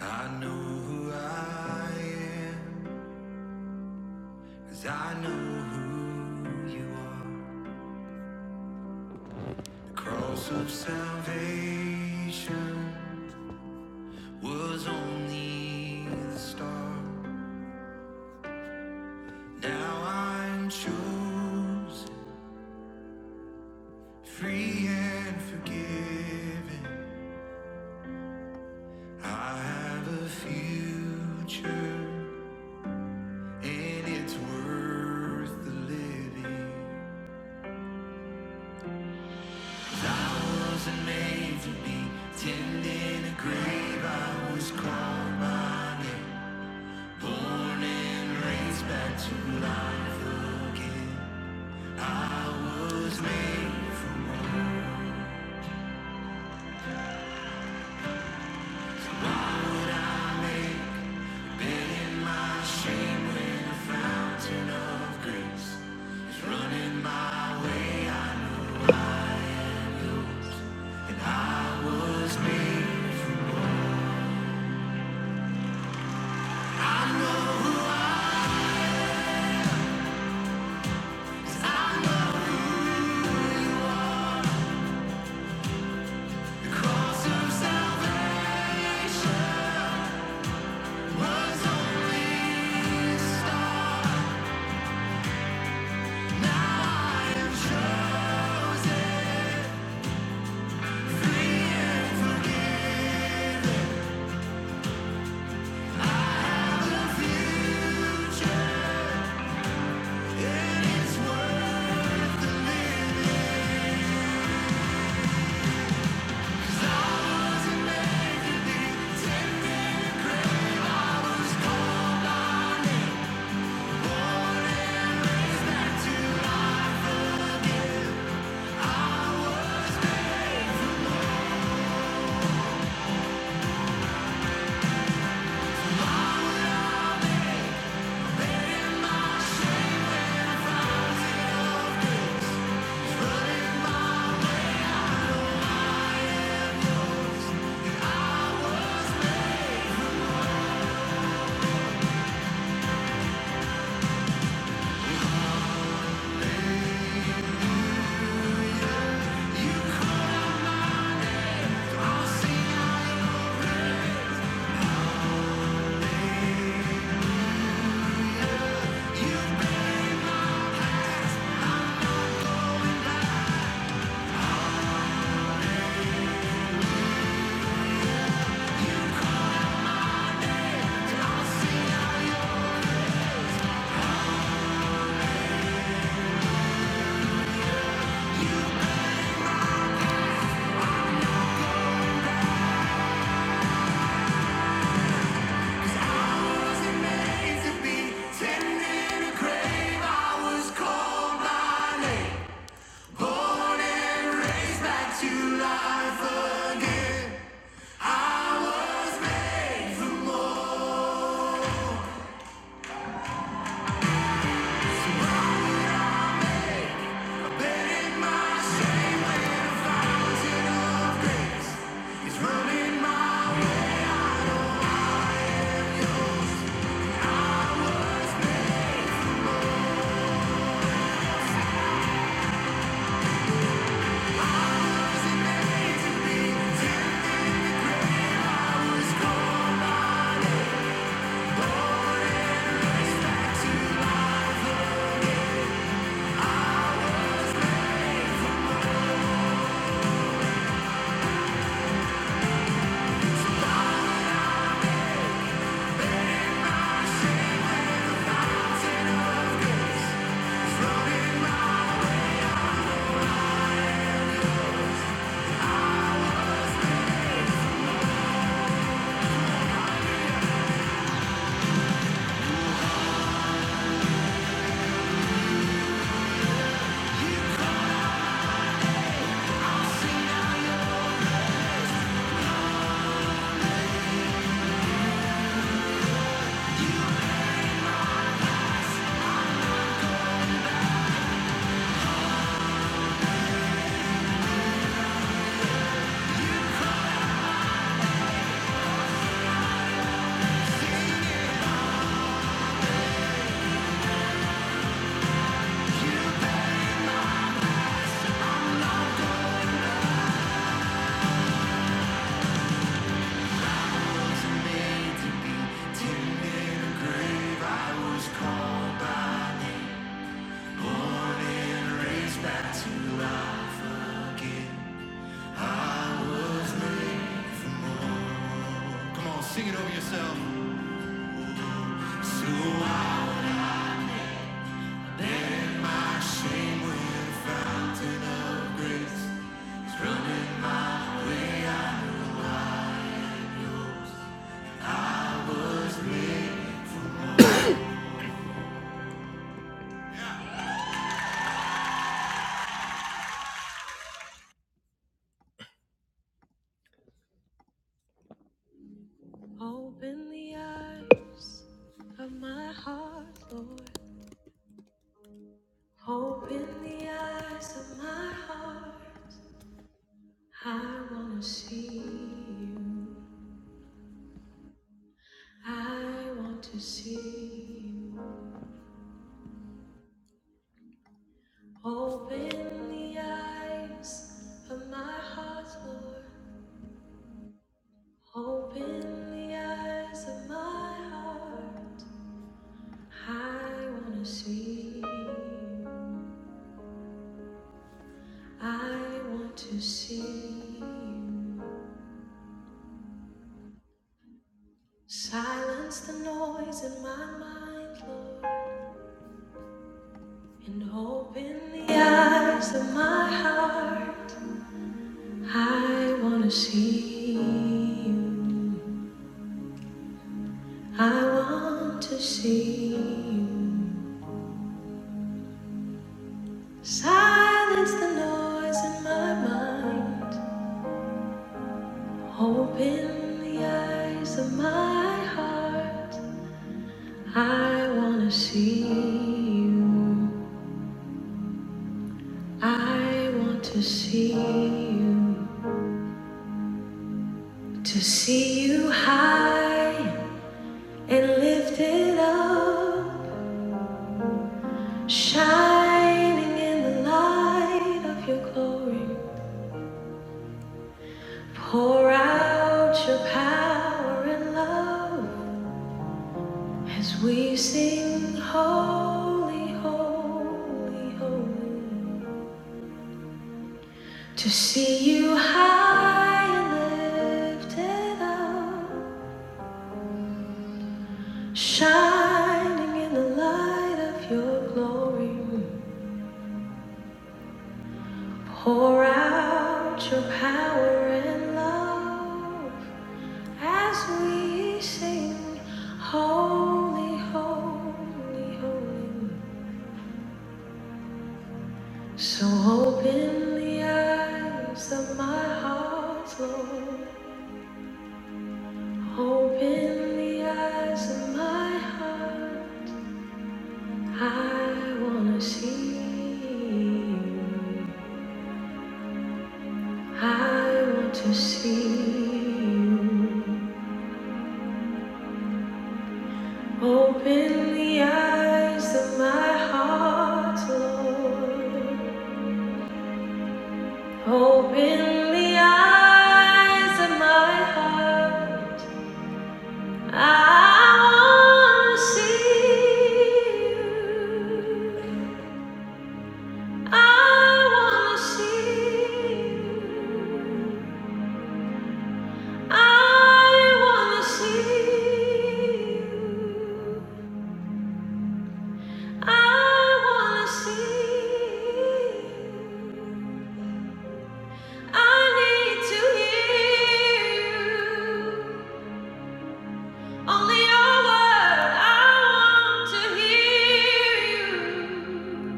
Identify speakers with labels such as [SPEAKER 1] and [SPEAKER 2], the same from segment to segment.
[SPEAKER 1] I know who I am, as I know who you are. The cross of salvation was only the start. Now I'm chosen, free and forgiven. I have a future, and it's worth the living. The cross of salvation. Running my Come on, sing it over yourself. So I shame where it's running my was Open the eyes of my heart, Lord. Open the eyes of my heart. I want to see you. I want to see you. Open the eyes of my heart, Lord. Open the eyes of my heart. I want to see. you. I want to see. you. Silence the noise in my mind, Lord. And open the eyes of my heart. I want to see you. I want to see you. Silence the noise in my mind. Open the eyes of my heart. I want to see you. I want to see you. To see you high and lifted up. Shining in the light of your glory. Pour out your power and love. As we sing holy, holy, holy, to see you high and lifted up, shining in the light of your glory, pour out your power and love as we sing holy, holy, holy. So open the eyes of my heart, Lord. Open the eyes of my heart. I want to see you. I want to see you. Open the eyes of my heart, Lord. Open the eyes of my heart. I wanna see you. I wanna see you. I wanna see you. I wanna see you. I need to hear you. Only your word. I want to hear you.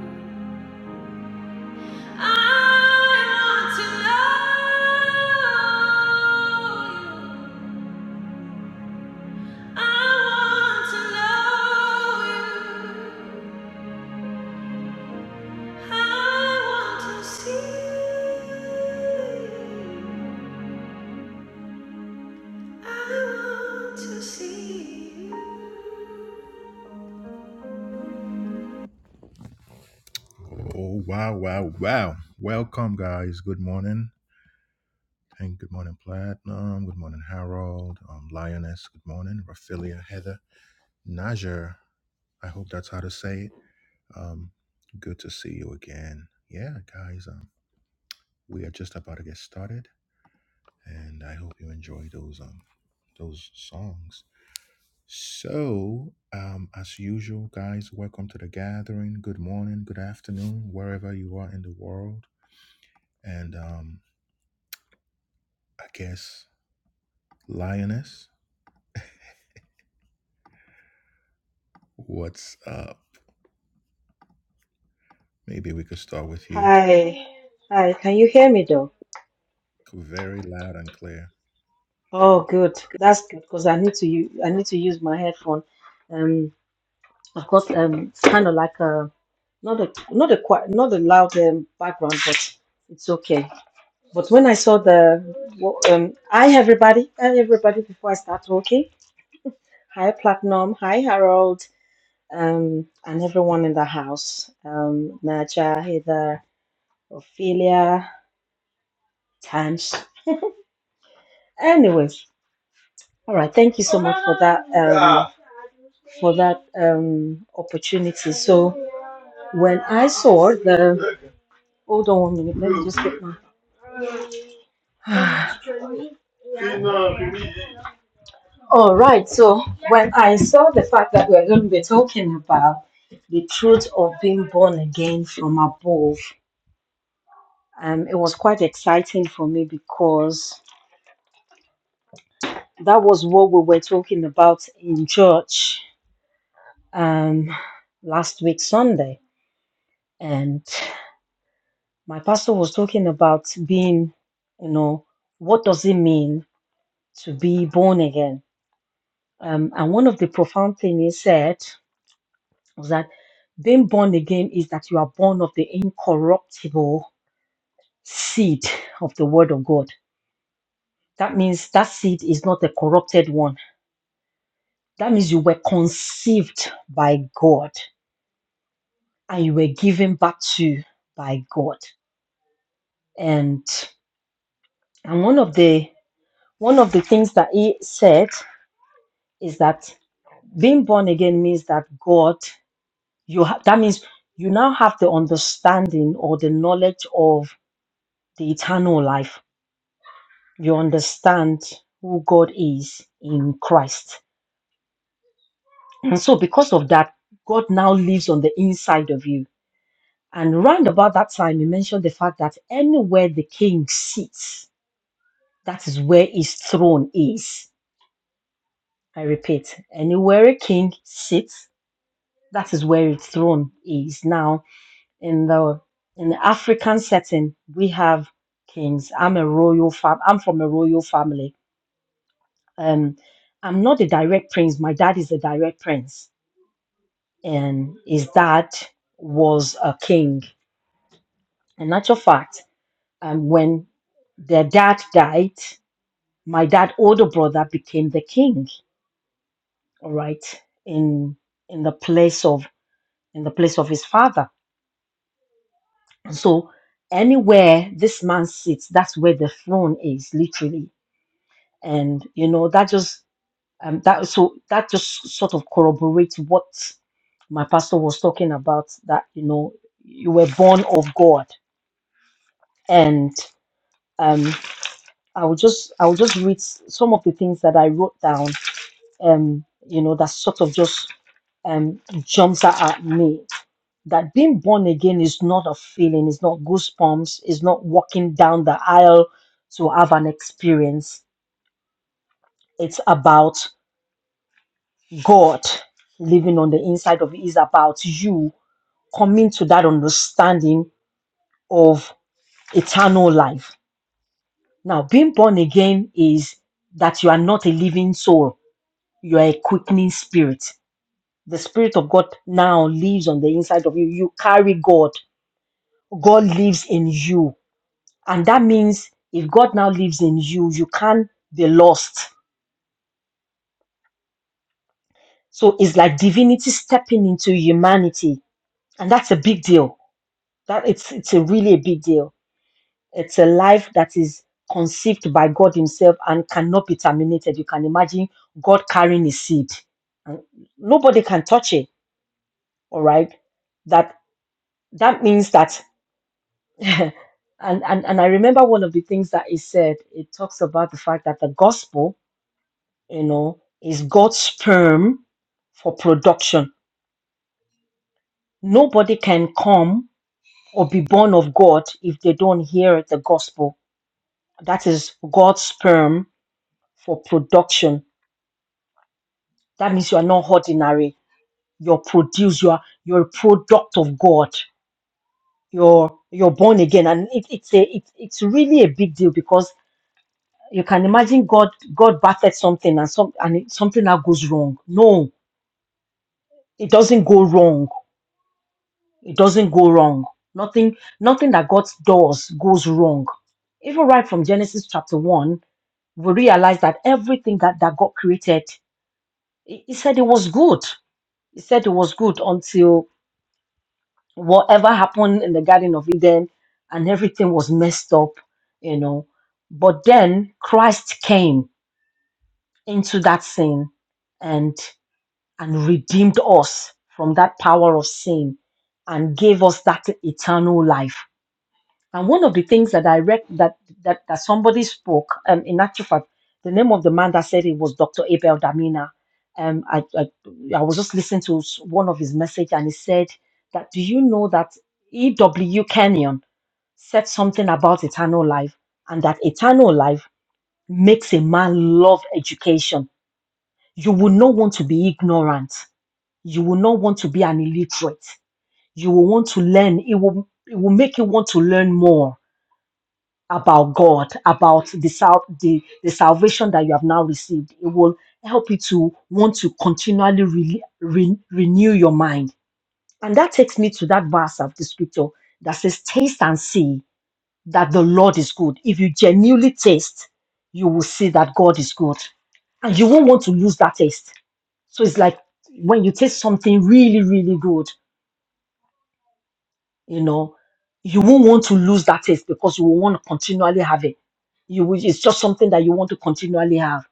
[SPEAKER 1] Oh, wow, wow, wow. Welcome, guys. Good morning. Pink, good morning, Platinum. Good morning, Harold. Um, Lioness, good morning. Raphaelia, Heather. Najer, I hope that's how to say it. Um, good to see you again. Yeah, guys. Um, we are just about to get started, and I hope you enjoy those um those songs. So, um, as usual, guys, welcome to the gathering. Good morning, good afternoon, wherever you are in the world. And um, I guess lioness, what's up? Maybe we could start with you.
[SPEAKER 2] Hi, hi. Can you hear me though?
[SPEAKER 1] Very loud and clear.
[SPEAKER 2] Oh, good. That's good because I need to use I need to use my headphone. Um, I've got um kind of like a not a not a quite not a loud um, background, but it's okay. But when I saw the wo- um, hi everybody, hi everybody. Before I start talking, hi Platinum, hi Harold, um, and everyone in the house. Um, Naja, Heather, Ophelia, Tans. Anyways. All right, thank you so much for that um, for that um, opportunity. So when I saw the hold on one minute, let me just get my. All right, so when I saw the fact that we're going to be talking about the truth of being born again from above, um, it was quite exciting for me because that was what we were talking about in church um, last week Sunday, and my pastor was talking about being, you know, what does it mean to be born again? Um, and one of the profound things he said was that being born again is that you are born of the incorruptible seed of the word of God. That means that seed is not a corrupted one. That means you were conceived by God and you were given back to by God. And and one of the one of the things that he said is that being born again means that God, you ha- that means you now have the understanding or the knowledge of the eternal life. You understand who God is in Christ. And so because of that, God now lives on the inside of you. And round about that time, you mentioned the fact that anywhere the king sits, that is where his throne is. I repeat, anywhere a king sits, that is where his throne is. Now, in the in the African setting, we have kings. I'm a royal fam. I'm from a royal family. Um, I'm not a direct prince. My dad is a direct prince, and his dad was a king. In actual fact, um, when their dad died, my dad older brother became the king. All right, in in the place of in the place of his father. So anywhere this man sits, that's where the throne is, literally and you know that just um that so that just sort of corroborates what my pastor was talking about that you know you were born of god and um i will just i will just read s- some of the things that i wrote down um you know that sort of just um jumps out at me that being born again is not a feeling, it's not goosebumps, it's not walking down the aisle to have an experience. It's about God living on the inside of you is about you coming to that understanding of eternal life. Now, being born again is that you are not a living soul, you are a quickening spirit. The Spirit of God now lives on the inside of you. You carry God, God lives in you. And that means if God now lives in you, you can't be lost. So it's like divinity stepping into humanity. And that's a big deal. That it's it's a really a big deal It's a life that is conceived by God Himself and cannot be terminated. You can imagine God carrying His seed, and nobody can touch it. All right, that that means that. And, and and I remember one of the things that he said. It talks about the fact that the gospel, you know, is God's sperm for production. Nobody can come or be born of God if they don't hear the gospel. That is God's sperm for production That means you are not ordinary. You're produced. You are you're a product of God. You're you're born again, and it, it's a it, it's really a big deal because you can imagine God God birthed something and some and it, something that goes wrong. No, it doesn't go wrong. It doesn't go wrong. Nothing nothing that God does goes wrong. Even right from Genesis chapter one, we realize that everything that that God created, He he said it was good. He said it was good until whatever happened in the Garden of Eden and everything was messed up, you know. But then Christ came into that sin and and redeemed us from that power of sin and gave us that eternal life and one of the things that I read that that, that somebody spoke, um, in actual fact, the name of the man that said it was Dr. Abel Damina. Um, I, I I was just listening to s- one of his message, and he said that do you know that E.W. Kenyon said something about eternal life, and that eternal life makes a man love education. You will not want to be ignorant. You will not want to be an illiterate. You will want to learn. It will it will make you want to learn more about God, about the, sal- the, the salvation that you have now received. It will help you to want to continually re- re- renew your mind. And that takes me to that verse of the scripture that says, Taste and see that the Lord is good. If you genuinely taste, you will see that God is good. And you won't want to lose that taste. So it's like when you taste something really, really good, you know, you won't want to lose that taste because you will want to continually have it. You will, it's just something that you want to continually have.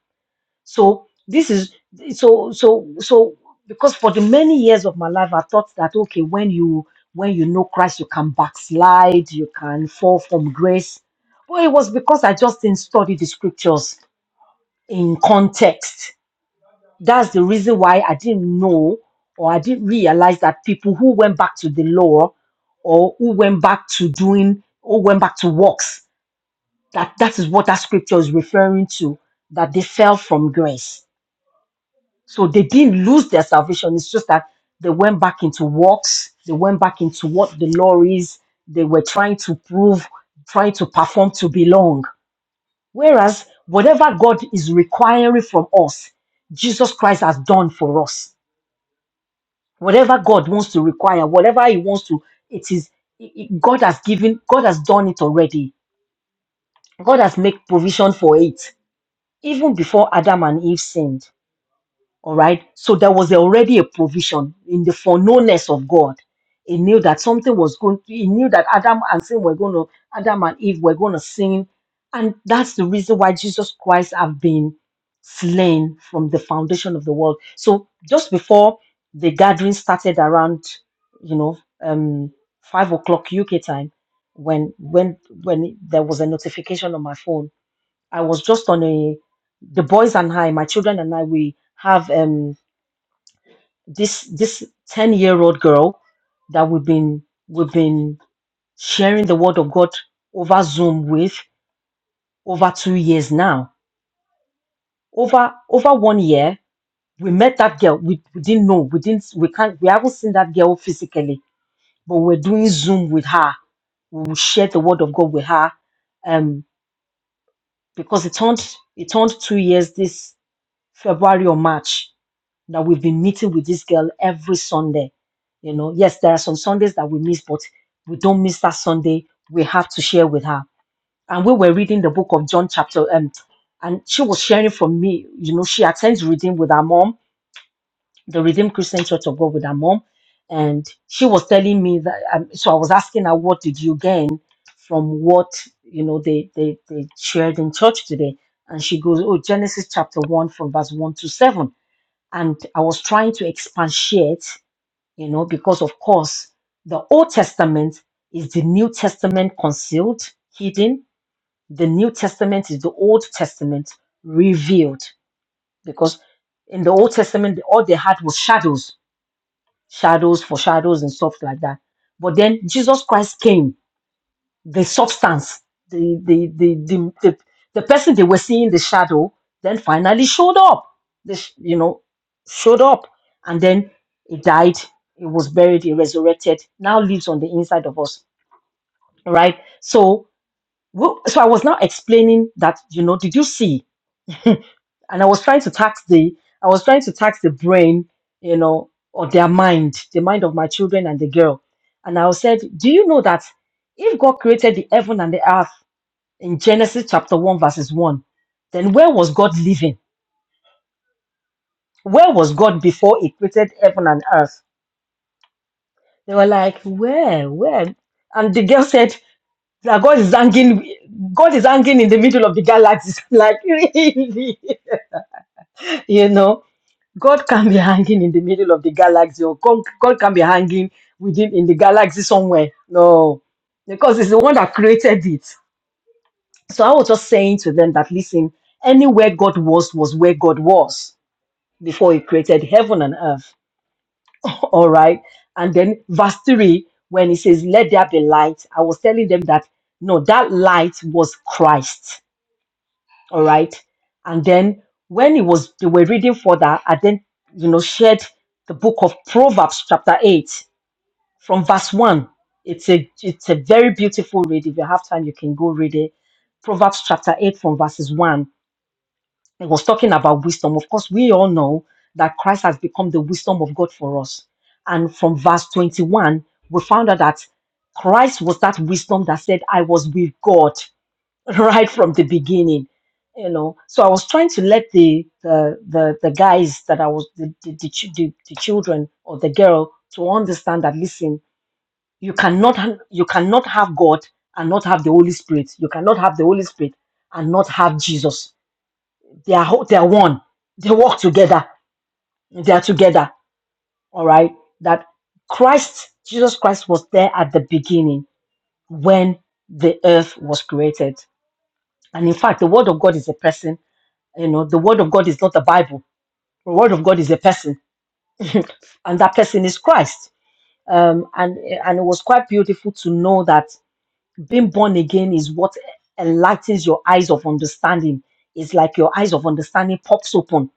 [SPEAKER 2] So this is so so so because for the many years of my life, I thought that okay, when you when you know Christ, you can backslide, you can fall from grace. But it was because I just didn't study the scriptures in context that's the reason why I didn't know or I didn't realize that people who went back to the law or who went back to doing or went back to works that that is what that scripture is referring to that they fell from grace. So they didn't lose their salvation. It's just that they went back into works. They went back into what the law is. They were trying to prove, trying to perform to belong. Whereas whatever God is requiring from us, Jesus Christ has done for us. whatever God wants to require, whatever He wants to, it is it- it- God has given, God has done it already. God has made provision for it even before Adam and Eve sinned. All right. So there was already a provision in the foreknownness of God. He knew that something was going to, he knew that Adam and sin were going to Adam and Eve were going to sin. And that's the reason why Jesus Christ have been slain from the foundation of the world. So just before the gathering started around, you know, um five o'clock UK time, when when when there was a notification on my phone I was just on a the boys and I, my children and I, we have um this this ten year old girl that we've been we've been sharing the word of God over Zoom with over two years now. Over over one year, we met that girl. We, we didn't know. We didn't we can't we haven't seen that girl physically, but we're doing Zoom with her. We will share the word of God with her. Um because it turned it turned two years this February or March that we've been meeting with this girl every Sunday. You know, yes, there are some Sundays that we miss, but we don't miss that Sunday. We have to share with her. And we were reading the book of John chapter, um, and she was sharing from me. You know, she attends reading with her mom, the Redeemed Christian Church of God with her mom, and she was telling me that. Um, so I was asking her, "What did you gain from what you know they they they shared in church today?" And she goes, "Oh, Genesis chapter one from verse one to seven." and I was trying to expatiate, you know, because of course the Old Testament is the New Testament concealed, hidden. The New Testament is the Old Testament revealed, because in the Old Testament all they had was shadows, shadows for shadows and stuff like that. But then Jesus Christ came the substance, the the the the, the, the person they were seeing the shadow, then finally showed up. They sh- you know showed up, and then he died. He was buried. He resurrected. Now lives on the inside of us, right? So wo- so I was now explaining that you know did you see? And I was trying to tax the I was trying to tax the brain, you know, or their mind, the mind of my children and the girl. And I said, do you know that if God created the heaven and the earth in Genesis chapter 1, verses 1. Then where was God living? Where was God before he created heaven and earth? They were like, Where? Where? And the girl said, that God is hanging, God is hanging in the middle of the galaxy. like, really? You know, God can be hanging in the middle of the galaxy, or God, God can be hanging within in the galaxy somewhere. No, because it's the one that created it. So I was just saying to them that listen, anywhere God was was where God was before he created heaven and earth. All right. And then verse 3, when he says, Let there be light, I was telling them that no, that light was Christ. All right. And then when it was they were reading further, I then you know shared the book of Proverbs, chapter 8, from verse 1. It's a it's a very beautiful read. If you have time, you can go read it. Proverbs chapter 8 from verses 1 It was talking about wisdom. Of course, we all know that Christ has become the wisdom of God for us. And from verse 21, we found out that Christ was that wisdom that said, I was with God right from the beginning. You know, so I was trying to let the the the, the guys that I was the the, the, chi- the the children or the girl to understand that listen, you cannot ha- you cannot have God and not have the Holy Spirit. You cannot have the Holy Spirit and not have Jesus they are whole, they are one. They work together. They are together. All right. That Christ, Jesus Christ, was there at the beginning when the earth was created. And in fact, the word of God is a person. You know, the word of God is not the Bible. The word of God is a person, and that person is Christ. Um, and and it was quite beautiful to know that being born again is what enlightens your eyes of understanding. It's like your eyes of understanding pops open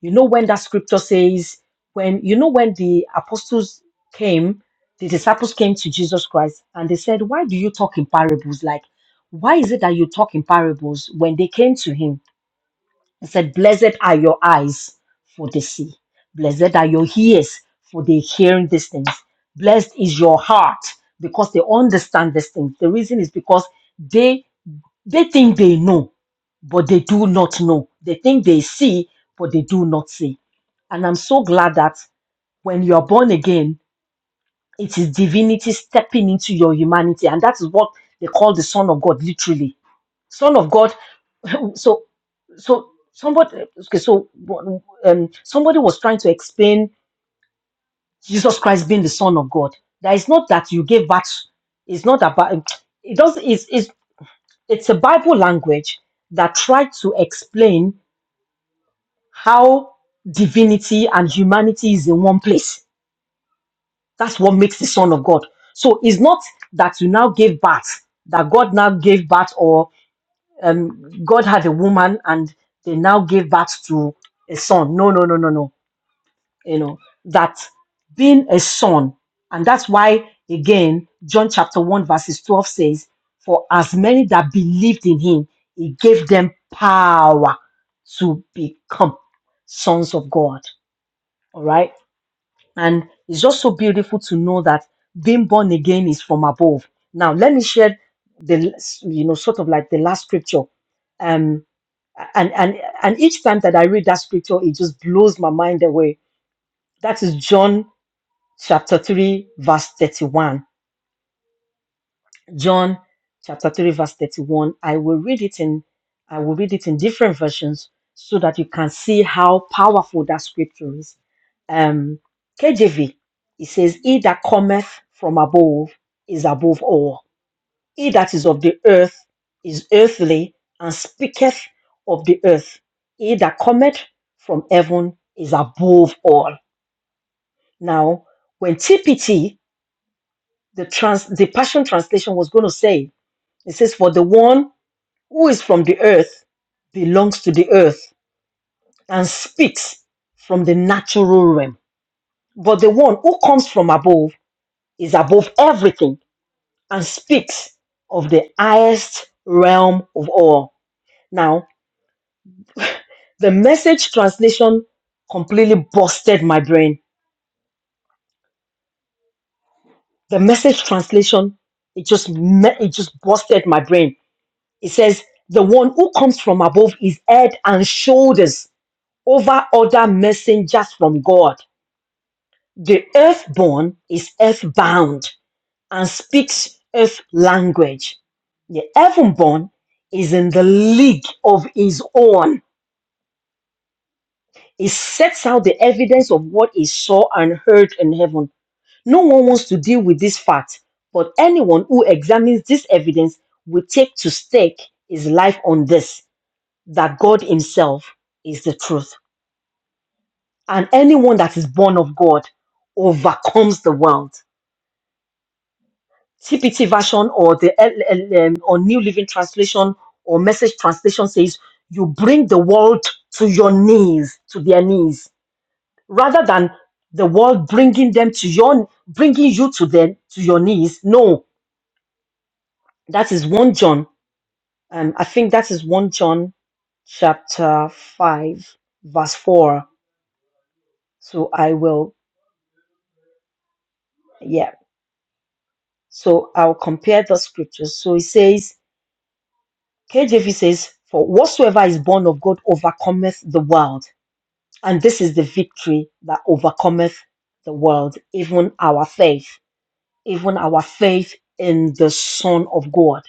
[SPEAKER 2] You know when that scripture says, when you know when the apostles came, the disciples came to Jesus Christ and they said, Why do you talk in parables? Like, why is it that you talk in parables when they came to him? It said, Blessed are your eyes for the see. Blessed are your ears for the hearing these things. Blessed is your heart because they understand these things. The reason is because they they think they know, but they do not know. They think they see, but they do not see. And I'm so glad that when you are born again, it is divinity stepping into your humanity. And that is what they call the Son of God, literally. Son of God so so somebody okay so um, somebody was trying to explain jesus christ being the son of god that it's not that you gave birth it's not about it does it's, it's it's a bible language that tried to explain how divinity and humanity is in one place that's what makes the son of god so it's not that you now gave birth that god now gave birth or um, God had a woman and they now gave birth to a son. No, no, no, no, no. You know, that being a son, and that's why, again, John chapter 1, verses 12 says, For as many that believed in him, he gave them power to become sons of God. All right. And it's just so beautiful to know that being born again is from above. Now, let me share the, you know, sort of like the last scripture. Um, and and and each time that I read that scripture, it just blows my mind away. That is John chapter three, verse thirty-one. John chapter three, verse thirty-one. I will read it in I will read it in different versions so that you can see how powerful that scripture is. Um, KJV, it says, "He that cometh from above is above all." He that is of the earth is earthly and speaketh of the earth. He that cometh from heaven is above all. Now, when TPT, the trans, the Passion Translation was going to say, it says, For the one who is from the earth belongs to the earth and speaks from the natural realm. But the one who comes from above is above everything and speaks of the highest realm of all. Now. The message translation completely busted my brain. The message translation, it just me- it just busted my brain. It says, "The one who comes from above is head and shoulders over other messengers from God. The earthborn is earthbound and speaks earth language. The heavenborn is in the league of his own. He sets out the evidence of what he saw and heard in heaven No one wants to deal with this fact, but anyone who examines this evidence will take to stake his life on this that God Himself is the truth. And anyone that is born of God overcomes the world. TPT version or the LLM or New Living Translation or Message Translation says, You bring the world to your knees, to their knees, rather than the world bringing them to your bringing you to them to your knees. No, that is 1 John And I think that is 1 John chapter 5, verse 4. So I will, yeah. So I'll compare the scriptures. So it says, KJV says, For whatsoever is born of God overcometh the world. And this is the victory that overcometh the world, even our faith, even our faith in the Son of God.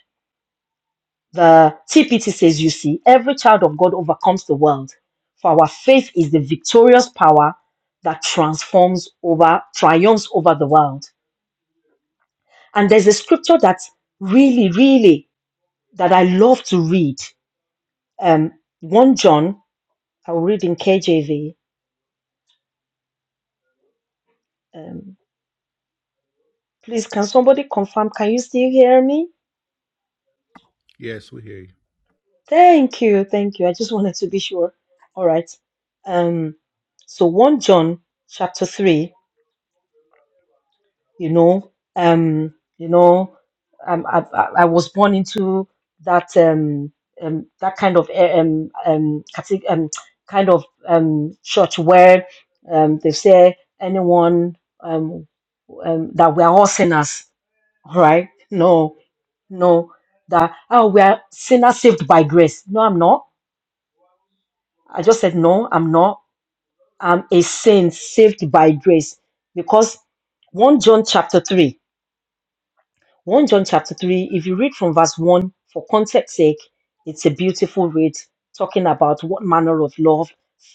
[SPEAKER 2] The TPT says, You see, every child of God overcomes the world, for our faith is the victorious power that transforms over, triumphs over the world. And there's a scripture that really, really, that I love to read. Um, 1 John, I'll read in KJV. Um, please, can somebody confirm? Can you still hear me?
[SPEAKER 1] Yes, we hear you.
[SPEAKER 2] Thank you, thank you. I just wanted to be sure. All right. Um, so 1 John chapter 3 you know um you know um, I, I I was born into that um, um that kind of eh, um um, cate- um kind of um church where um they say anyone um, um that we are all sinners all right no no that oh we are sinners saved by grace no i'm not i just said no i'm not i'm a saint saved by grace because 1 john chapter 3 1 John chapter 3, if you read from verse 1, for context sake, it's a beautiful read talking about what manner of love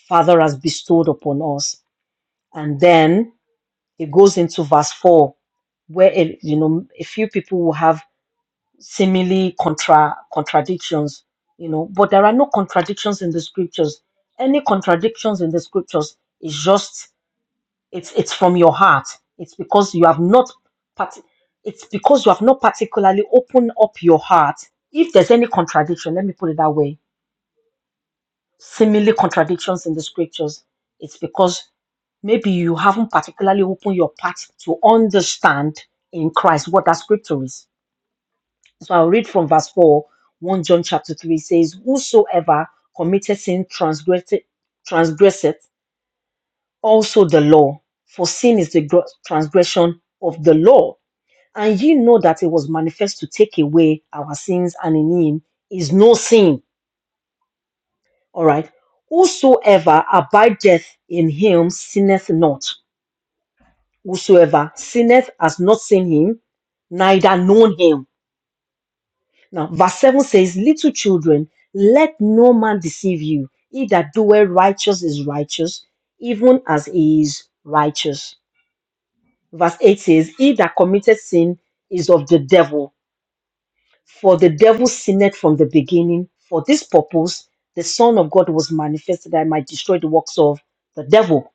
[SPEAKER 2] Father has bestowed upon us. And then it goes into verse 4, where eh, you know a few people will have seemingly contra contradictions, you know, but there are no contradictions in the scriptures. Any contradictions in the scriptures is just it's it's from your heart. It's because you have not parti- it's because you have not particularly opened up your heart. If there's any contradiction, let me put it that way, seemingly contradictions in the scriptures, it's because maybe you haven't particularly opened your heart to understand in Christ what that scripture is. So I'll read from verse 4, 1 John chapter 3 says, Whosoever committed sin transgresseth, transgresseth also the law. For sin is the gro- transgression of the law. And ye know that it was manifest to take away our sins, and in him is no sin. All right. Whosoever abideth in him sinneth not. Whosoever sinneth has not seen him, neither known him. Now, verse 7 says, Little children, let no man deceive you. He that doeth righteous is righteous, even as he is righteous verse 8 says, He that committed sin is of the devil, for the devil sinned from the beginning. For this purpose, the Son of God was manifested that I might destroy the works of the devil.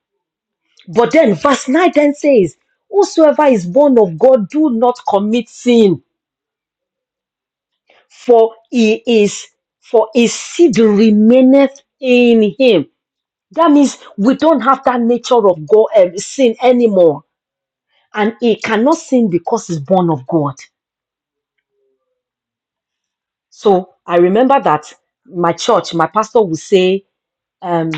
[SPEAKER 2] But then, verse 9 then says, Whosoever is born of God, do not commit sin, for he is, for his seed remaineth in him. That means we don't have that nature of God, um, sin anymore. And he cannot sin because he's born of God. So I remember that my church, my pastor would say, um,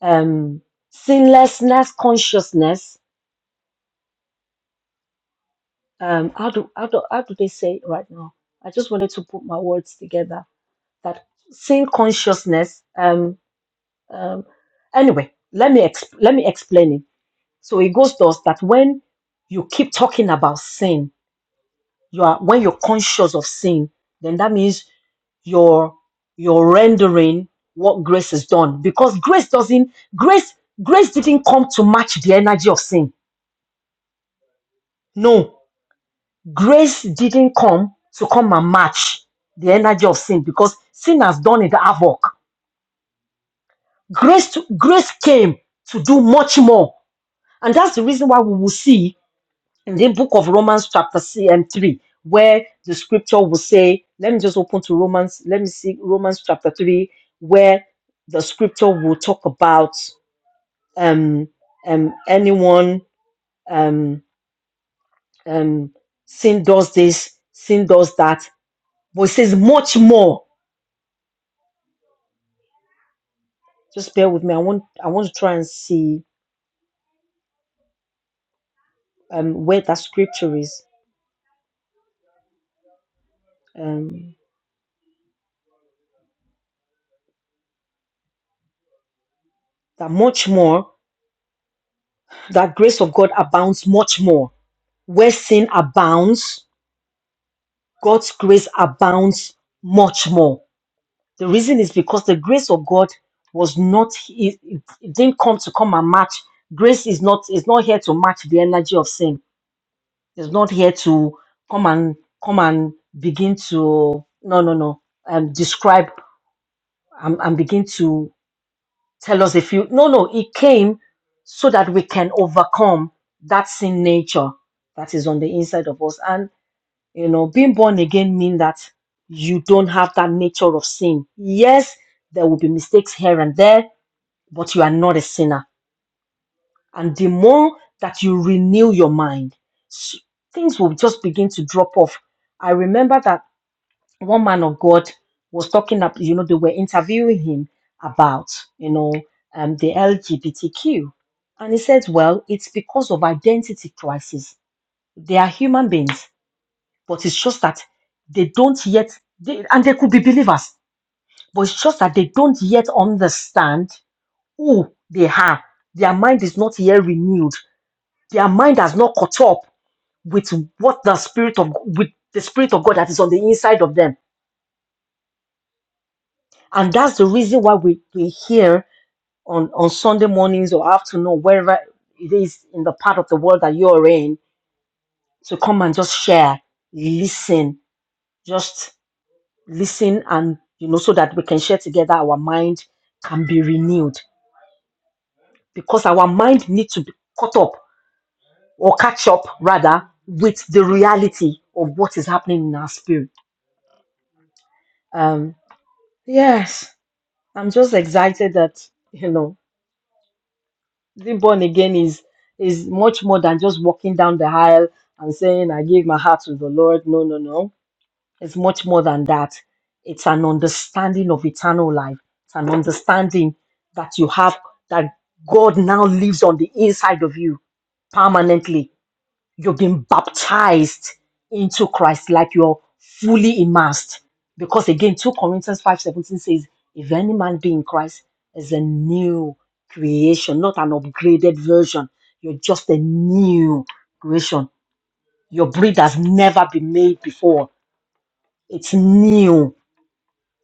[SPEAKER 2] um, sinlessness, consciousness. Um, how do how do how do they say it right now? I just wanted to put my words together. That sin consciousness. Um, um, anyway, let me exp- let me explain it. So it goes to us that when you keep talking about sin, you are when you're conscious of sin then that means you're you're rendering what grace has done because grace doesn't grace grace didn't come to match the energy of sin no grace didn't come to come and match the energy of sin because sin has done it havoc grace to, grace came to do much more and that's the reason why we will see in the book of Romans chapter c- um, 3, where the scripture will say, let me just open to Romans, let me see Romans chapter 3, where the scripture will talk about um, um, anyone, um, um, sin does this, sin does that, but it says much more. Just bear with me. I want I want to try and see um, where that scripture is. Um, that much more, that grace of God abounds much more. Where sin abounds, God's grace abounds much more. The reason is because the grace of God was not it, it it didn't come to come and match. Grace is not is not here to match the energy of sin. It's not here to come and come and begin to no no no um describe and, and begin to tell us a few. no no it came so that we can overcome that sin nature that is on the inside of us. and. You know, being born again means that you don't have that nature of sin. Yes, there will be mistakes here and there, but you are not a sinner. And the more that you renew your mind, s- things will just begin to drop off. I remember that one man of God was talking up, you know, they were interviewing him about, you know, um, the LGBTQ. And he said, well, it's because of identity crisis. They are human beings but it's just that they don't yet they, and they could be believers but it's just that they don't yet understand who they are their mind is not yet renewed their mind has not caught up with what the spirit of with the spirit of god that is on the inside of them and that's the reason why we, we hear on on sunday mornings or afternoon wherever it is in the part of the world that you're in to come and just share listen just listen and you know so that we can share together our mind can be renewed because our mind needs to be caught up or catch up rather with the reality of what is happening in our spirit um yes i'm just excited that you know being born again is is much more than just walking down the aisle and saying i give my heart to the lord no no no It's much more than that. It's an understanding of eternal life. It's an understanding that you have that God now lives on the inside of you permanently. You've been baptized into Christ like you're fully immersed. Because again, 2 Corinthians 5:17 says, if any man be in Christ is a new creation, not an upgraded version. You're just a new creation. Your breed has never been made before. It's new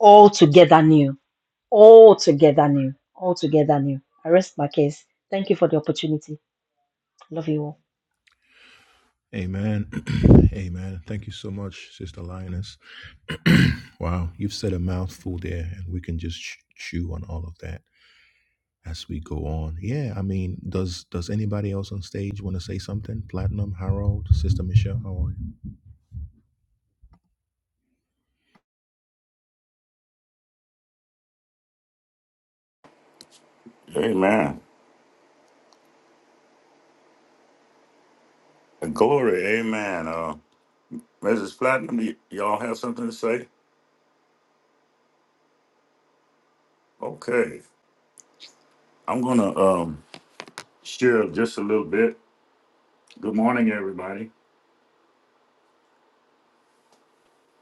[SPEAKER 2] altogether new, altogether new, altogether new. I rest my case. Thank you for the opportunity. Love you all.
[SPEAKER 1] Amen. Amen. Thank you so much, Sister Lioness. wow, you've said a mouthful there, and we can just ch- chew on all of that as we go on. Yeah, I mean, does does anybody else on stage want to say something? Platinum, Harold, Sister Michelle, how are you?
[SPEAKER 3] Amen. Glory. Amen. Uh, Mrs. Platinum, y- y'all have something to say? Okay. I'm going to um, share just a little bit. Good morning, everybody.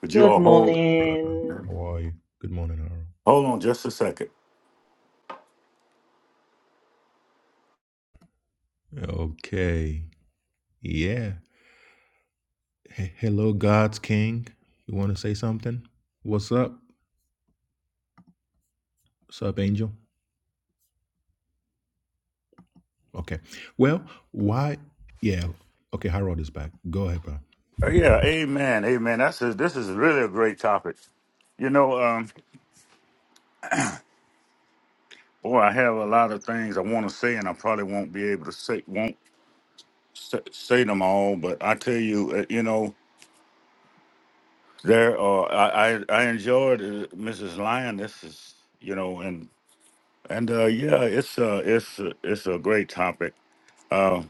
[SPEAKER 3] Could you
[SPEAKER 2] Good
[SPEAKER 3] all hold?
[SPEAKER 1] Brother,
[SPEAKER 2] morning.
[SPEAKER 1] how are you? Good morning, Harold.
[SPEAKER 3] Hold on just a second.
[SPEAKER 1] Okay. Yeah. He- hello, God's King. You want to say something? What's up? What's up, Angel? Okay. Well, why? Yeah. Okay. Harold is back. Go ahead, bro.
[SPEAKER 3] Uh, yeah. Amen. Amen. That's a, this is really a great topic. You know, um, boy, I have a lot of things I want to say, and I probably won't be able to say won't sa- say them all. But I tell you, uh, you know, There are I I, I enjoyed uh, Mrs. Lyon. This is you know and and uh, yeah, it's a it's a, it's a great topic. Uh,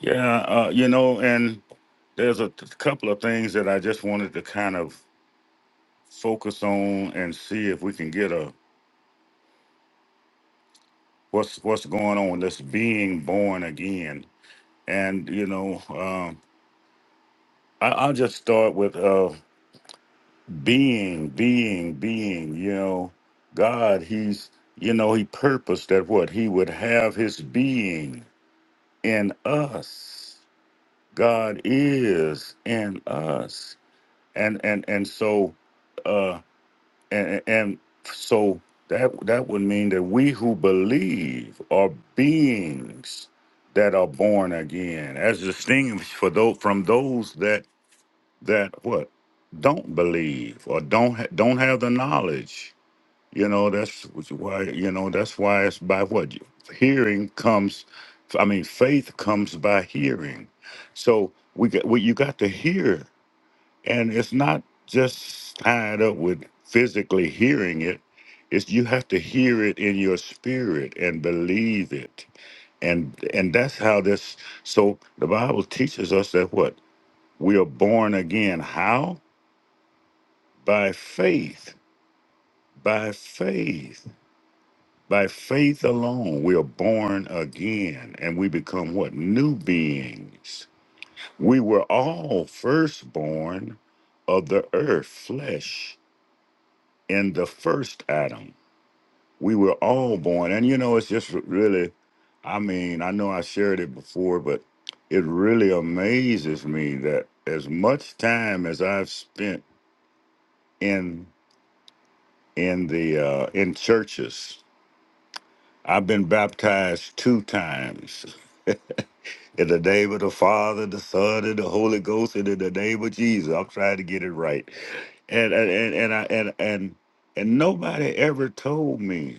[SPEAKER 3] yeah, uh, you know, and there's a t- couple of things that I just wanted to kind of focus on and see if we can get a what's what's going on. with This being born again, and you know, um, I, I'll just start with. uh, being, being, being, you know, God, He's, you know, He purposed that what He would have His being in us. God is in us. And and and so uh and and so that that would mean that we who believe are beings that are born again, as distinguished for those from those that that what don't believe or don't ha- don't have the knowledge. You know that's why you know that's why it's by what you- hearing comes. I mean, faith comes by hearing. So we got we, you got to hear, and it's not just tied up with physically hearing it. It's you have to hear it in your spirit and believe it, and and that's how this. So the Bible teaches us that what we are born again. How? By faith, by faith, by faith alone, we are born again and we become what? New beings. We were all firstborn of the earth, flesh, in the first Adam. We were all born. And you know, it's just really, I mean, I know I shared it before, but it really amazes me that as much time as I've spent in in the uh, in churches I've been baptized two times. In the name of the Father, the Son, and the Holy Ghost, and in the name of Jesus. I'm trying to get it right. And and and and I, and, and and nobody ever told me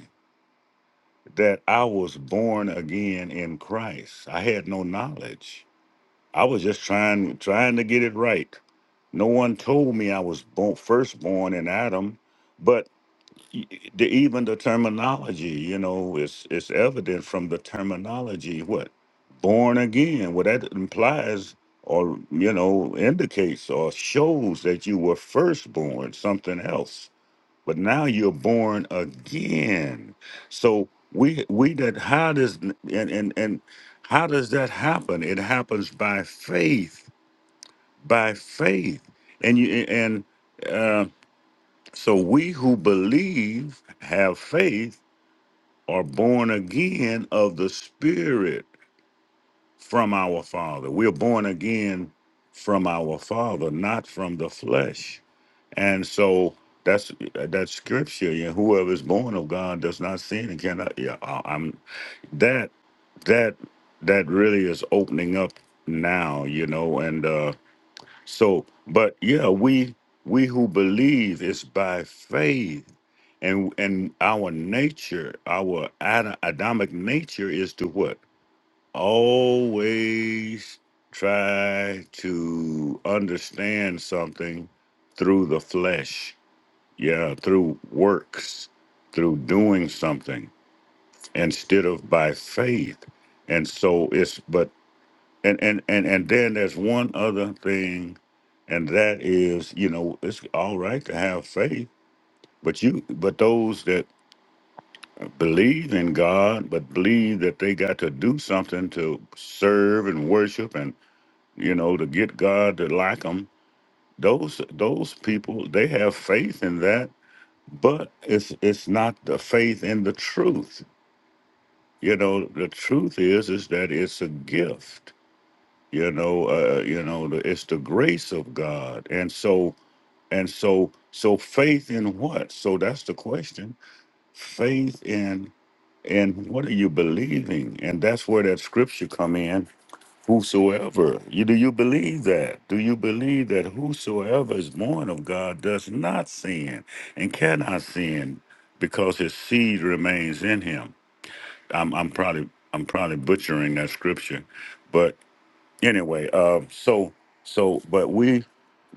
[SPEAKER 3] that I was born again in Christ. I had no knowledge. I was just trying trying to get it right. No one told me I was born, first born in Adam, but the, even the terminology, you know, it's it's evident from the terminology. What born again? What that implies, or you know, indicates or shows that you were first born something else, but now you're born again. So we we that how does and and and how does that happen? It happens by faith, by faith, and you and. So we who believe, have faith, are born again of the Spirit from our Father. We're born again from our Father, not from the flesh. And so that's that scripture. You know, whoever is born of God does not sin and cannot. Yeah, I- I'm that that that really is opening up now. You know, and uh, so, but yeah, we we who believe is by faith, and and our nature, our Ad- Adamic nature is to what always try to understand something through the flesh, yeah, through works, through doing something instead of by faith. And so it's but and and and and then there's one other thing and that is you know it's all right to have faith but you but those that believe in god but believe that they got to do something to serve and worship and you know to get god to like them those those people they have faith in that but it's it's not the faith in the truth you know the truth is is that it's a gift you know uh, uh, you know the, it's the grace of god and so and so so faith in what so that's the question faith in and what are you believing and that's where that scripture come in whosoever you do you believe that do you believe that whosoever is born of god does not sin and cannot sin because his seed remains in him i'm, I'm probably i'm probably butchering that scripture but anyway uh so so but we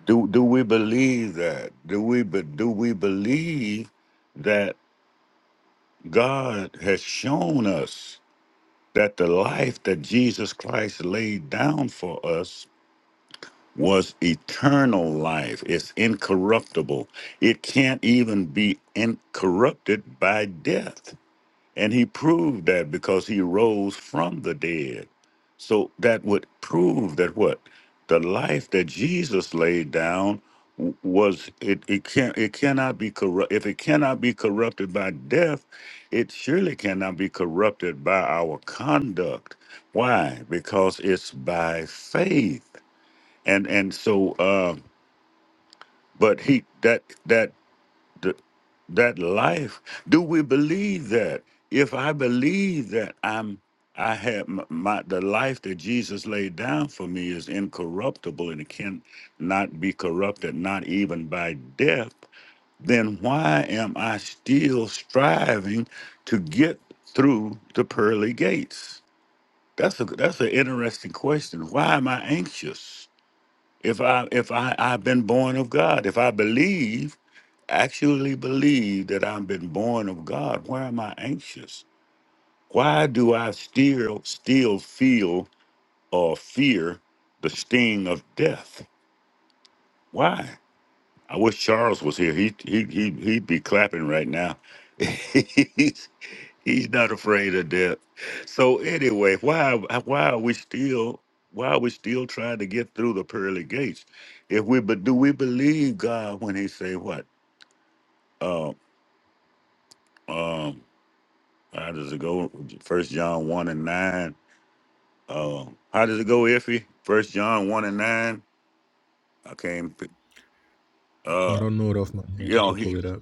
[SPEAKER 3] do do we believe that do we but do we believe that god has shown us that the life that jesus christ laid down for us was eternal life it's incorruptible it can't even be incorrupted by death And he proved that because he rose from the dead. So that would prove that what? The life that Jesus laid down w- was it, it can it cannot be corrupt if it cannot be corrupted by death, it surely cannot be corrupted by our conduct. Why? Because it's by faith. And and so uh but he that that that life do we believe that if i believe that i'm i have m- my the life that jesus laid down for me is incorruptible and it can not be corrupted not even by death then why am i still striving to get through the pearly gates that's a that's an interesting question why am i anxious if i if i i've been born of god if i believe actually believe that I've been born of God, why am I anxious? Why do I still still feel or fear the sting of death? Why? I wish Charles was here. He he he he'd be clapping right now. he's he's not afraid of death. So anyway, why why are we still why are we still trying to get through the pearly gates? If we but do we believe God when He say what? Uh, Um How does it go? First John one and nine. Uh, how does it go, Iffy? First John one and nine. I came. Uh,
[SPEAKER 1] I don't know it off my head.
[SPEAKER 3] you
[SPEAKER 1] I
[SPEAKER 3] know,
[SPEAKER 1] could
[SPEAKER 3] he,
[SPEAKER 1] pull it up.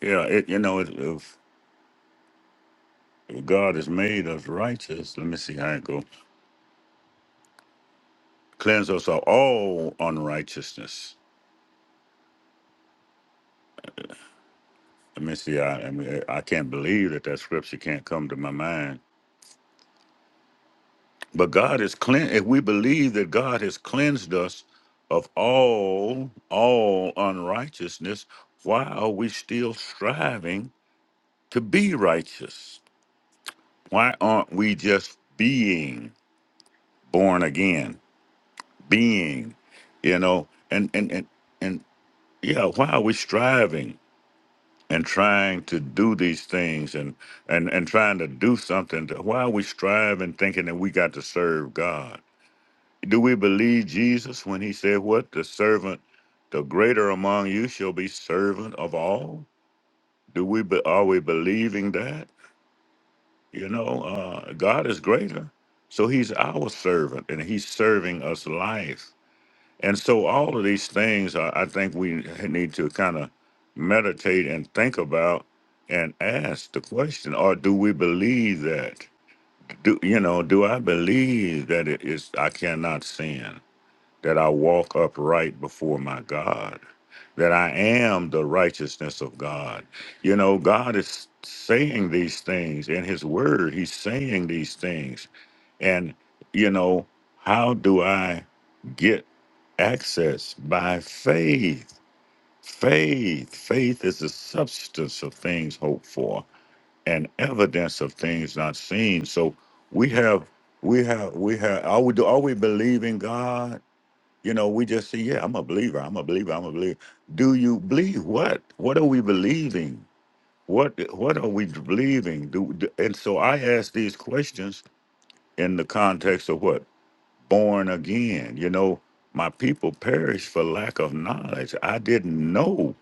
[SPEAKER 3] yeah, it, you know, if, if if God has made us righteous, let me see how it go. Cleanse us of all unrighteousness. Let me see. I, I mean, I can't believe that that scripture can't come to my mind. But God is clean. If we believe that God has cleansed us of all all unrighteousness, why are we still striving? to be righteous? Why aren't we just being born again? Being, you know, and and and, and yeah, why are we striving and trying to do these things and and and trying to do something? To, why are we striving thinking that we got to serve God? Do we believe Jesus when he said what the servant the greater among you shall be servant of all? Do we be, are we believing that? You know, uh, God is greater. So he's our servant and he's serving us life. And so all of these things I I think we need to kind of meditate and think about and ask the question, or do we believe that? Do you know, do I believe that it is I cannot sin? that I walk upright before my God, that I am the righteousness of God. You know, God is saying these things in His Word, He's saying these things. And, you know, how do I get access? By faith. Faith. Faith is the substance of things hoped for and evidence of things not seen. So we have. We have, we have, are we, do, are we believing God? You know, we just say, yeah, I'm a believer. I'm a believer. I'm a believer. Do you believe what? What are we believing? What What are we believing? Do, do- and so I ask these questions in the context of what born again. You know, my people perished for lack of knowledge. I didn't know.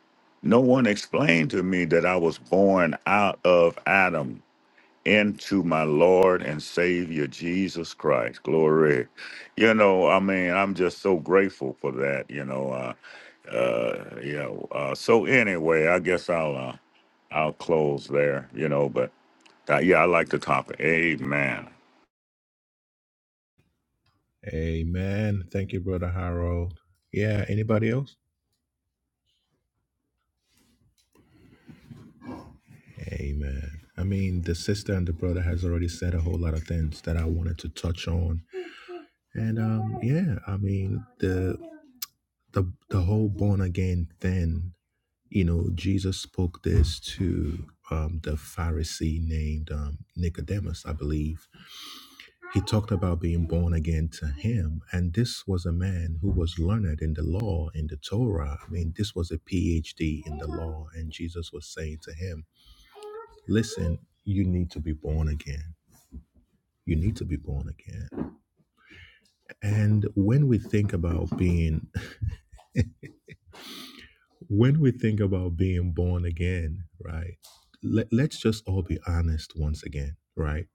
[SPEAKER 3] No one explained to me that I was born out of Adam into my Lord and Savior Jesus Christ. Glory. You know, I mean, I'm just so grateful for that. You know, uh, uh, you know. Uh, so anyway, I guess I'll uh, I'll close there. You know, but uh, yeah, I like the topic. Amen.
[SPEAKER 1] Amen. Thank you, brother Harold. Yeah. Anybody else? Amen. I mean, the sister and the brother has already said a whole lot of things that I wanted to touch on, and um, yeah. I mean, the the the whole born again thing. You know, Jesus spoke this to um, the Pharisee named um, Nicodemus, I believe. He talked about being born again to him. And this was a man who was learned in the law, in the Torah. I mean, this was a PhD in the law. And Jesus was saying to him, Listen, you need to be born again. You need to be born again. And when we think about being, when we think about being born again, right? Let, let's just all be honest once again, right?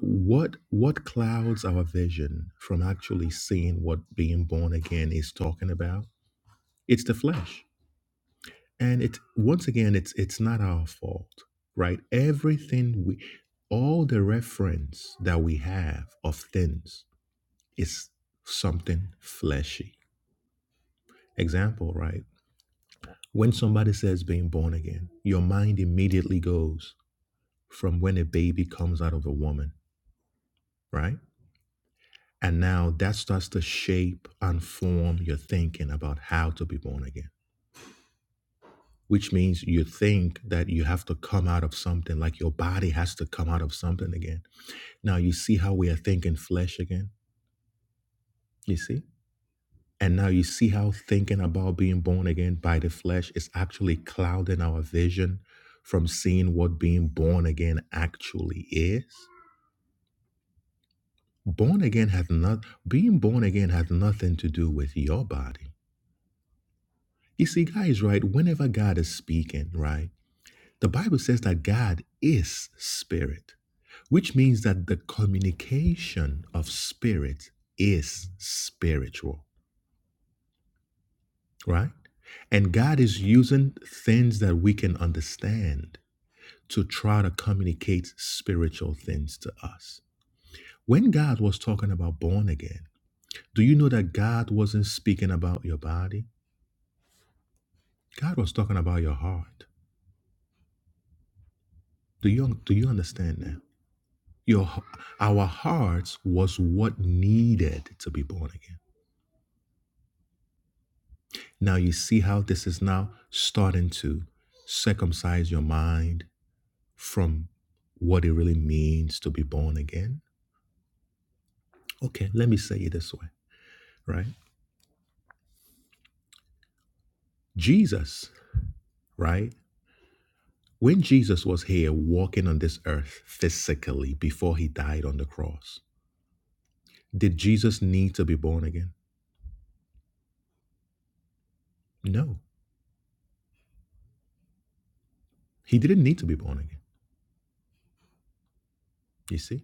[SPEAKER 1] what what clouds our vision from actually seeing what being born again is talking about It's the flesh. And it's once again, it's it's not our fault, right? Everything we all the reference that we have of things is something fleshy. Example, right? When somebody says being born again, your mind immediately goes from when a baby comes out of a woman, right? And now that starts to shape and form your thinking about how to be born again which means you think that you have to come out of something, like your body has to come out of something again. Now you see how we are thinking flesh again. You see? And now you see how thinking about being born again by the flesh is actually clouding our vision from seeing what being born again actually is. Born again has not being born again has nothing to do with your body. You see, guys, right? Whenever God is speaking, right? The Bible says that God is spirit, which means that the communication of spirit is spiritual, right? And God is using things that we can understand to try to communicate spiritual things to us. When God was talking about born again, do you know that God wasn't speaking about your body? God was talking about your heart. Do you do you understand that? Your our hearts was what needed to be born again. Now you see how this is now starting to circumcise your mind from what it really means to be born again. Okay, let me say it this way, right? Jesus, right? When Jesus was here walking on this earth physically before he died on the cross, did Jesus need to be born again? No. He didn't need to be born again. You see?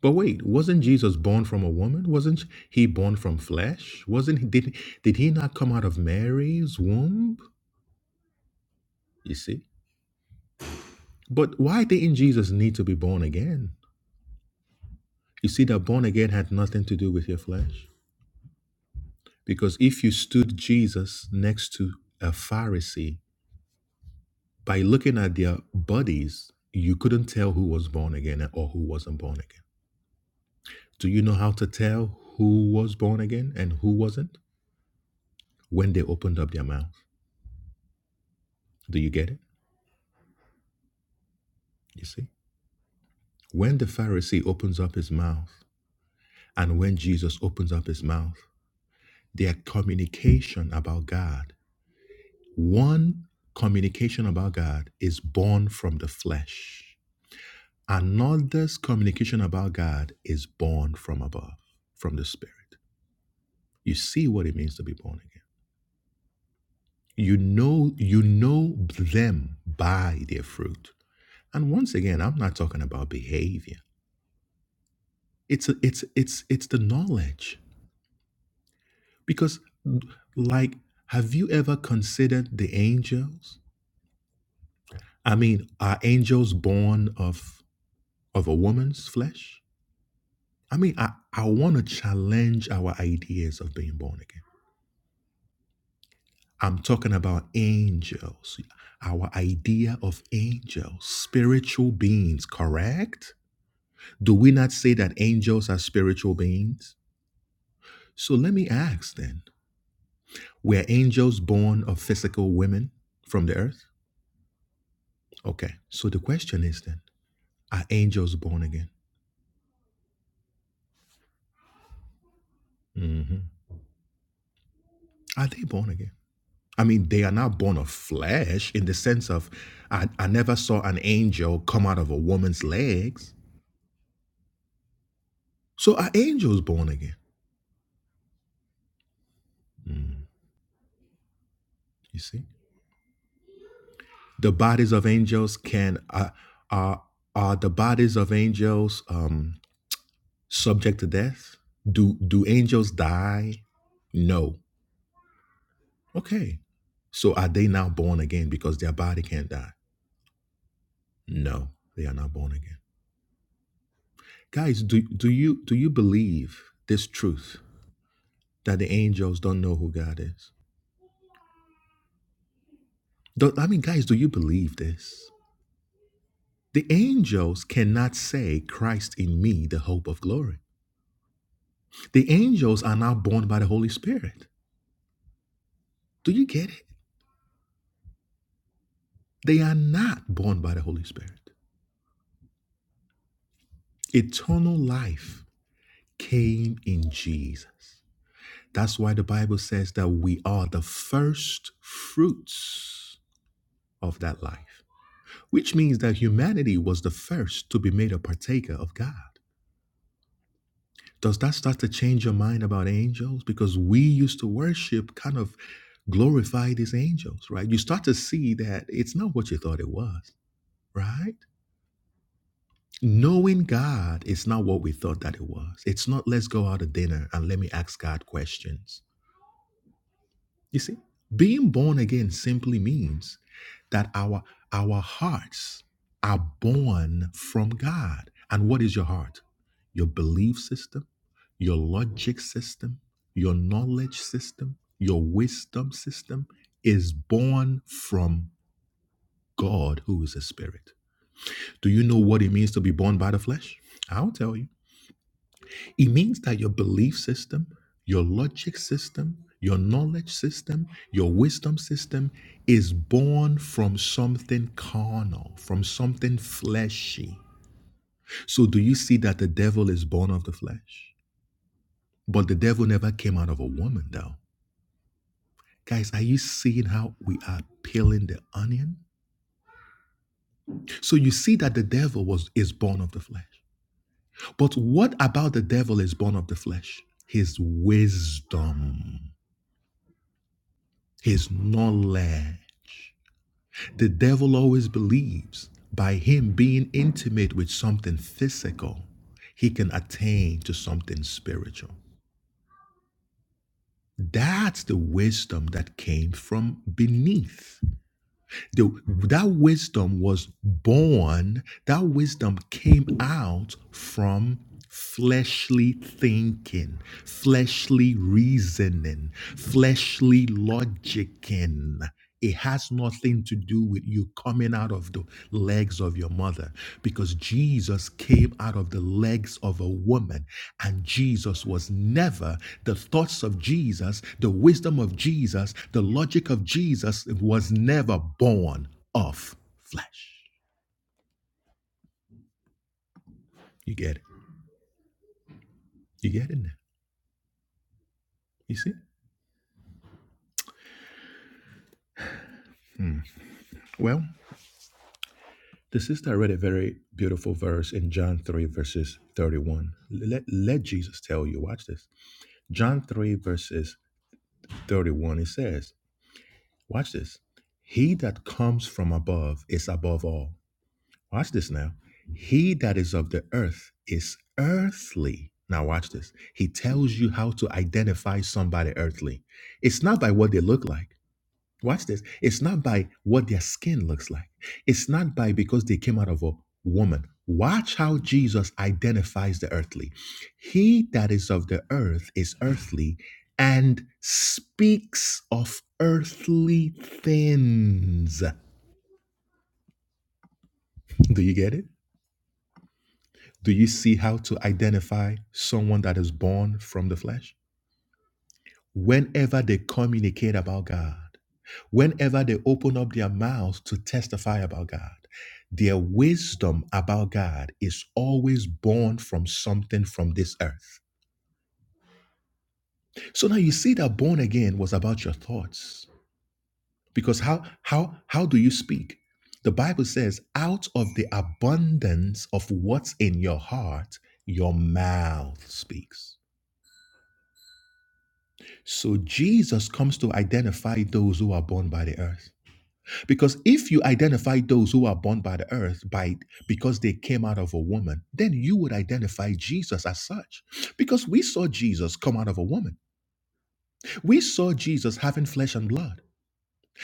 [SPEAKER 1] But wait, wasn't Jesus born from a woman? Wasn't he born from flesh? Wasn't he, did did he not come out of Mary's womb? You see? But why didn't Jesus need to be born again? You see that born again had nothing to do with your flesh. Because if you stood Jesus next to a Pharisee, by looking at their bodies, you couldn't tell who was born again or who wasn't born again. Do you know how to tell who was born again and who wasn't? When they opened up their mouth. Do you get it? You see? When the Pharisee opens up his mouth and when Jesus opens up his mouth, their communication about God, one communication about God is born from the flesh. Another's communication about God is born from above, from the spirit. You see what it means to be born again. You know you know them by their fruit. And once again, I'm not talking about behavior. It's a, it's it's it's the knowledge. Because, like, have you ever considered the angels? I mean, are angels born of of a woman's flesh? I mean, I, I want to challenge our ideas of being born again. I'm talking about angels, our idea of angels, spiritual beings, correct? Do we not say that angels are spiritual beings? So let me ask then were angels born of physical women from the earth? Okay, so the question is then Are angels born again? hmm Are they born again? I mean, they are not born of flesh in the sense of I, I never saw an angel come out of a woman's legs. So are angels born again? You see, the bodies of angels can are are, are the bodies of angels um, subject to death? Do do angels die? No. Okay. So are they now born again because their body can't die? No, they are not born again. Guys, do do you do you believe this truth that the angels don't know who God is? Do, I mean, guys, do you believe this? The angels cannot say Christ in me, the hope of glory. The angels are not born by the Holy Spirit. Do you get it? They are not born by the Holy Spirit. Eternal life came in Jesus. That's why the Bible says that we are the first fruits of that life. which means that humanity was the first to be made a partaker of God. Does that start to change your mind about angels? Because we used to worship kind of glorify these angels, right? You start to see that it's not what you thought it was, right? Knowing God is not what we thought that it was. It's not let's go out to dinner and let me ask God questions You see, being born again simply means that our our hearts are born from God. And what is your heart? Your belief system, your logic system, your knowledge system, your wisdom system is born from God who is a spirit. Do you know what it means to be born by the flesh? I'll tell you. It means that your belief system, your logic system, your knowledge system, your wisdom system is born from something carnal, from something fleshy. So, do you see that the devil is born of the flesh? But the devil never came out of a woman, though. Guys, are you seeing how we are peeling the onion? So you see that the devil was is born of the flesh. But what about the devil is born of the flesh? His wisdom. his knowledge. The devil always believes by him being intimate with something physical, he can attain to something spiritual. That's the wisdom that came from beneath. The, that wisdom was born, that wisdom came out from fleshly thinking, fleshly reasoning, fleshly logicking. It has nothing to do with you coming coming out of the legs of your mother because Jesus came out of the legs of a woman and Jesus was never the thoughts of Jesus, the wisdom of Jesus, the logic of Jesus was never born of flesh. You get it? You get it now? You see? Well, the sister read a very beautiful verse in John 3, verses 31. Let, let Jesus tell you, watch this. John 3, verses 31, it says, Watch this. He that comes from above is above all. Watch this now. He that is of the earth is earthly. Now, watch this. He tells you how to identify somebody earthly. It's not by what they look like. Watch this. It's not by what their skin looks like. It's not by because they came out of a woman. Watch how Jesus identifies the earthly. He that is of the earth is earthly and speaks of earthly things. Do you get it? Do you see how to identify someone that is born from the flesh? Whenever they communicate about God, Whenever they open up their mouths to testify about God, their wisdom about God is always born from something from this earth. So now you see that born again was about your thoughts. Because how how how do you speak? The Bible says, out of the abundance of what's in your heart, your mouth speaks. So Jesus comes to identify those who are born by the earth. Because if you identify those who are born by the earth by because they came out of a woman, then you would identify Jesus as such. Because we saw Jesus come out of a woman. We saw Jesus having flesh and blood.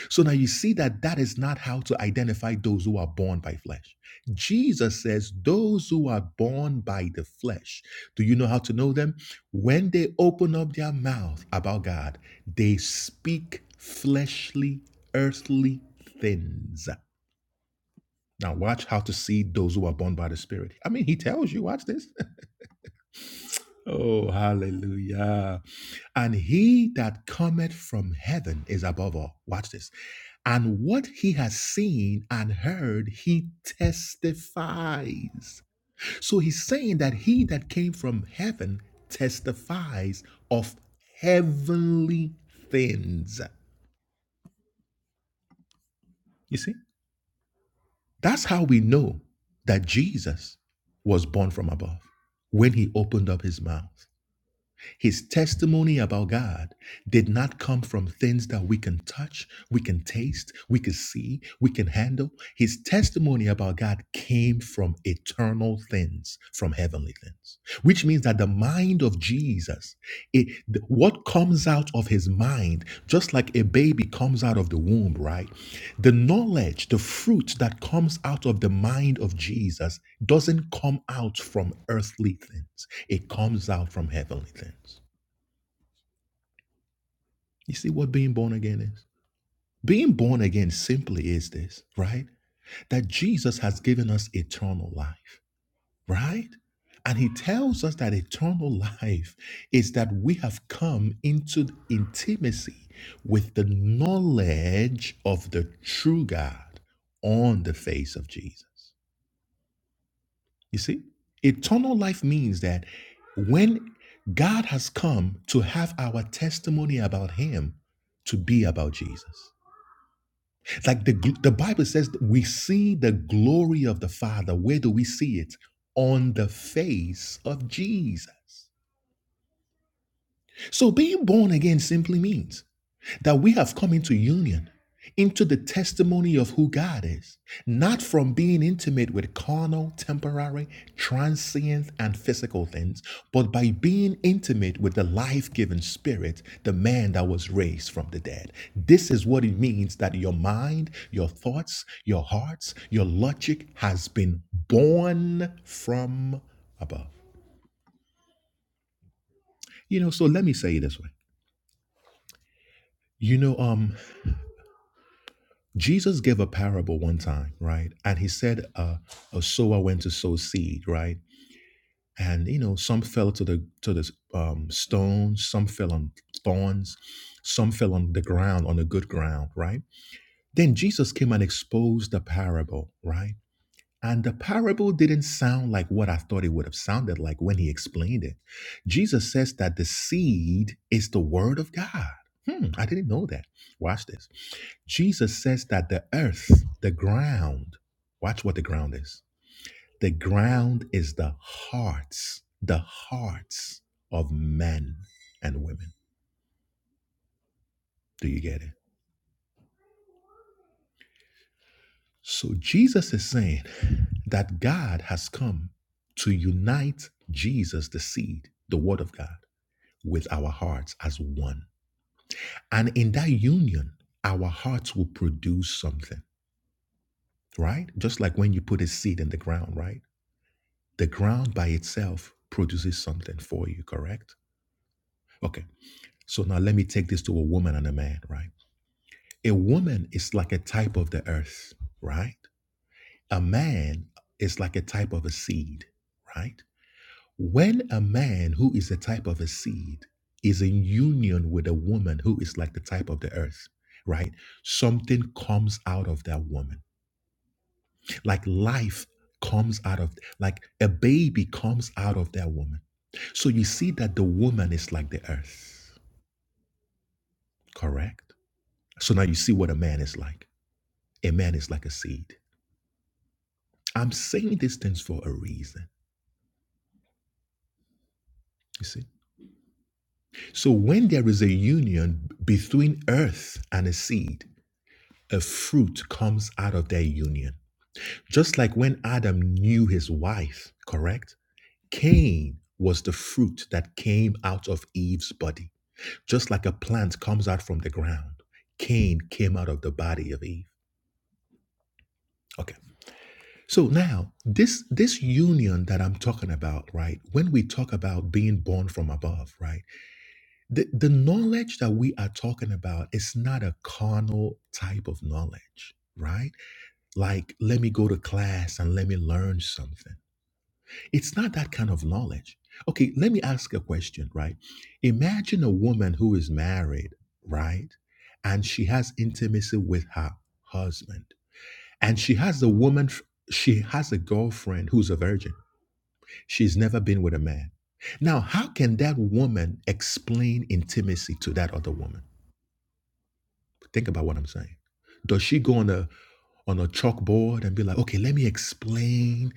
[SPEAKER 1] So now you see that that is not how to identify those who are born by flesh. Jesus says those who are born by the flesh. Do you know how to know them? When they open up their mouth about God, they speak fleshly, earthly things. Now watch how to see those who are born by the Spirit. I mean, he tells you, watch this. oh, hallelujah. And he that cometh from heaven is above all. Watch this. And what he has seen and heard, he testifies. So he's saying that he that came from heaven testifies of heavenly things. You see? That's how we know that Jesus was born from above when he opened up his mouth. His testimony about God did not come from things that we can touch, we can taste, we can see, we can handle. His testimony about God came from eternal things, from heavenly things, which means that the mind of Jesus, it, what comes out of his mind, just like a baby comes out of the womb, right? The knowledge, the fruit that comes out of the mind of Jesus doesn't come out from earthly things, it comes out from heavenly things. You see what being born again is? Being born again simply is this, right? That Jesus has given us eternal life, right? And he tells us that eternal life is that we have come into intimacy with the knowledge of the true God on the face of Jesus. You see, eternal life means that when God has come to have our testimony about Him to be about Jesus. Like the, gl- the Bible says, that we see the glory of the Father. Where do we see it? On the face of Jesus. So being born again simply means that we have come into union, into the testimony of who God is, not from being intimate with carnal, temporary, transient, and physical things, but by being intimate with the life giving spirit, the man that was raised from the dead. This is what it means that your mind, your thoughts, your hearts, your logic has been born from above. You know, so let me say it this way. You know, Um. Jesus gave a parable one time, right? And he said, uh, "A sower went to sow seed, right? And you know, some fell to the to the um, stones, some fell on thorns, some fell on the ground, on the good ground, right? Then Jesus came and exposed the parable, right? And the parable didn't sound like what I thought it would have sounded like when he explained it. Jesus says that the seed is the word of God. Hmm, I didn't know that. Watch this. Jesus says that the earth, the ground, watch what the ground is. The ground is the hearts, the hearts of men and women. Do you get it? So Jesus is saying that God has come to unite Jesus, the seed, the word of God, with our hearts as one. And in that union, our hearts will produce something, right? Just like when you put a seed in the ground, right? The ground by itself produces something for you, correct? Okay. So now let me take this to a woman and a man, right? A woman is like a type of the earth, right? A man is like a type of a seed, right? When a man who is a type of a seed is in union with a woman who is like the type of the earth, right? Something comes out of that woman. Like life comes out of, like a baby comes out of that woman So you see that the woman is like the earth, correct? So now you see what a man is like. A man is like a seed. I'm saying these things for a reason, you see? So when there is a union between earth and a seed, a fruit comes out of their union. Just like when Adam knew his wife, correct? Cain was the fruit that came out of Eve's body. Just like a plant comes out from the ground, Cain came out of the body of Eve. Okay. So now this this union that I'm talking about, right? When we talk about being born from above, right? The the knowledge that we are talking about is not a carnal type of knowledge, right? Like let me go to class and let me learn something. It's not that kind of knowledge. Okay, let me ask a question, right? Imagine a woman who is married, right? And she has intimacy with her husband. And she has a woman she has a girlfriend who's a virgin She's never been with a man. Now, how can that woman explain intimacy to that other woman? Think about what I'm saying. Does she go on a on a chalkboard and be like, okay, let me explain,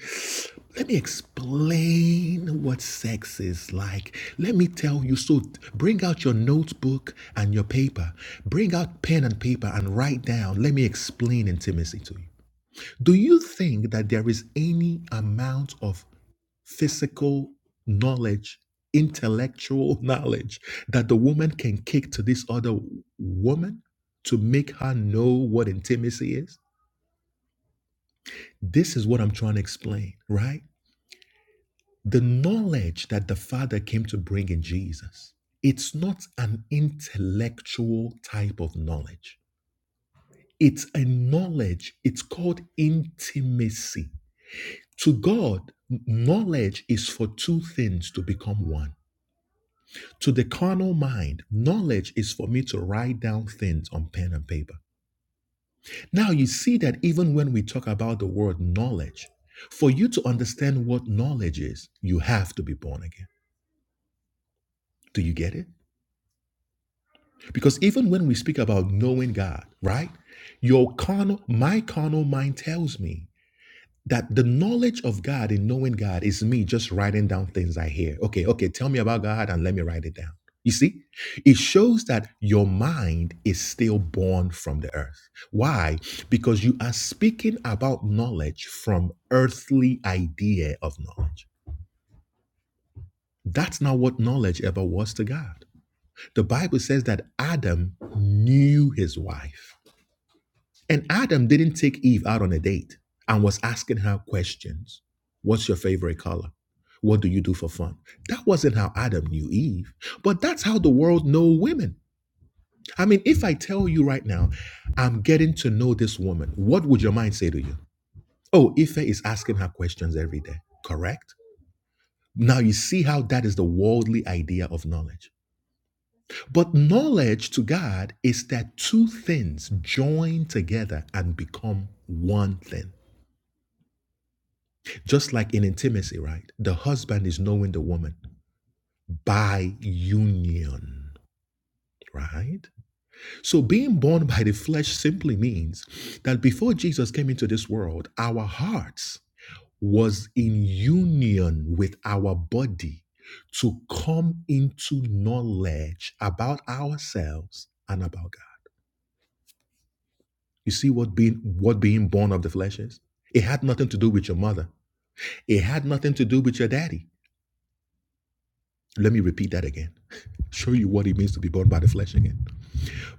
[SPEAKER 1] let me explain what sex is like. Let me tell you. So bring out your notebook and your paper. Bring out pen and paper and write down. Let me explain intimacy to you. Do you think that there is any amount of physical knowledge, intellectual knowledge that the woman can kick to this other woman to make her know what intimacy is. This is what I'm trying to explain, right? The knowledge that the Father came to bring in Jesus, it's not an intellectual type of knowledge. It's a knowledge, it's called intimacy. To God, knowledge is for two things to become one To the carnal mind, knowledge is for me to write down things on pen and paper. Now, you see that even when we talk about the word knowledge, for you to understand what knowledge is, you have to be born again. Do you get it? Because even when we speak about knowing God, right? Your carnal, my carnal mind tells me that the knowledge of God and knowing God is me just writing down things I hear. Okay, okay, tell me about God and let me write it down. You see, it shows that your mind is still born from the earth. Why? Because you are speaking about knowledge from earthly idea of knowledge. That's not what knowledge ever was to God. The Bible says that Adam knew his wife. And Adam didn't take Eve out on a date and was asking her questions. What's your favorite color? What do you do for fun? That wasn't how Adam knew Eve, but that's how the world know women. I mean, if I tell you right now, I'm getting to know this woman, what would your mind say to you? Oh, Ife is asking her questions every day, correct? Now you see how that is the worldly idea of knowledge. But knowledge to God is that two things join together and become one thing. Just like in intimacy, right? The husband is knowing the woman by union, right? So being born by the flesh simply means that before Jesus came into this world, our hearts was in union with our body to come into knowledge about ourselves and about God. You see what being what being born of the flesh is? It had nothing to do with your mother. It had nothing to do with your daddy. Let me repeat that again. Show you what it means to be born by the flesh again.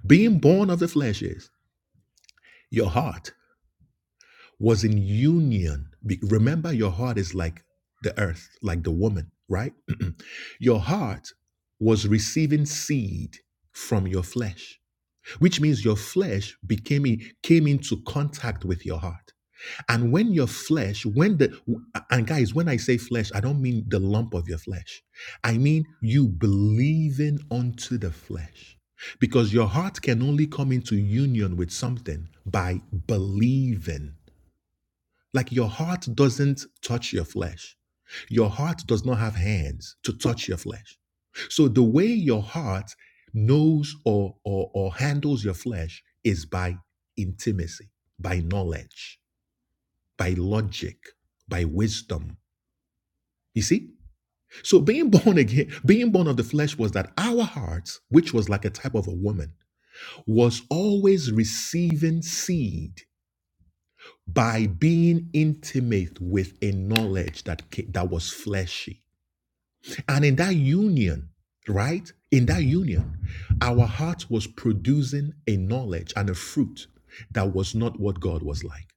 [SPEAKER 1] Being born of the flesh is your heart was in union. Be- Remember, your heart is like the earth, like the woman, right? your heart was receiving seed from your flesh, which means your flesh became came into contact with your heart. And when your flesh, when the, and guys, when I say flesh, I don't mean the lump of your flesh. I mean you believing unto the flesh. Because your heart can only come into union with something by believing. Like your heart doesn't touch your flesh. Your heart does not have hands to touch your flesh. So the way your heart knows or, or, or handles your flesh is by intimacy, by knowledge by logic, by wisdom. You see? So being born again, being born of the flesh was that our hearts, which was like a type of a woman, was always receiving seed by being intimate with a knowledge that ca- that was fleshy. And in that union, right? In that union, our heart was producing a knowledge and a fruit that was not what God was like.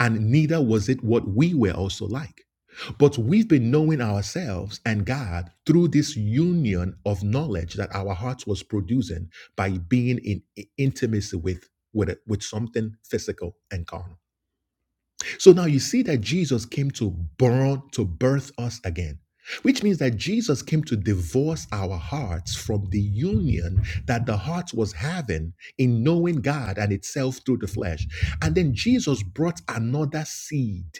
[SPEAKER 1] and neither was it what we were also like. But we've been knowing ourselves and God through this union of knowledge that our hearts was producing by being in intimacy with with, with something physical and carnal. So now you see that Jesus came to born to birth us again, which means that Jesus came to divorce our hearts from the union that the heart was having in knowing God and itself through the flesh. And then Jesus brought another seed.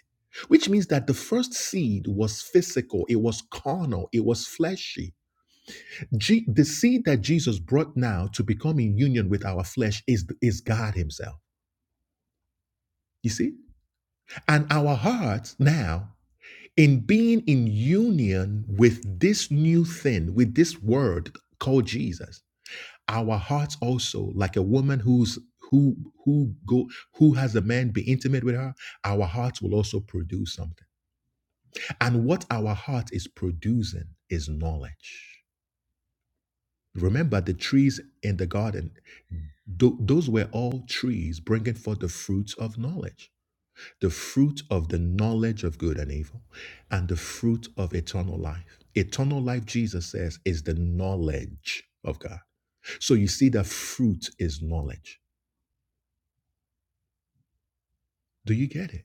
[SPEAKER 1] Which means that the first seed was physical, it was carnal, it was fleshy. Je- the seed that Jesus brought now to become in union with our flesh is, is God Himself. You see? And our hearts now in being in union with this new thing, with this word called Jesus, our hearts also, like a woman who's who who go who has a man be intimate with her, our hearts will also produce something. And what our heart is producing is knowledge. Remember the trees in the garden; tho- those were all trees bringing forth the fruits of knowledge. the fruit of the knowledge of good and evil, and the fruit of eternal life. Eternal life, Jesus says, is the knowledge of God. So you see, the fruit is knowledge. Do you get it?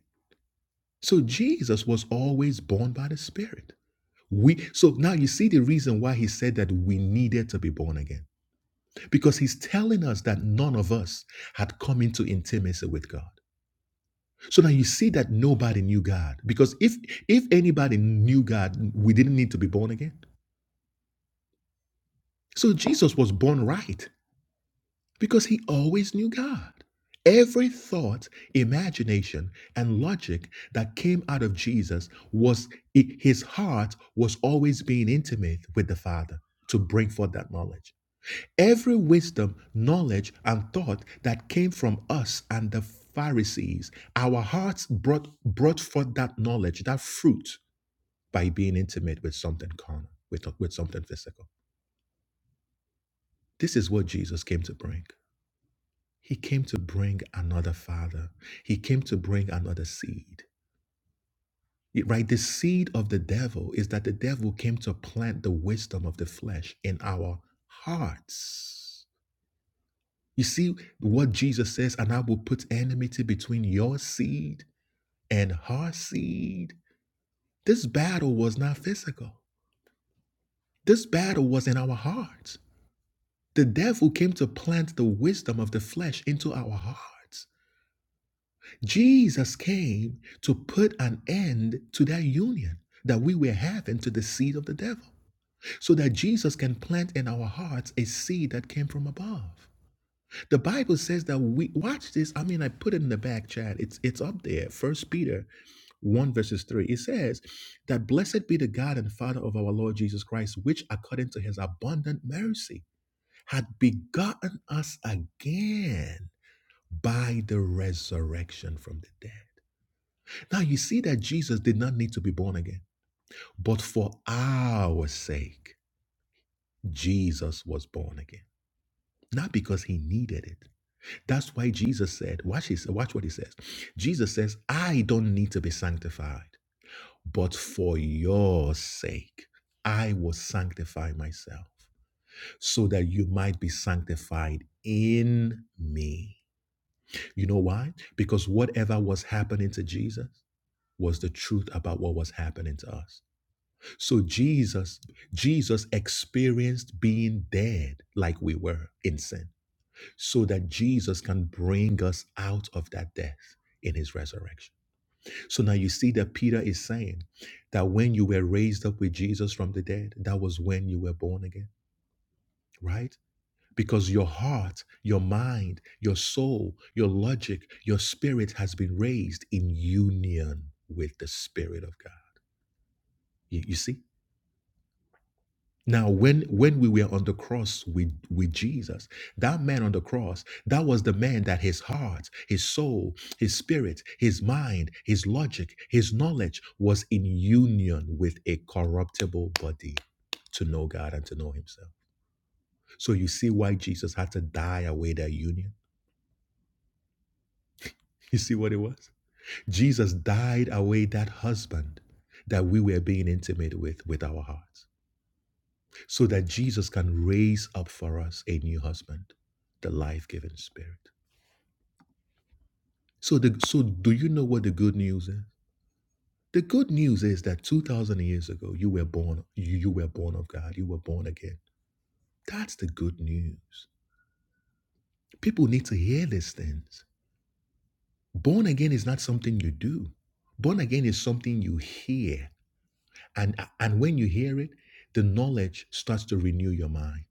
[SPEAKER 1] So Jesus was always born by the Spirit. We so now you see the reason why he said that we needed to be born again because he's telling us that none of us had come into intimacy with God. So now you see that nobody knew God because if if anybody knew God, we didn't need to be born again. So Jesus was born right because he always knew God. Every thought, imagination, and logic that came out of Jesus was his heart was always being intimate with the Father to bring forth that knowledge. Every wisdom, knowledge, and thought that came from us and the Pharisees, our hearts brought brought forth that knowledge, that fruit, by being intimate with something carnal, with, with something physical. This is what Jesus came to bring. He came to bring another father. He came to bring another seed. Right? The seed of the devil is that the devil came to plant the wisdom of the flesh in our hearts. You see what Jesus says, and I will put enmity between your seed and her seed. This battle was not physical, this battle was in our hearts. The devil came to plant the wisdom of the flesh into our hearts. Jesus came to put an end to that union that we were having to the seed of the devil, so that Jesus can plant in our hearts a seed that came from above. The Bible says that we watch this. I mean, I put it in the back chat. It's it's up there. First Peter one verses three. It says that blessed be the God and Father of our Lord Jesus Christ, which according to His abundant mercy had begotten us again by the resurrection from the dead. Now you see that Jesus did not need to be born again, but for our sake, Jesus was born again. Not because he needed it. That's why Jesus said, watch, his, watch what he says. Jesus says, I don't need to be sanctified, but for your sake, I will sanctify myself so that you might be sanctified in me. You know why? Because whatever was happening to Jesus was the truth about what was happening to us. So Jesus, Jesus experienced being dead like we were in sin, so that Jesus can bring us out of that death in his resurrection. So now you see that Peter is saying that when you were raised up with Jesus from the dead, that was when you were born again, right? Because your heart, your mind, your soul, your logic, your spirit has been raised in union with the Spirit of God. You, you see? Now, when when we were on the cross with with Jesus, that man on the cross, that was the man that his heart, his soul, his spirit, his mind, his logic, his knowledge was in union with a corruptible body to know God and to know himself. So you see why Jesus had to die away that union. You see what it was? Jesus died away that husband that we were being intimate with with our hearts. so that Jesus can raise up for us a new husband, the life-giving spirit. So the so do you know what the good news is? The good news is that 2000 years ago you were born you, you were born of God, you were born again. That's the good news. People need to hear these things. Born again is not something you do. Born again is something you hear. And and when you hear it, the knowledge starts to renew your mind.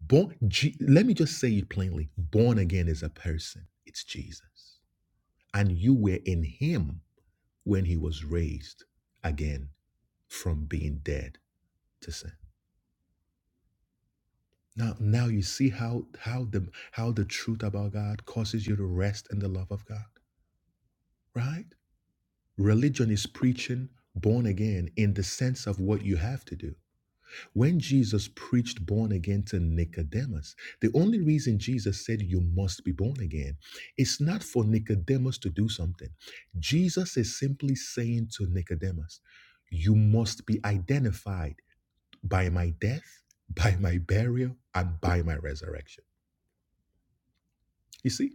[SPEAKER 1] Born, Je- let me just say it plainly born again is a person, it's Jesus. And you were in him when he was raised again from being dead to sin. Now, now you see how how the how the truth about God causes you to rest in the love of God, right? Religion is preaching born again in the sense of what you have to do. When Jesus preached born again to Nicodemus, the only reason Jesus said you must be born again is not for Nicodemus to do something. Jesus is simply saying to Nicodemus, you must be identified by my death, by my burial, and by my resurrection. You see,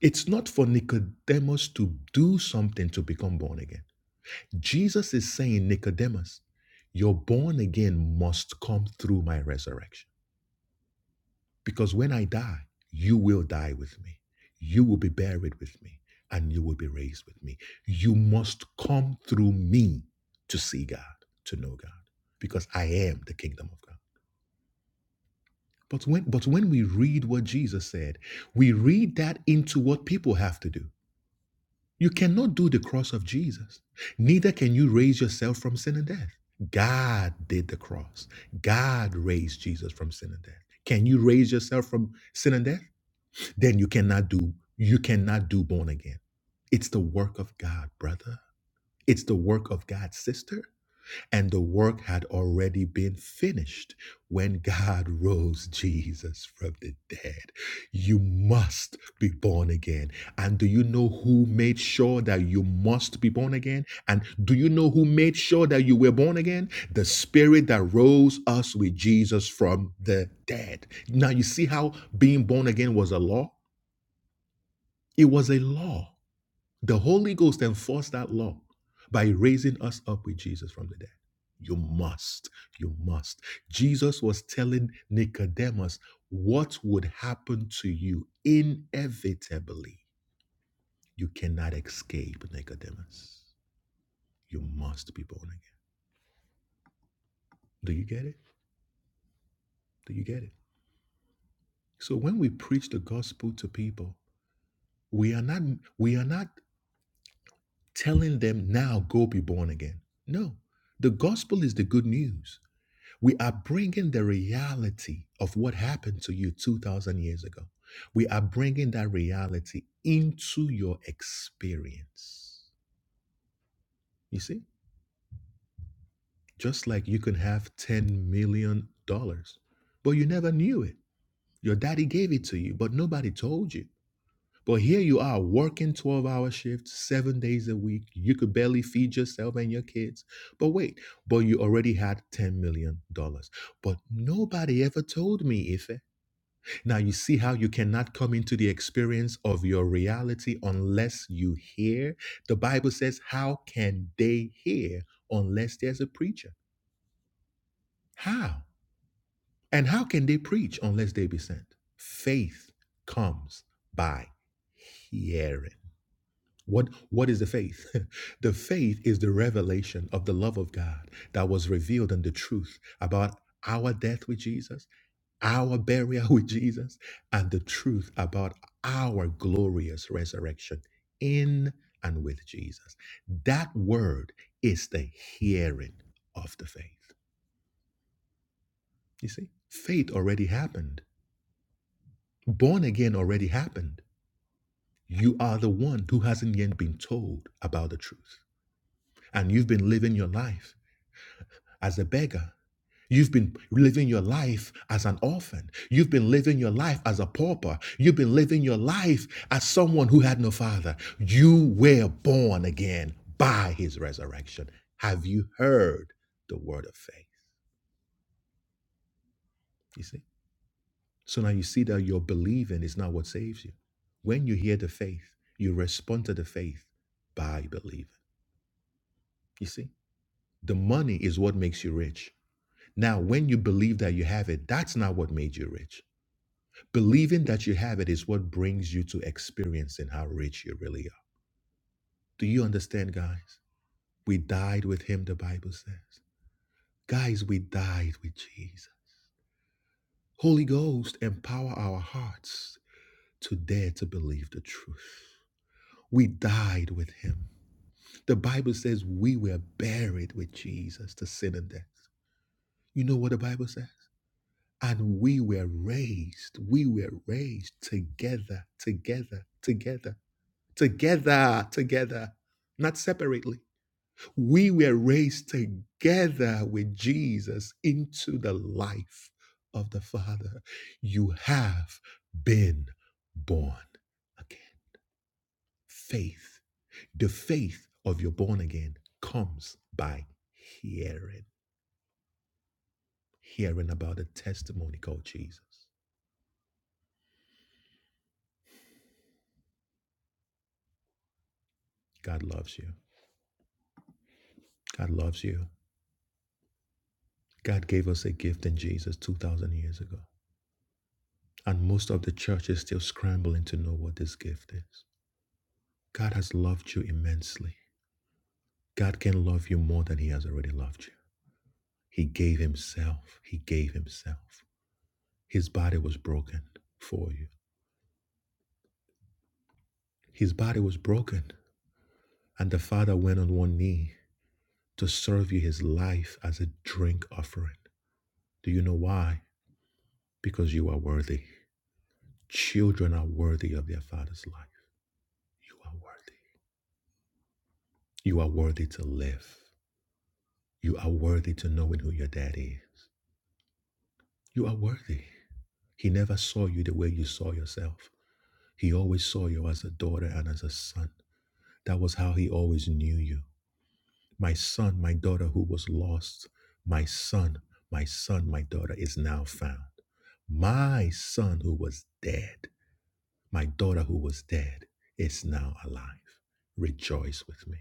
[SPEAKER 1] it's not for Nicodemus to do something to become born again. Jesus is saying, Nicodemus, your born again must come through my resurrection. Because when I die, you will die with me. You will be buried with me and you will be raised with me. You must come through me to see God, to know God, because I am the kingdom of God. But when but when we read what Jesus said, we read that into what people have to do. You cannot do the cross of Jesus. Neither can you raise yourself from sin and death. God did the cross. God raised Jesus from sin and death. Can you raise yourself from sin and death? then you cannot do you cannot do born again. It's the work of God, brother. It's the work of God, sister. And the work had already been finished when God rose Jesus from the dead. You must be born again. And do you know who made sure that you must be born again? And do you know who made sure that you were born again? The spirit that rose us with Jesus from the dead. Now, you see how being born again was a law? It was a law. The Holy Ghost enforced that law by raising us up with Jesus from the dead. You must, you must. Jesus was telling Nicodemus what would happen to you inevitably. You cannot escape, Nicodemus. You must be born again. Do you get it? Do you get it? So when we preach the gospel to people, we are not we are not telling them now go be born again. No. The gospel is the good news. We are bringing the reality of what happened to you 2,000 years ago. We are bringing that reality into your experience. You see, just like you can have $10 million, dollars, but you never knew it. Your daddy gave it to you, but nobody told you. But here you are working 12 hour shifts, seven days a week. You could barely feed yourself and your kids. But wait, but you already had $10 million. dollars. But nobody ever told me, Ife. Now you see how you cannot come into the experience of your reality unless you hear. The Bible says, How can they hear unless there's a preacher? How? And how can they preach unless they be sent? Faith comes by hearing. What, what is the faith? the faith is the revelation of the love of God that was revealed in the truth about our death with Jesus our burial with Jesus, and the truth about our glorious resurrection in and with Jesus. That word is the hearing of the faith. You see, faith already happened, born again already happened. You are the one who hasn't yet been told about the truth, and you've been living your life as a beggar You've been living your life as an orphan. You've been living your life as a pauper. You've been living your life as someone who had no father. You were born again by his resurrection. Have you heard the word of faith? You see? So now you see that your believing is not what saves you. When you hear the faith, you respond to the faith by believing. You see? The money is what makes you rich. Now, when you believe that you have it, that's not what made you rich. Believing that you have it is what brings you to experiencing how rich you really are. Do you understand, guys? We died with him, the Bible says. Guys, we died with Jesus. Holy Ghost, empower our hearts to dare to believe the truth. We died with him. The Bible says we were buried with Jesus to sin and death. You know what the Bible says? And we were raised, we were raised together, together, together together, together, not separately. We were raised together with Jesus into the life of the Father. You have been born again. Faith, the faith of your born again comes by hearing, hearing about the testimony called Jesus. God loves you. God loves you. God gave us a gift in Jesus 2,000 years ago. And most of the church is still scrambling to know what this gift is. God has loved you immensely. God can love you more than He has already loved you. He gave Himself. He gave Himself. His body was broken for you. His body was broken. And the Father went on one knee to serve you His life as a drink offering. Do you know why? Because you are worthy. Children are worthy of their Father's life. You are worthy. You are worthy to live. You are worthy to knowing who your Daddy is. You are worthy. He never saw you the way you saw yourself. He always saw you as a daughter and as a son. That was how he always knew you. My son, my daughter who was lost, my son, my son, my daughter is now found. My son who was dead, my daughter who was dead is now alive. Rejoice with me.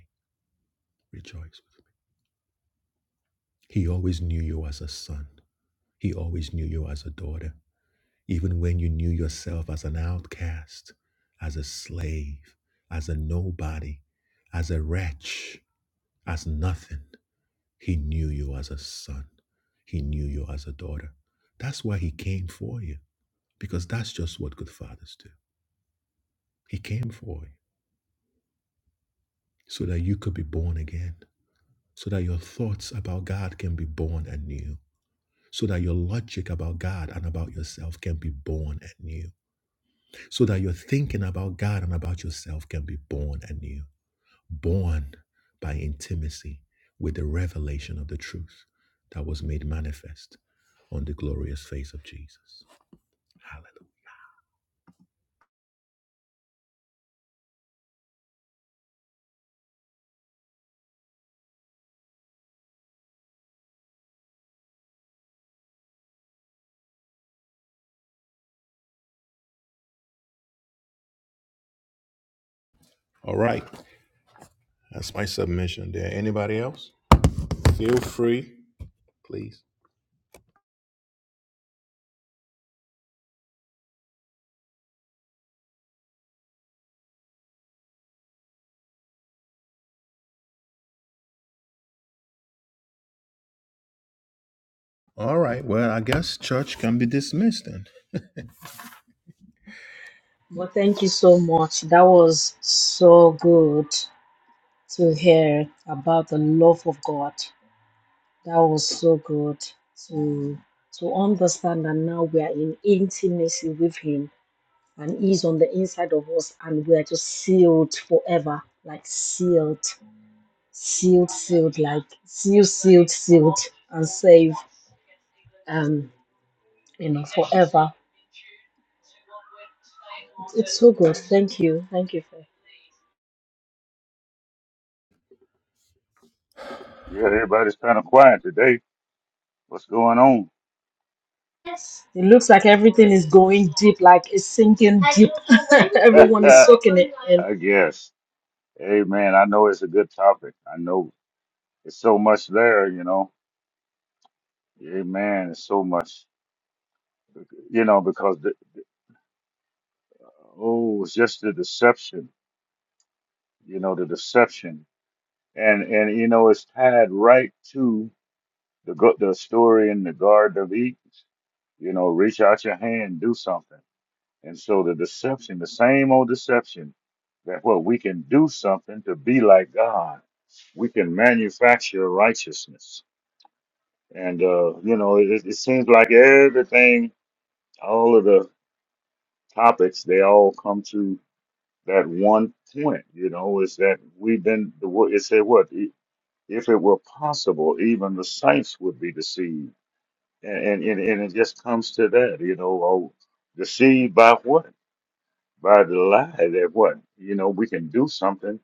[SPEAKER 1] Rejoice with me. He always knew you as a son. He always knew you as a daughter. even when you knew yourself as an outcast, as a slave, as a nobody, as a wretch, as nothing, he knew you as a son. He knew you as a daughter. That's why he came for you, because that's just what good fathers do. He came for you so that you could be born again, so that your thoughts about God can be born anew, so that your logic about God and about yourself can be born anew so that your thinking about God and about yourself can be born anew, born by intimacy with the revelation of the truth that was made manifest on the glorious face of Jesus. Hallelujah. All right. That's my submission there. Anybody else? Feel free, please. All right. Well, I guess church can be dismissed
[SPEAKER 2] Well, thank you so much. That was so good to hear about the love of God. That was so good to to understand that now we are in intimacy with Him, and He's on the inside of us, and we are just sealed forever, like sealed. sealed, sealed, like sealed, sealed, sealed, and saved, um, you know, forever. It's so good. Thank you. Thank you. Faith.
[SPEAKER 3] Yeah, everybody's kind of quiet today. What's going on?
[SPEAKER 2] It looks like everything is going deep, like it's sinking deep. Everyone is
[SPEAKER 3] I
[SPEAKER 2] soaking it in.
[SPEAKER 3] guess. Amen. I know it's a good topic. I know it's so much there, you know. Amen. It's so much, you know, because Oh, it's just the deception, you know, the deception, and and you know, it's tied right to the go- the story in the Garden of Eden. You know, reach out your hand, do something, and so the deception, the same old deception, that what we can do something to be like God, we can manufacture righteousness, and uh, you know, it, it seems like everything, all of the topics, they all come to. that one point, you know, is that we've been, the wo- it said what? "E- If it were possible, even the saints would be deceived. And, and, and it just comes to that, you know, oh, deceived by what? By the lie that what? You know, we can do something,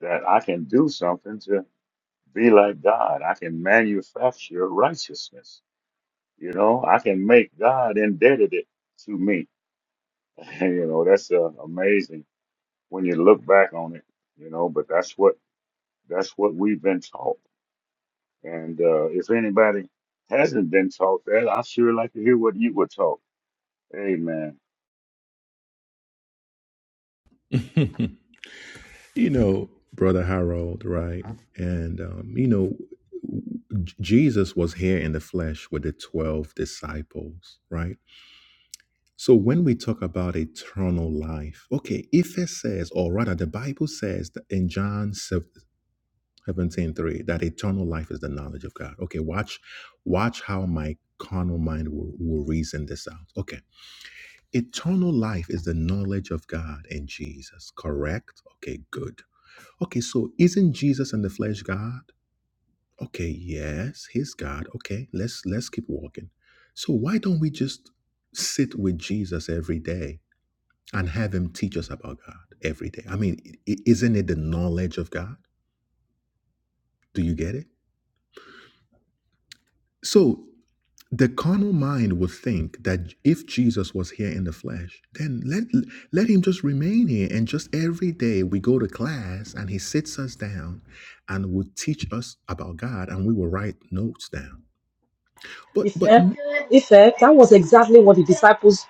[SPEAKER 3] that I can do something to be like God. I can manufacture righteousness. You know, I can make God indebted it to me. you know, that's uh, amazing when you look back on it, you know, but that's what That's what we've been taught. And uh, if anybody hasn't been taught that, I sure like to hear what you were taught. Amen.
[SPEAKER 1] then. You know, Brother Harold, right? And, um, you know, Jesus was here in the flesh with the 12 disciples, right? So when we talk about eternal life, okay, if it says, or rather, the Bible says that in John 17 three that eternal life is the knowledge of God. Okay, watch, watch how my carnal mind will, will reason this out. Okay, eternal life is the knowledge of God and Jesus, correct? Okay, good. Okay, so isn't Jesus in the flesh God? Okay, yes, he's God. Okay, let's let's keep walking. So why don't we just sit with Jesus every day and have him teach us about God every day? I mean, i- isn't it the knowledge of God? Do you get it? So The carnal mind would think that if Jesus was here in the flesh, then let let him just remain here and just every day we go to class and he sits us down and will teach us about God and we will write notes down. But but
[SPEAKER 2] Ife,
[SPEAKER 1] amen.
[SPEAKER 2] Ife, that was exactly what the disciples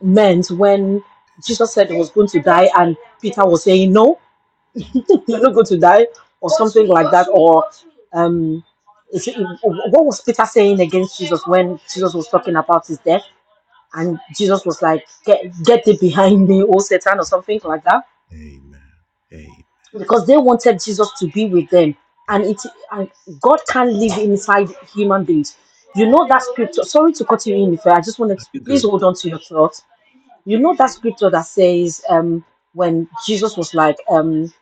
[SPEAKER 2] meant when Jesus said he was going to die, and Peter was saying, No,
[SPEAKER 1] Amen.
[SPEAKER 2] you're not going to die, or something like that, or um, is it- what was Peter saying against Jesus when Jesus was talking about his death? And Jesus was like, Get get thee behind me, O Satan, or something like that.
[SPEAKER 1] Amen.
[SPEAKER 2] Because they wanted Jesus to be with them. And
[SPEAKER 1] Yes.
[SPEAKER 2] it and God can't live inside human beings. You know that scripture. Sorry to cut you in if I just wanted to
[SPEAKER 1] You're
[SPEAKER 2] please
[SPEAKER 1] good.
[SPEAKER 2] hold on to your thoughts. You know that scripture that says um when Jesus was like um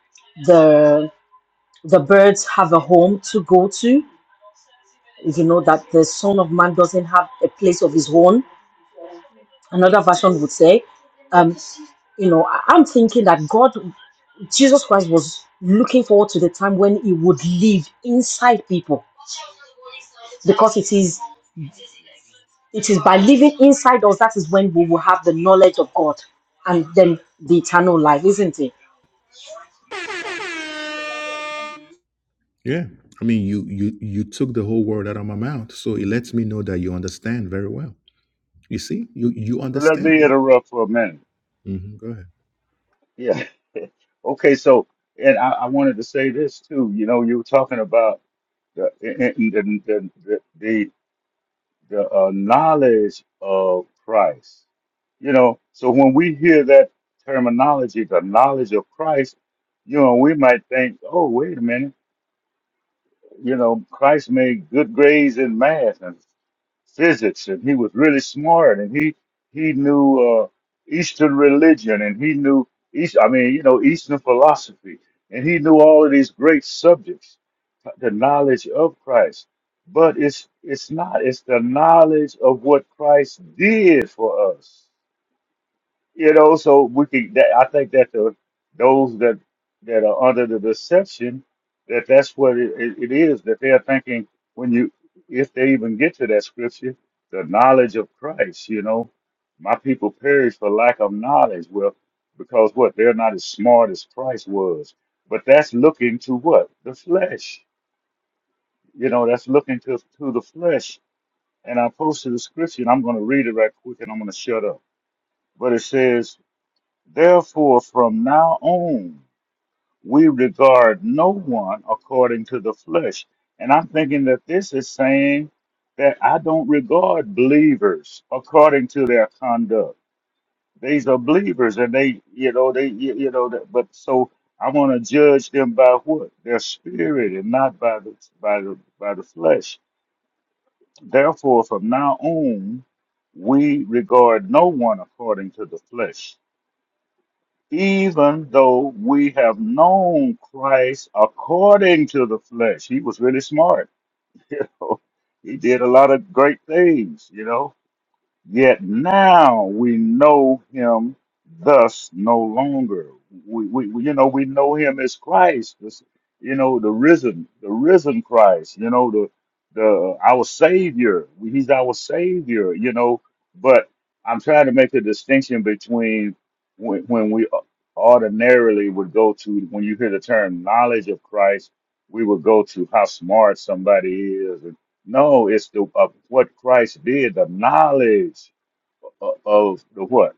[SPEAKER 2] the the birds have a home to go to. You know that the Son of Man doesn't have a place of his own. Another version would say. um." you know, I- I'm thinking that God, Jesus Christ was looking forward to the time when he would live inside people because it is it is by living inside us that is when we will have the knowledge of God and then the eternal life, isn't it?
[SPEAKER 1] Yeah. I mean you you you took the whole word out of my mouth. So it lets me know that you understand very well. You see? You you
[SPEAKER 3] But
[SPEAKER 1] understand.
[SPEAKER 3] look for a minute.
[SPEAKER 1] Mhm. Go ahead.
[SPEAKER 3] Yeah. Okay. So, and you know, uh, the the the the, the, the knowledge of Christ. You know, so when we hear that terminology, the knowledge of Christ, you know, we might think, oh, wait a minute. You know, Christ made good grades in math, and physics and he was really smart and he he knew uh, Eastern religion and he knew East I mean you know Eastern philosophy and he knew all of these great subjects uh, the knowledge of Christ but it's it's not it's the knowledge of what Christ did for us you know, so we can. That, I think that the those that that are under the deception that that's what it, it, it is that they're thinking when you if they even get to that scripture, the knowledge of Christ. You know, my people perish for lack of knowledge. Well, because what they're not as smart as Christ was. But that's looking to what the flesh. You know, that's looking to to the flesh. And I posted the scripture, and I'm going to read it right quick, and I'm going to shut up. But it says. Therefore, from now on, we regard no one according to the flesh. And I'm thinking that this is saying that I don't regard believers according to their conduct. These are believers, and they, you know, they, you, you know, that, but so I want to judge them by what their spirit, and not by the by the by the flesh. Therefore, from now on, we regard no one according to the flesh. even though we have known Christ according to the flesh. He was really smart. You know, he did a lot of great things, you know. Yet now we know him thus no longer. We, we, we- you know, we know him as Christ, this, you know, the risen, the risen Christ, you know, the, the, our Savior. He's our Savior, you know, but I'm trying to make a distinction between when, when we ordinarily would go to, when you hear the term knowledge of Christ, we would go to how smart somebody is no, it's the of what Christ did, the knowledge of, of the what,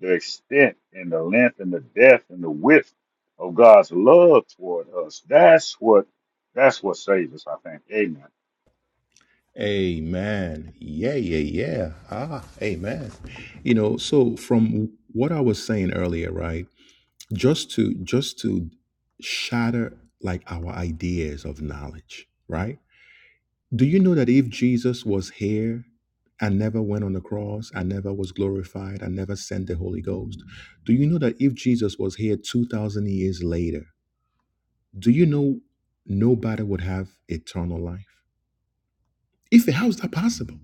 [SPEAKER 3] the extent and the length and the depth and the width of God's love toward us. That's what that's what saves us. I think. Amen.
[SPEAKER 1] Amen. Yeah, yeah, yeah. Ah, amen. You know, so from what I was saying earlier, right? Just to just to shatter like our ideas of knowledge, right? Do you know that if Jesus was here and never went on the cross, and never was glorified, and never sent the Holy Ghost? Do you know that if Jesus was here 2000 years later, do you know nobody would have eternal life? Ife, how is that possible?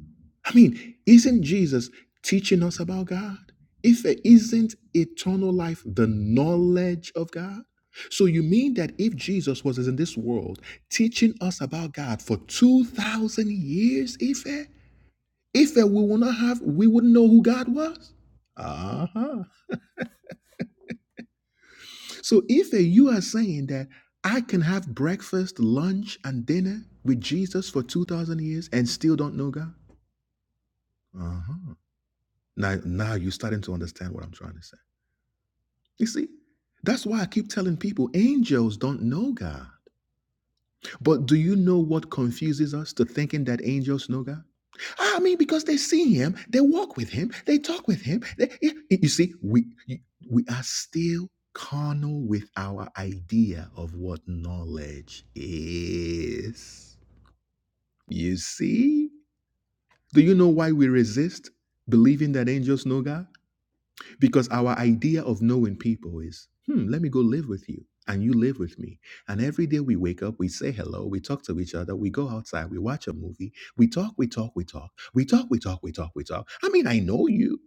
[SPEAKER 1] I mean, isn't Jesus teaching us about God? If isn't eternal life the knowledge of God? So you mean that if Jesus was in this world teaching us about God for 2000 years, Ife, Ife we will not have we wouldn't know who God was? Uh-huh. So Ife, you are saying that I can have breakfast, lunch, and dinner with Jesus for 2000 years and still don't know God? Uh-huh. Now, now you're starting to understand what I'm trying to say. You see, that's why I keep telling people angels don't know God. But do you know what confuses us to thinking that angels know God? I mean, because they see Him, they walk with Him, they talk with Him. they- you you see, we we are still carnal with our idea of what knowledge is. You see, do you know why we resist believing that angels know God? Because our idea of knowing people is, hmm, let me go live with you and you live with me. And every day we wake up, we say hello, we talk to each other, we go outside, we watch a movie, we talk, we talk, we talk, we talk, we talk, we talk, we talk. I mean, I know you.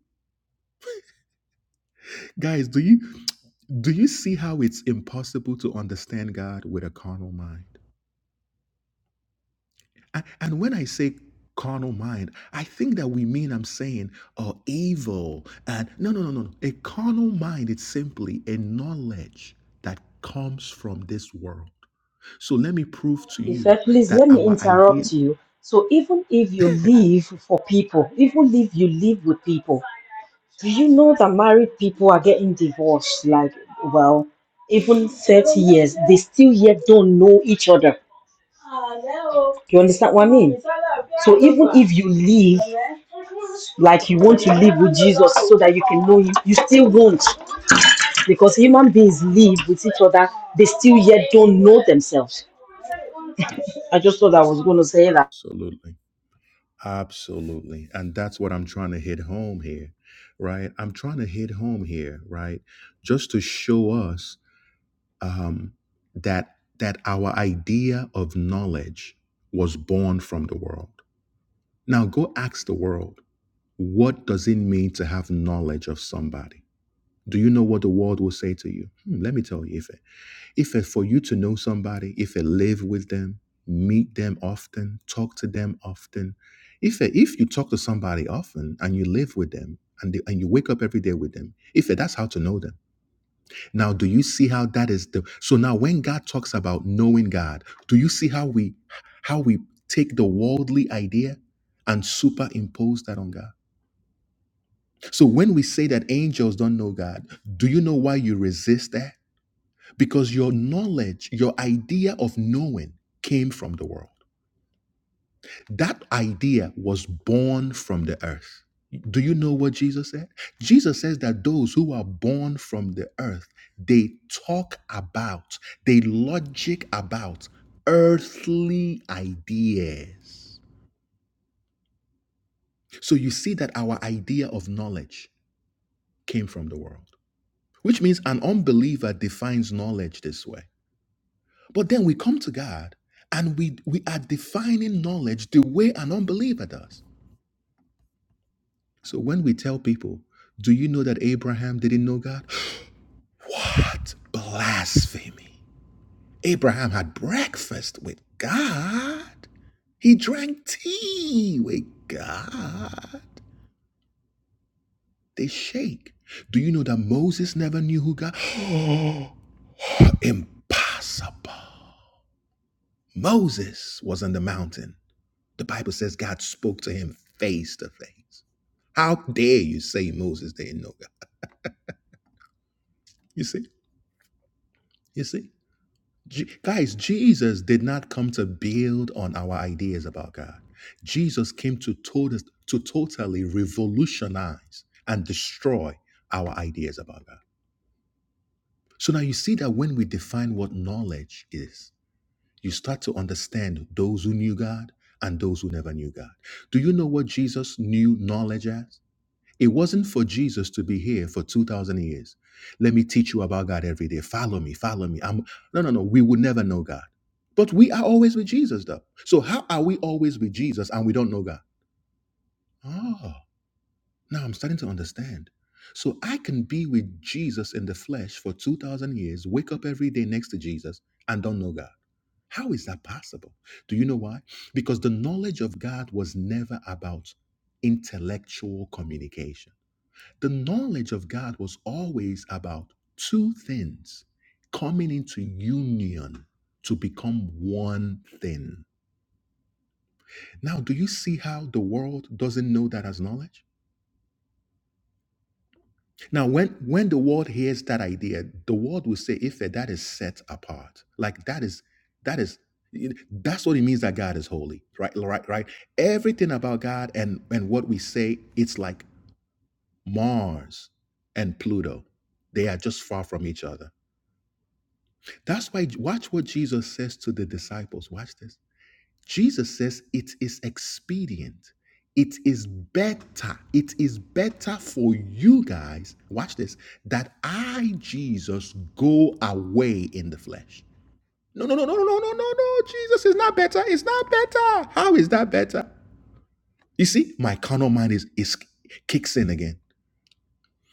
[SPEAKER 1] Guys, do you do you see how it's impossible to understand God with a carnal mind? And, and when I say carnal mind, I think that we mean I'm saying oh evil and no no no no no. A carnal mind is simply a knowledge that comes from this world. So let me prove to
[SPEAKER 2] If
[SPEAKER 1] you
[SPEAKER 2] I- please
[SPEAKER 1] that
[SPEAKER 2] let me
[SPEAKER 1] our idea
[SPEAKER 2] interrupt you. So even if you live for people, even if you live with people, Do you know that married people are getting divorced? Like, well, even 30 years, they still yet don't know each other. You understand what I mean? So even if you live like you want to live with Jesus so that you can know him, you still won't. Because human beings live with each other, they still yet don't know themselves. I just thought I was gonna say that.
[SPEAKER 1] absolutely absolutely and that's what I'm trying to hit home here, right? I'm trying to hit home here, right? Just to show us um that that our idea of knowledge was born from the world Now go ask the world, what does it mean to have knowledge of somebody? Do you know what the world will say to you? Hmm, let me tell you, Ife. Ife, for you to know somebody, if Ife, live with them, meet them often, talk to them often. Ife, if you talk to somebody often and you live with them and, they, and you wake up every day with them, Ife, that's how to know them. Now, do you see how that is the so now when God talks about knowing God, do you see how we how we take the worldly idea and superimpose that on God? So when we say that angels don't know God, do you know why you resist that? Because your knowledge, your idea of knowing came from the world. That idea was born from the earth. Do you know what Jesus said? Jesus says that those who are born from the earth, they talk about, they logic about earthly ideas. So you see that our idea of knowledge came from the world, which means an unbeliever defines knowledge this way. But then we come to God and we, we are defining knowledge the way an unbeliever does. So when we tell people, do you know that Abraham didn't know God? What blasphemy! Abraham had breakfast with God, he drank tea with God. They shake. Do you know that Moses never knew who God? Oh, Impossible. Moses was on the mountain. The Bible says God spoke to him face to face. How dare you say Moses didn't know God? You see? You see? Je- guys, Jesus did not come to build on our ideas about God. Jesus came to, tot- to totally revolutionize and destroy our ideas about God. So now you see that when we define what knowledge is, you start to understand those who knew God and those who never knew God. Do you know what Jesus knew knowledge as? It wasn't for Jesus to be here for 2,000 years. Let me teach you about God every day. Follow me, follow me. I'm, no, no, no. We would never know God. But we are always with Jesus, though. So how are we always with Jesus and we don't know God? Oh, now I'm starting to understand. So I can be with Jesus in the flesh for 2,000 years, wake up every day next to Jesus, and don't know God. How is that possible? Do you know why? Because the knowledge of God was never about intellectual communication the knowledge of God was always about two things coming into union to become one thing. Now, do you see how the world doesn't know that as knowledge? Now, when when the world hears that idea, the world will say, "If that is set apart, like that is that is." That's what it means that God is holy, right? Right, right. Everything about God and and what we say, it's like Mars and Pluto. They are just far from each other. That's why, watch what Jesus says to the disciples. Watch this. Jesus says, It is expedient. It is better. It is better for you guys, watch this, that I, Jesus, go away in the flesh. No, no, no, no, no, no, no, no, no. Jesus is not better. It's not better. How is that better? You see, my carnal mind is, is kicks in again.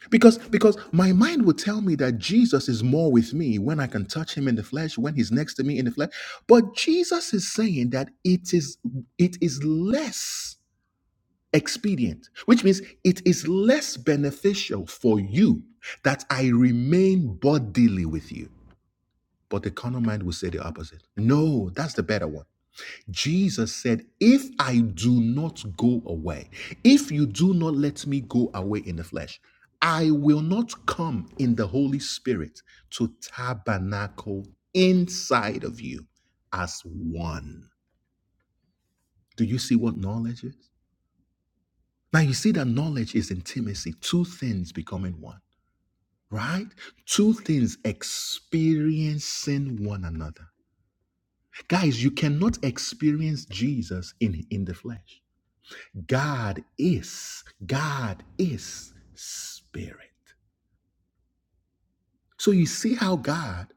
[SPEAKER 1] Because because my mind would tell me that Jesus is more with me when I can touch him in the flesh, when he's next to me in the flesh. But Jesus is saying that it is it is less expedient, which means it is less beneficial for you that I remain bodily with you. But the carnal mind will say the opposite. No, that's the better one. Jesus said, If I do not go away, if you do not let me go away in the flesh, I will not come in the Holy Spirit to tabernacle inside of you as one. Do you see what knowledge is? Now you see that knowledge is intimacy, two things becoming one, right? Two things experiencing one another. Guys, you cannot experience Jesus in, in the flesh. God is, God is spirit. So you see how God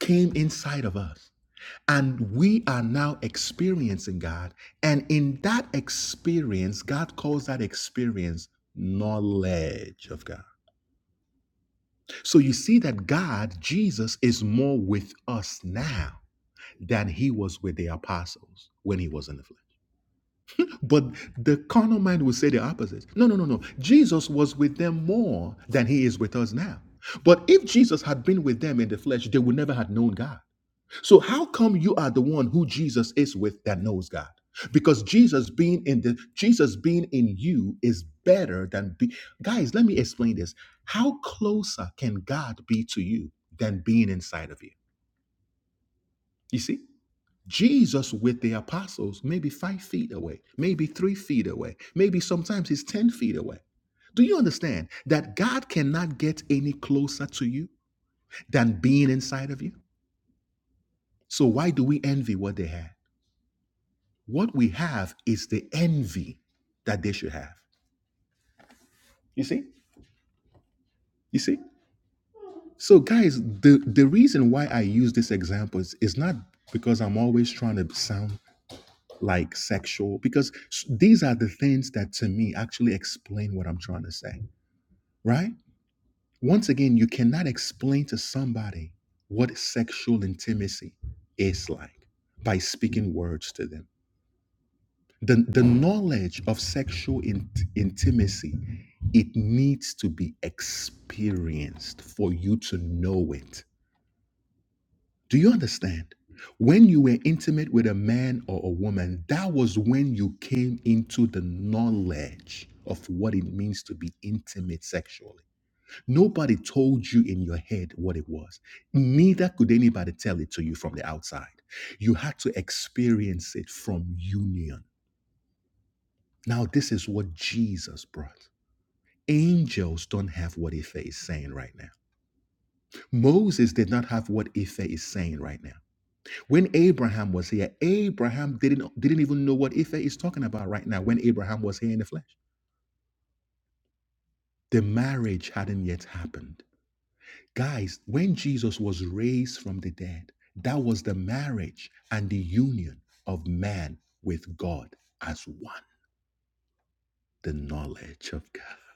[SPEAKER 1] came inside of us. And we are now experiencing God. And in that experience, God calls that experience knowledge of God. So you see that God, Jesus, is more with us now than he was with the apostles when he was in the flesh. But the carnal mind will say the opposite. No, no, no, no. Jesus was with them more than he is with us now. But if Jesus had been with them in the flesh, they would never have known God. So how come you are the one who Jesus is with that knows God? Because Jesus being in the Jesus being in you is better than be guys, let me explain this. How closer can God be to you than being inside of you? You see? Jesus with the apostles, maybe five feet away, maybe three feet away, maybe sometimes he's 10 feet away. Do you understand that God cannot get any closer to you than being inside of you? So, why do we envy what they had? What we have is the envy that they should have. You see? You see? So, guys, the, the reason why I use this example is, is not because I'm always trying to sound like sexual because these are the things that to me actually explain what i'm trying to say right once again you cannot explain to somebody what sexual intimacy is like by speaking words to them the, the knowledge of sexual int- intimacy it needs to be experienced for you to know it Do you understand? When you were intimate with a man or a woman, that was when you came into the knowledge of what it means to be intimate sexually. Nobody told you in your head what it was, neither could anybody tell it to you from the outside. You had to experience it from union. Now, this is what Jesus brought. Angels don't have what Ife is saying right now. Moses did not have what Ife is saying right now. When Abraham was here, Abraham didn't, didn't even know what Ife is talking about right now when Abraham was here in the flesh. The marriage hadn't yet happened. Guys, when Jesus was raised from the dead, that was the marriage and the union of man with God as one, the knowledge of God.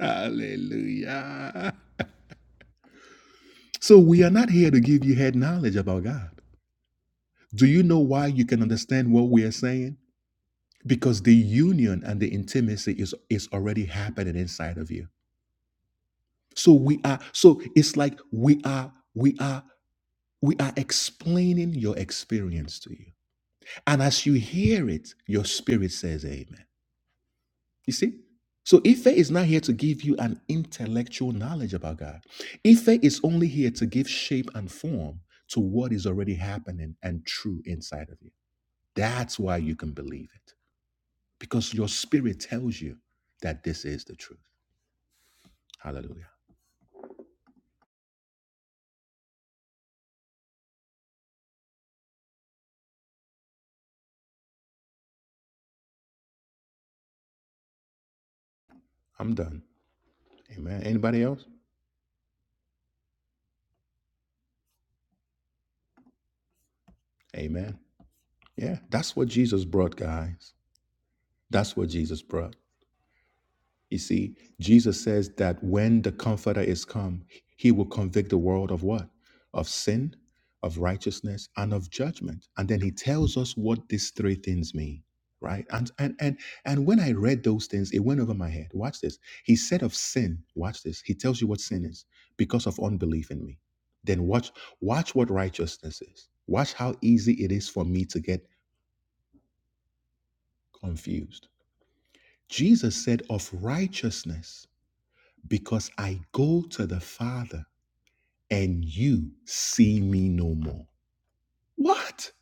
[SPEAKER 1] Hallelujah. So we are not here to give you head knowledge about God. Do you know why you can understand what we are saying? because the union and the intimacy is is already happening inside of you so we are so it's like we are we are we are explaining your experience to you and as you hear it your spirit says amen you see so ife is not here to give you an intellectual knowledge about god ife is only here to give shape and form to what is already happening and true inside of you that's why you can believe it because your spirit tells you that this is the truth Hallelujah. I'm done. Amen. Anybody else? Amen. Yeah, that's what Jesus brought, guys. That's what Jesus brought. You see, Jesus says that when the Comforter is come, he will convict the world of what? Of sin, of righteousness, and of judgment. And then he tells us what these three things mean, right? And and and and when I read those things, it went over my head. Watch this. He said of sin, watch this. He tells you what sin is because of unbelief in me. Then watch watch what righteousness is. Watch how easy it is for me to get confused. Jesus said of righteousness because I go to the Father and you see me no more. What?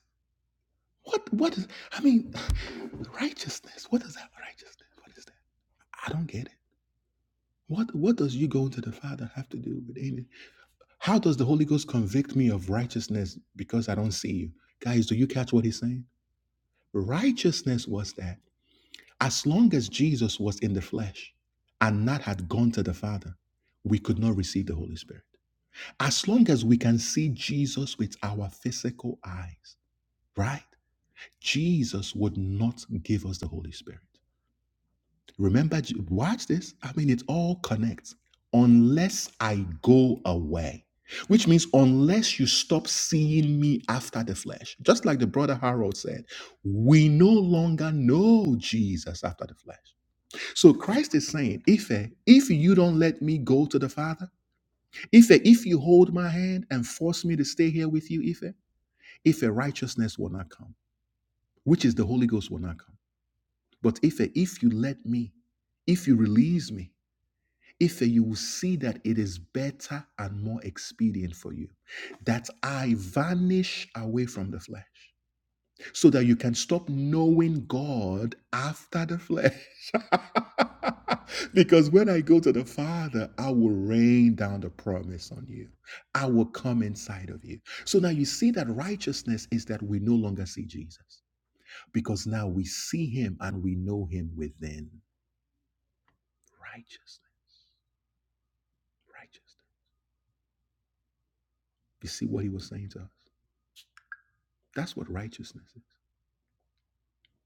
[SPEAKER 1] What? What is, I mean, righteousness. What is that righteousness? What is that? I don't get it. What, what does you going to the Father have to do with any? How does the Holy Ghost convict me of righteousness because I don't see you? Guys, do you catch what he's saying? Righteousness was that as long as Jesus was in the flesh and not had gone to the Father, we could not receive the Holy Spirit. As long as we can see Jesus with our physical eyes, right? Jesus would not give us the Holy Spirit. Remember, watch this. I mean, it all connects. Unless I go away, which means unless you stop seeing me after the flesh, just like the brother Harold said, we no longer know Jesus after the flesh. So Christ is saying, if if you don't let me go to the Father, Ife, if you hold my hand and force me to stay here with you, Ife, Ife, righteousness will not come, which is the Holy Ghost will not come. But Ife, if you let me, if you release me, Ife, you will see that it is better and more expedient for you that I vanish away from the flesh so that you can stop knowing God after the flesh. because when I go to the Father, I will rain down the promise on you, I will come inside of you. So now you see that righteousness is that we no longer see Jesus because now we see him and we know him within righteousness. Righteousness. You see what he was saying to us? That's what righteousness is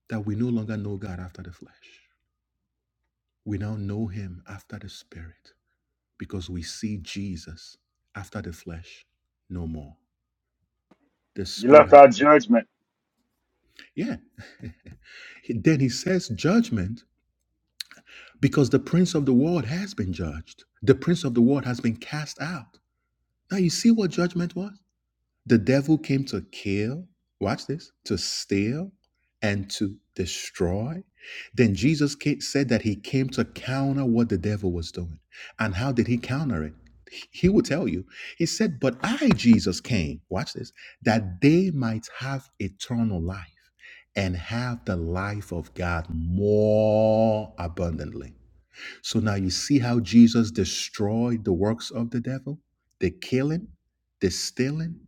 [SPEAKER 1] that we no longer know God after the flesh. We now know him after the spirit. because we see Jesus after the flesh no more. The
[SPEAKER 3] You
[SPEAKER 1] spirit
[SPEAKER 3] left
[SPEAKER 1] has,
[SPEAKER 3] our judgment.
[SPEAKER 1] yeah. then he says judgment because the prince of the world has been judged. The prince of the world has been cast out. Now you see what judgment was? The devil came to kill, watch this, to steal and to destroy. Then Jesus ca- said that he came to counter what the devil was doing. And how did he counter it? He will tell you. He said, But I, Jesus, came, watch this, that they might have eternal life and have the life of God more abundantly. So now you see how Jesus destroyed the works of the devil, the killing, the stealing,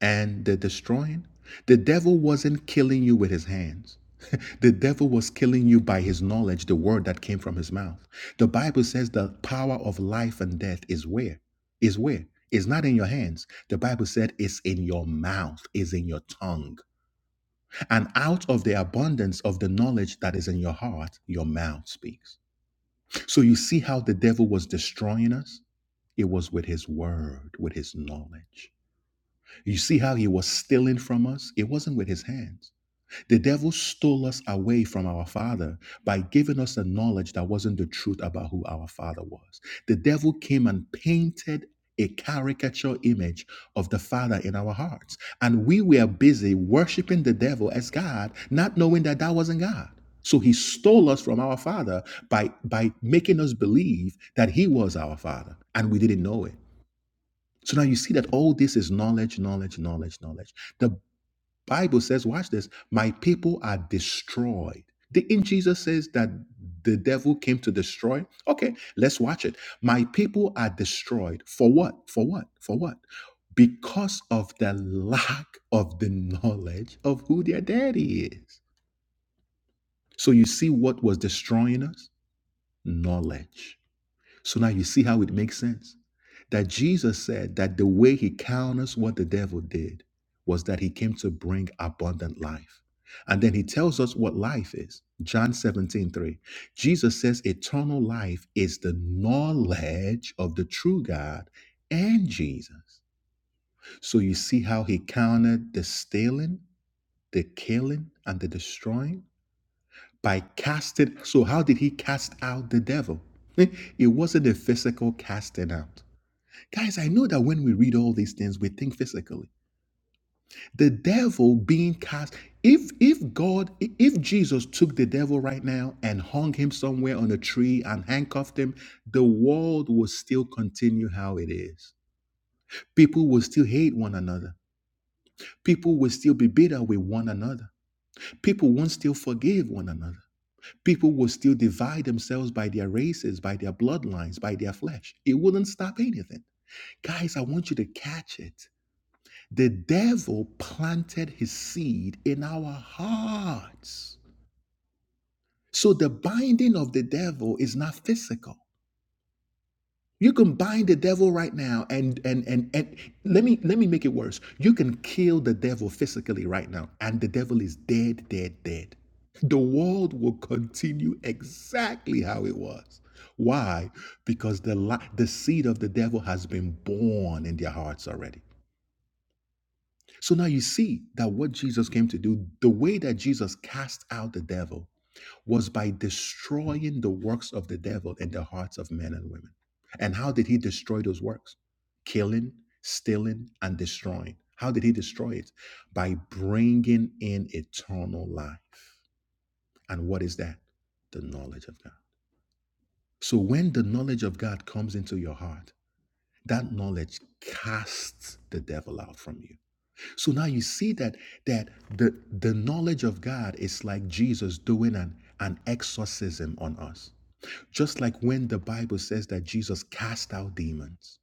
[SPEAKER 1] and the destroying. The devil wasn't killing you with his hands. the devil was killing you by his knowledge, the word that came from his mouth. The Bible says the power of life and death is where? Is where? It's not in your hands. The Bible said it's in your mouth, is in your tongue. And out of the abundance of the knowledge that is in your heart, your mouth speaks. So you see how the devil was destroying us? It was with his word, with his knowledge. You see how he was stealing from us? It wasn't with his hands. The devil stole us away from our father by giving us a knowledge that wasn't the truth about who our father was. The devil came and painted a caricature image of the father in our hearts. And we were busy worshiping the devil as God, not knowing that that wasn't God. So he stole us from our father by by making us believe that he was our father and we didn't know it. So now you see that all this is knowledge, knowledge, knowledge, knowledge. The Bible says, watch this, my people are destroyed. Didn't Jesus says that the devil came to destroy? Okay, let's watch it. My people are destroyed. For what? For what? For what? Because of the lack of the knowledge of who their daddy is. So you see what was destroying us? Knowledge so now you see how it makes sense that Jesus said that the way he counters what the devil did was that he came to bring abundant life. And then he tells us what life is. John 17 3, Jesus says eternal life is the knowledge of the true God and Jesus. So you see how he countered the stealing, the killing, and the destroying by casting. So, how did he cast out the devil? It wasn't a physical casting out. Guys, I know that when we read all these things, we think physically. The devil being cast, if if God, if Jesus took the devil right now and hung him somewhere on a tree and handcuffed him, the world will still continue how it is. People will still hate one another. People will still be bitter with one another. People won't still forgive one another. People will still divide themselves by their races, by their bloodlines, by their flesh. It wouldn't stop anything. Guys, I want you to catch it. The devil planted his seed in our hearts. So the binding of the devil is not physical. You can bind the devil right now and and and and let me let me make it worse. You can kill the devil physically right now and the devil is dead, dead, dead. The world will continue exactly how it was. Why? Because the the seed of the devil has been born in their hearts already. So now you see that what Jesus came to do, the way that Jesus cast out the devil was by destroying the works of the devil in the hearts of men and women. And how did he destroy those works? Killing, stealing, and destroying. How did he destroy it? By bringing in eternal life. And what is that? The knowledge of God. So when the knowledge of God comes into your heart, that knowledge casts the devil out from you. So now you see that that the the knowledge of God is like Jesus doing an, an exorcism on us. Just like when the Bible says that Jesus cast out demons,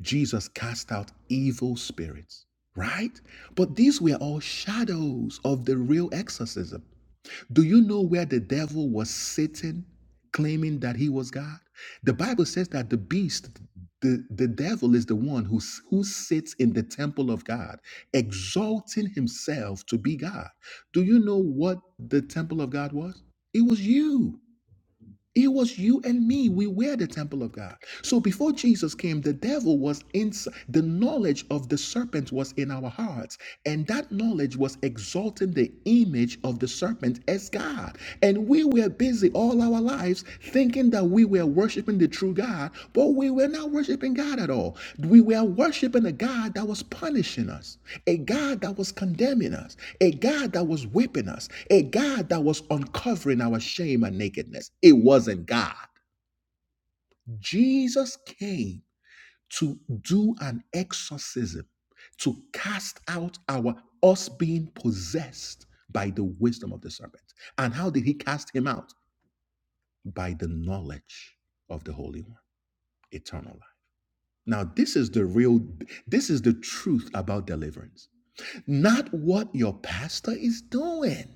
[SPEAKER 1] Jesus cast out evil spirits, right? But these were all shadows of the real exorcism. Do you know where the devil was sitting claiming that he was God? The Bible says that the beast, the, the devil is the one who, s- who sits in the temple of God, exalting himself to be God. Do you know what the temple of God was? It was you. It was you and me. We were the temple of God. So before Jesus came, the devil was in the knowledge of the serpent was in our hearts. And that knowledge was exalting the image of the serpent as God. And we were busy all our lives thinking thinking that we were worshiping the true God, but we were not worshiping God at all. We were worshiping a God that was punishing us, a God that was condemning us, a God that was whipping us, a God that was uncovering our shame and nakedness. It wasn't God. Jesus came to do an exorcism, to cast out our us being possessed by the wisdom of the serpent. And how did he cast him out? By the knowledge of the Holy One. eternal life. Now, this is the real, this is the truth about deliverance, not what your pastor is doing.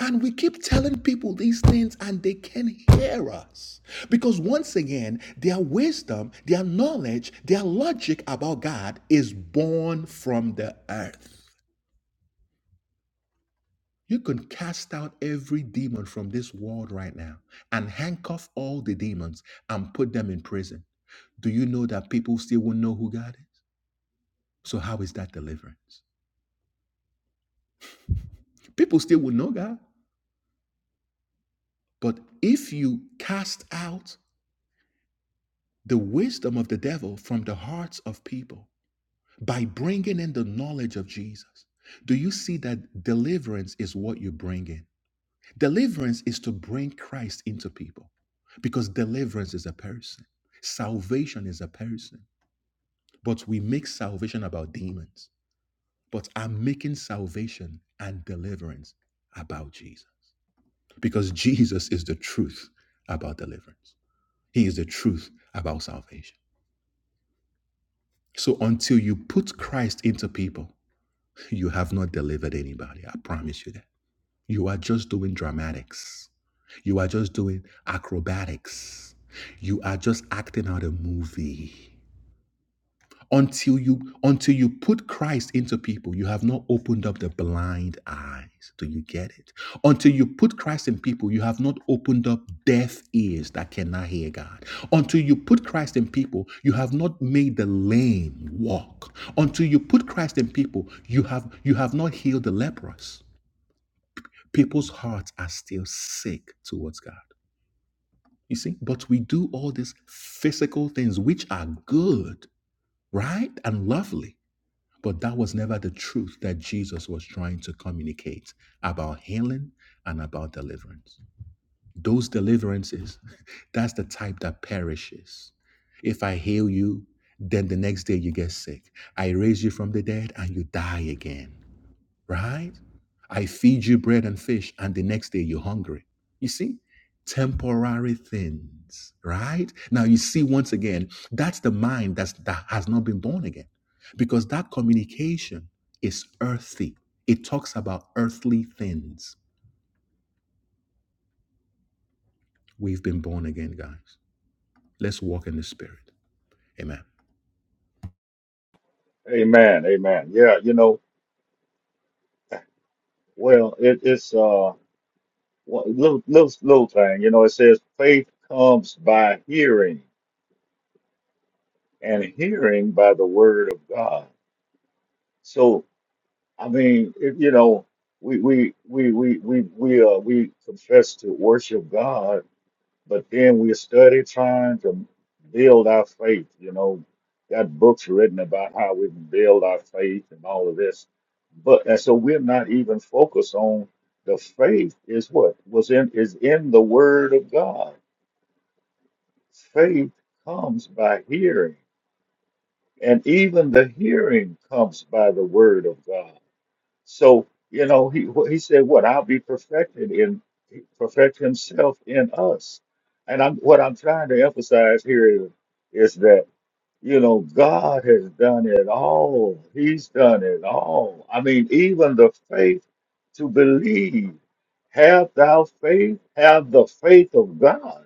[SPEAKER 1] And we keep telling people these things and they can hear us. Because once again, their wisdom, their knowledge, their logic about God is born from the earth. You can cast out every demon from this world right now and handcuff all the demons and put them in prison. Do you know that people still won't know who God is? So, how is that deliverance? People still would know God. But if you cast out the wisdom of the devil from the hearts of people by bringing in the knowledge of Jesus, do you see that deliverance is what you bring in? Deliverance is to bring Christ into people because deliverance is a person, salvation is a person. But we make salvation about demons. But I'm making salvation and deliverance about Jesus. because Jesus is the truth about deliverance. He is the truth about salvation. So until you put Christ into people, you have not delivered anybody. I promise you that. You are just doing dramatics. You are just doing acrobatics. You are just acting out a movie. until you until you put Christ into people, you have not opened up the blind eyes. Do you get it? Until you put Christ in people, you have not opened up deaf ears that cannot hear God. Until you put Christ in people, you have not made the lame walk. Until you put Christ in people, you have you have not healed the leprous. People's hearts are still sick towards God. You see, but we do all these physical things which are good, right? And lovely. But that was never the truth that Jesus was trying to communicate about healing and about deliverance. Those deliverances, that's the type that perishes. If I heal you, then the next day you get sick. I raise you from the dead and you die again right? I feed you bread and fish, and the next day you're hungry. You see, temporary things, right? Now you see once again, that's the mind that's, that has not been born again, because that communication is earthy. It talks about earthly things. We've been born again, guys. Let's walk in the Spirit. Amen.
[SPEAKER 3] Amen. Amen. Yeah. You know. Well, it, it's uh one little little little thing. You know, it says faith comes by hearing, and hearing by the word of God. So I mean, it, you know, we we we we we we uh we confess to worship God, but then we study trying to build our faith. You know, got books written about how we can build our faith and all of this, but and so we're not even focused on the faith is what was in is in the Word of God. Faith comes by hearing, and even the hearing comes by the Word of God. So, you know, he he said, "What I'll be perfected in perfect Himself in us." And I'm what I'm trying to emphasize here is, is that you know God has done it all. He's done it all. I mean, even the faith to believe. Have thou faith? Have the faith of God.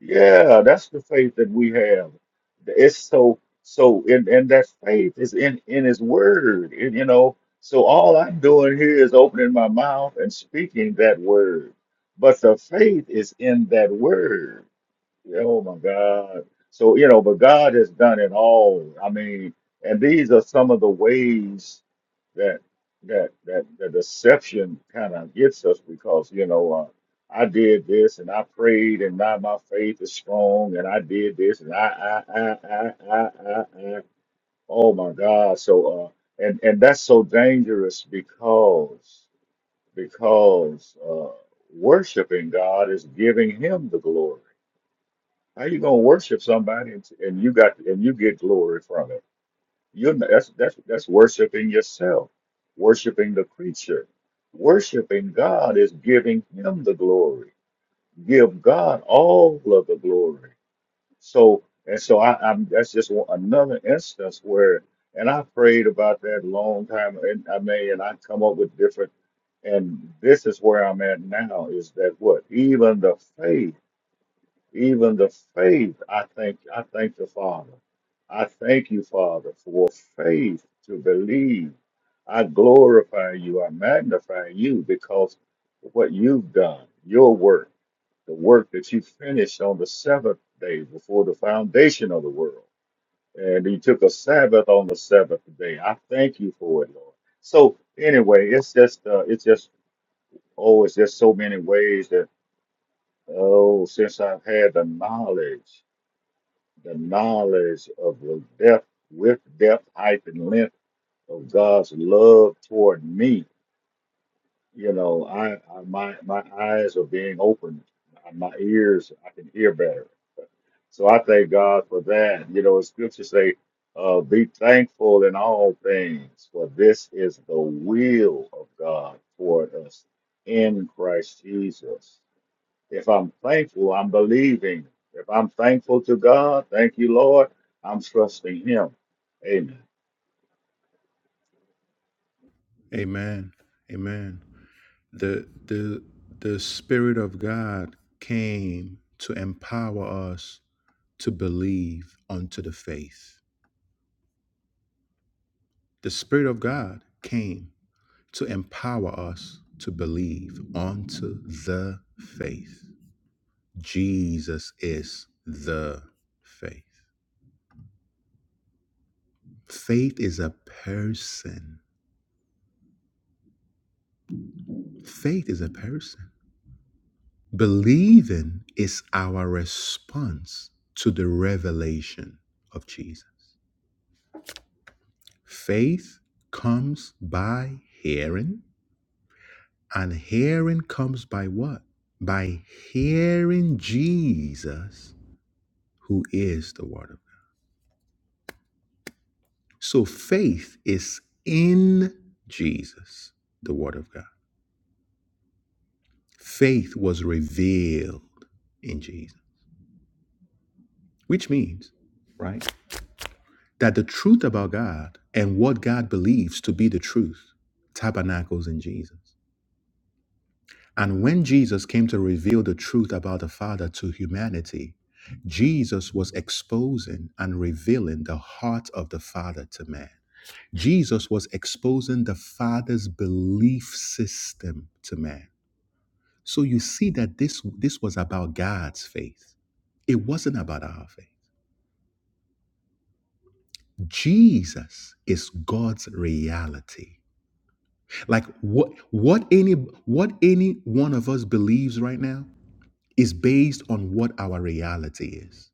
[SPEAKER 3] Yeah, that's the faith that we have. It's so so and and that faith is in in his word. And, you know, so all I'm doing here is opening my mouth and speaking that word. But the faith is in that word. Yeah, Oh my God. So, you know, but God has done it all. I mean, and these are some of the ways that that that the deception kind of gets us because you know uh, I did this and I prayed and now my faith is strong and I did this and I I I I I I, I. oh my God so uh and and that's so dangerous because because uh worshiping God is giving Him the glory. How you gonna worship somebody and, and you got and you get glory from it? You're not, that's that's that's worshiping yourself, worshiping the creature. Worshiping God is giving him the glory. Give God all of the glory. So and so I, I'm that's just one, another instance where and I prayed about that a long time and I may and I come up with different and this is where I'm at now is that what even the faith even the faith. I thank I thank the Father. I thank you, Father, for faith to believe. I glorify you. I magnify you because of what you've done, your work, the work that you finished on the seventh day before the foundation of the world. And you took a Sabbath on the seventh day. I thank you for it, Lord. So anyway, it's just uh, it's just oh, it's just so many ways that oh, since I've had the knowledge the knowledge of the depth with depth height and length of God's love toward me. You know, I, I my my eyes are being opened, my ears I can hear better. So I thank God for that. You know, as scriptures say, uh, "Be thankful in all things, for this is the will of God toward us in Christ Jesus." If I'm thankful, I'm believing. If I'm thankful to God, thank you, Lord. I'm trusting Him. Amen.
[SPEAKER 1] Amen. Amen. the the the spirit of god came to empower us to believe unto the faith the spirit of god came to empower us to believe unto the faith jesus is the faith faith is a person faith is a person believing is our response to the revelation of jesus Faith comes by hearing, and hearing comes by what? By hearing Jesus, who is the Word of God. So faith is in Jesus, the Word of God. Faith was revealed in Jesus, which means, right, that the truth about God and what God believes to be the truth tabernacles in Jesus. And when Jesus came to reveal the truth about the Father to humanity, Jesus was exposing and revealing the heart of the Father to man. Jesus was exposing the Father's belief system to man. So you see that this, this was about God's faith. It wasn't about our faith. Jesus is God's reality. Like what what any what any one of us believes right now is based on what our reality is.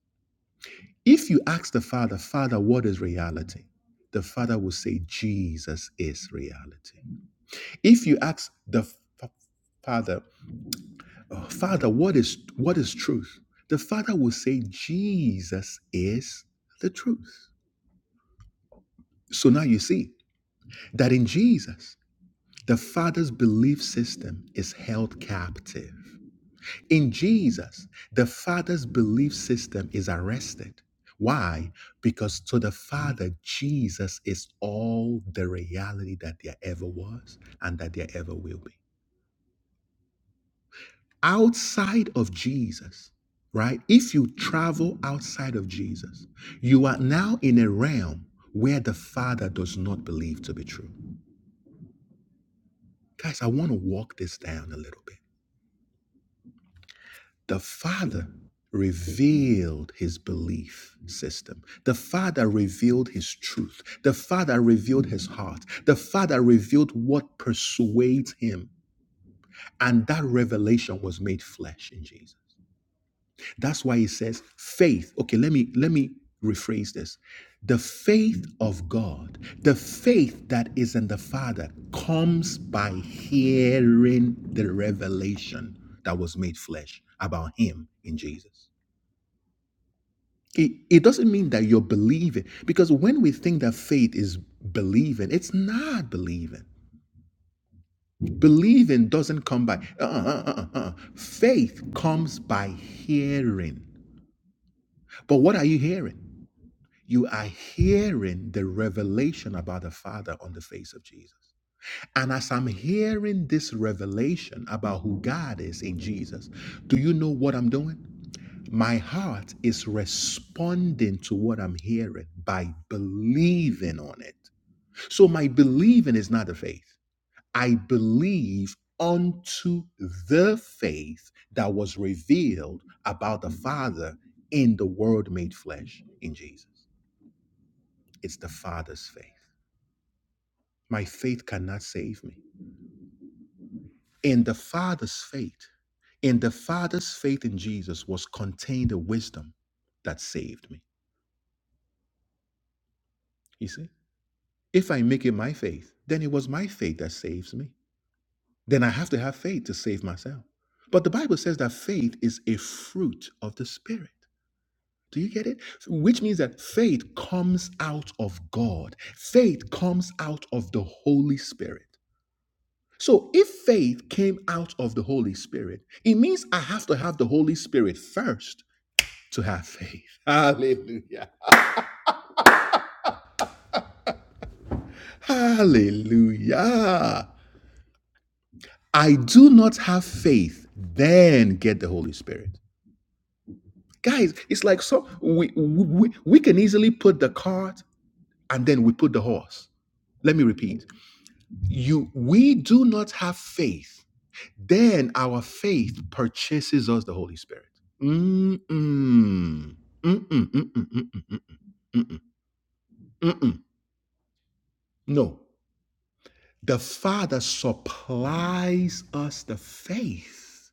[SPEAKER 1] If you ask the Father, Father, what is reality? The Father will say, Jesus is reality. If you ask the F- Father, "Oh, Father, what is what is truth? The Father will say, Jesus is the truth. So now you see that in Jesus, the Father's belief system is held captive. In Jesus, the Father's belief system is arrested. Why? Because to the Father, Jesus is all the reality that there ever was and that there ever will be. Outside of Jesus, right? If you travel outside of Jesus, you are now in a realm where the Father does not believe to be true. Guys, I want to walk this down a little bit. The Father revealed his belief system. The Father revealed his truth. The Father revealed his heart. The Father revealed what persuades him. And that revelation was made flesh in Jesus. That's why he says faith. Okay, let me let me rephrase this. The faith of God, the faith that is in the Father comes by hearing the revelation that was made flesh about him in Jesus. it, it doesn't mean that you're believing because when we think that faith is believing it's not believing believing doesn't come by uh, uh, uh, uh, uh. faith comes by hearing but what are you hearing you are hearing the revelation about the father on the face of jesus and as i'm hearing this revelation about who god is in jesus do you know what i'm doing My heart is responding to what I'm hearing by believing on it. So my believing is not a faith. I believe unto the faith that was revealed about the Father in the Word made flesh in Jesus. It's the Father's faith. My faith cannot save me. In the Father's faith, in the Father's faith in Jesus was contained a wisdom that saved me. You see? If I make it my faith, then it was my faith that saves me. Then I have to have faith to save myself. But the Bible says that faith is a fruit of the Spirit. Do you get it? Which means that faith comes out of God, faith comes out of the Holy Spirit. So if faith came out of the Holy Spirit, it means I have to have the Holy Spirit first to have faith. Hallelujah. Hallelujah. I do not have faith, then get the Holy Spirit. Guys, it's like so we, we we can easily put the cart and then we put the horse. Let me repeat. You we do not have faith, then our faith purchases us the Holy Spirit. Mm-mm. Mm-mm, mm-mm, mm-mm, mm-mm. No. The Father supplies us the faith,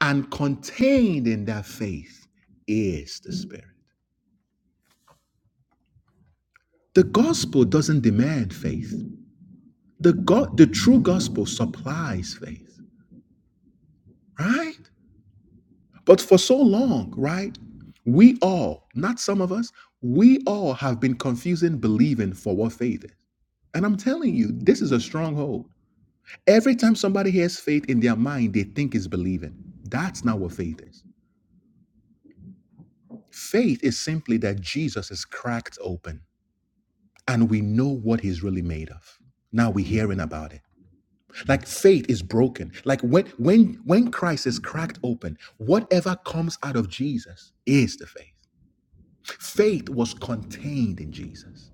[SPEAKER 1] and contained in that faith is the Spirit. The gospel doesn't demand faith. The go- the true gospel supplies faith, right? But for so long, right? We all, not some of us, we all have been confusing believing for what faith is. And I'm telling you, this is a stronghold. Every time somebody hears faith in their mind, they think it's believing. That's not what faith is. Faith is simply that Jesus is cracked open and we know what he's really made of. Now we're hearing about it. Like faith is broken. Like when when when Christ is cracked open, whatever comes out of Jesus is the faith. Faith was contained in Jesus.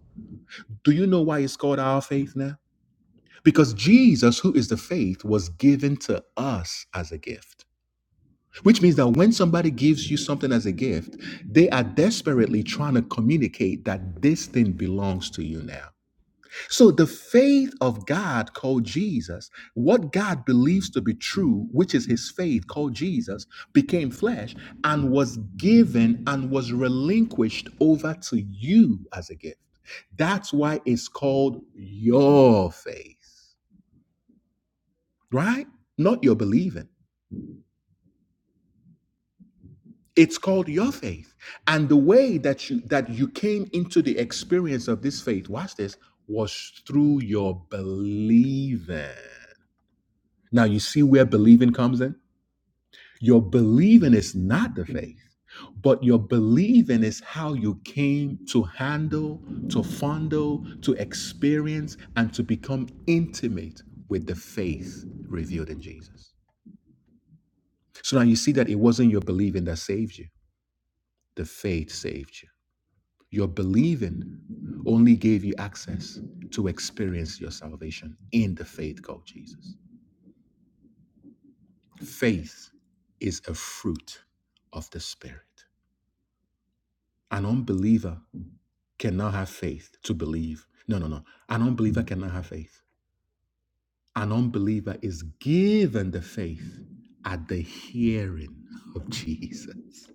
[SPEAKER 1] Do you know why it's called our faith now? Because Jesus, who is the faith, was given to us as a gift. Which means that when somebody gives you something as a gift, they are desperately trying to communicate that this thing belongs to you now. So the faith of God called Jesus, what God believes to be true, which is his faith called Jesus, became flesh and was given and was relinquished over to you as a gift. That's why it's called your faith, right? Not your believing. It's called your faith. And the way that you that you came into the experience of this faith, watch this, was through your believing. Now you see where believing comes in? Your believing is not the faith, but your believing is how you came to handle, to fondle, to experience, and to become intimate with the faith revealed in Jesus. So now you see that it wasn't your believing that saved you, the faith saved you. Your believing only gave you access to experience your salvation in the faith called Jesus. Faith is a fruit of the Spirit. An unbeliever cannot have faith to believe. No, no, no. An unbeliever cannot have faith. An unbeliever is given the faith at the hearing of Jesus.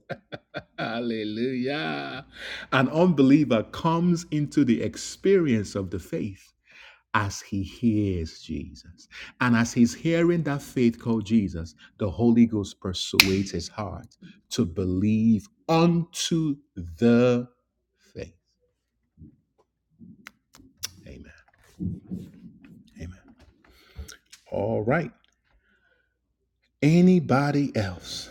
[SPEAKER 1] Hallelujah. An unbeliever comes into the experience of the faith as he hears Jesus. And as he's hearing that faith called Jesus, the Holy Ghost persuades his heart to believe unto the faith. Amen. Amen. All right. Anybody else?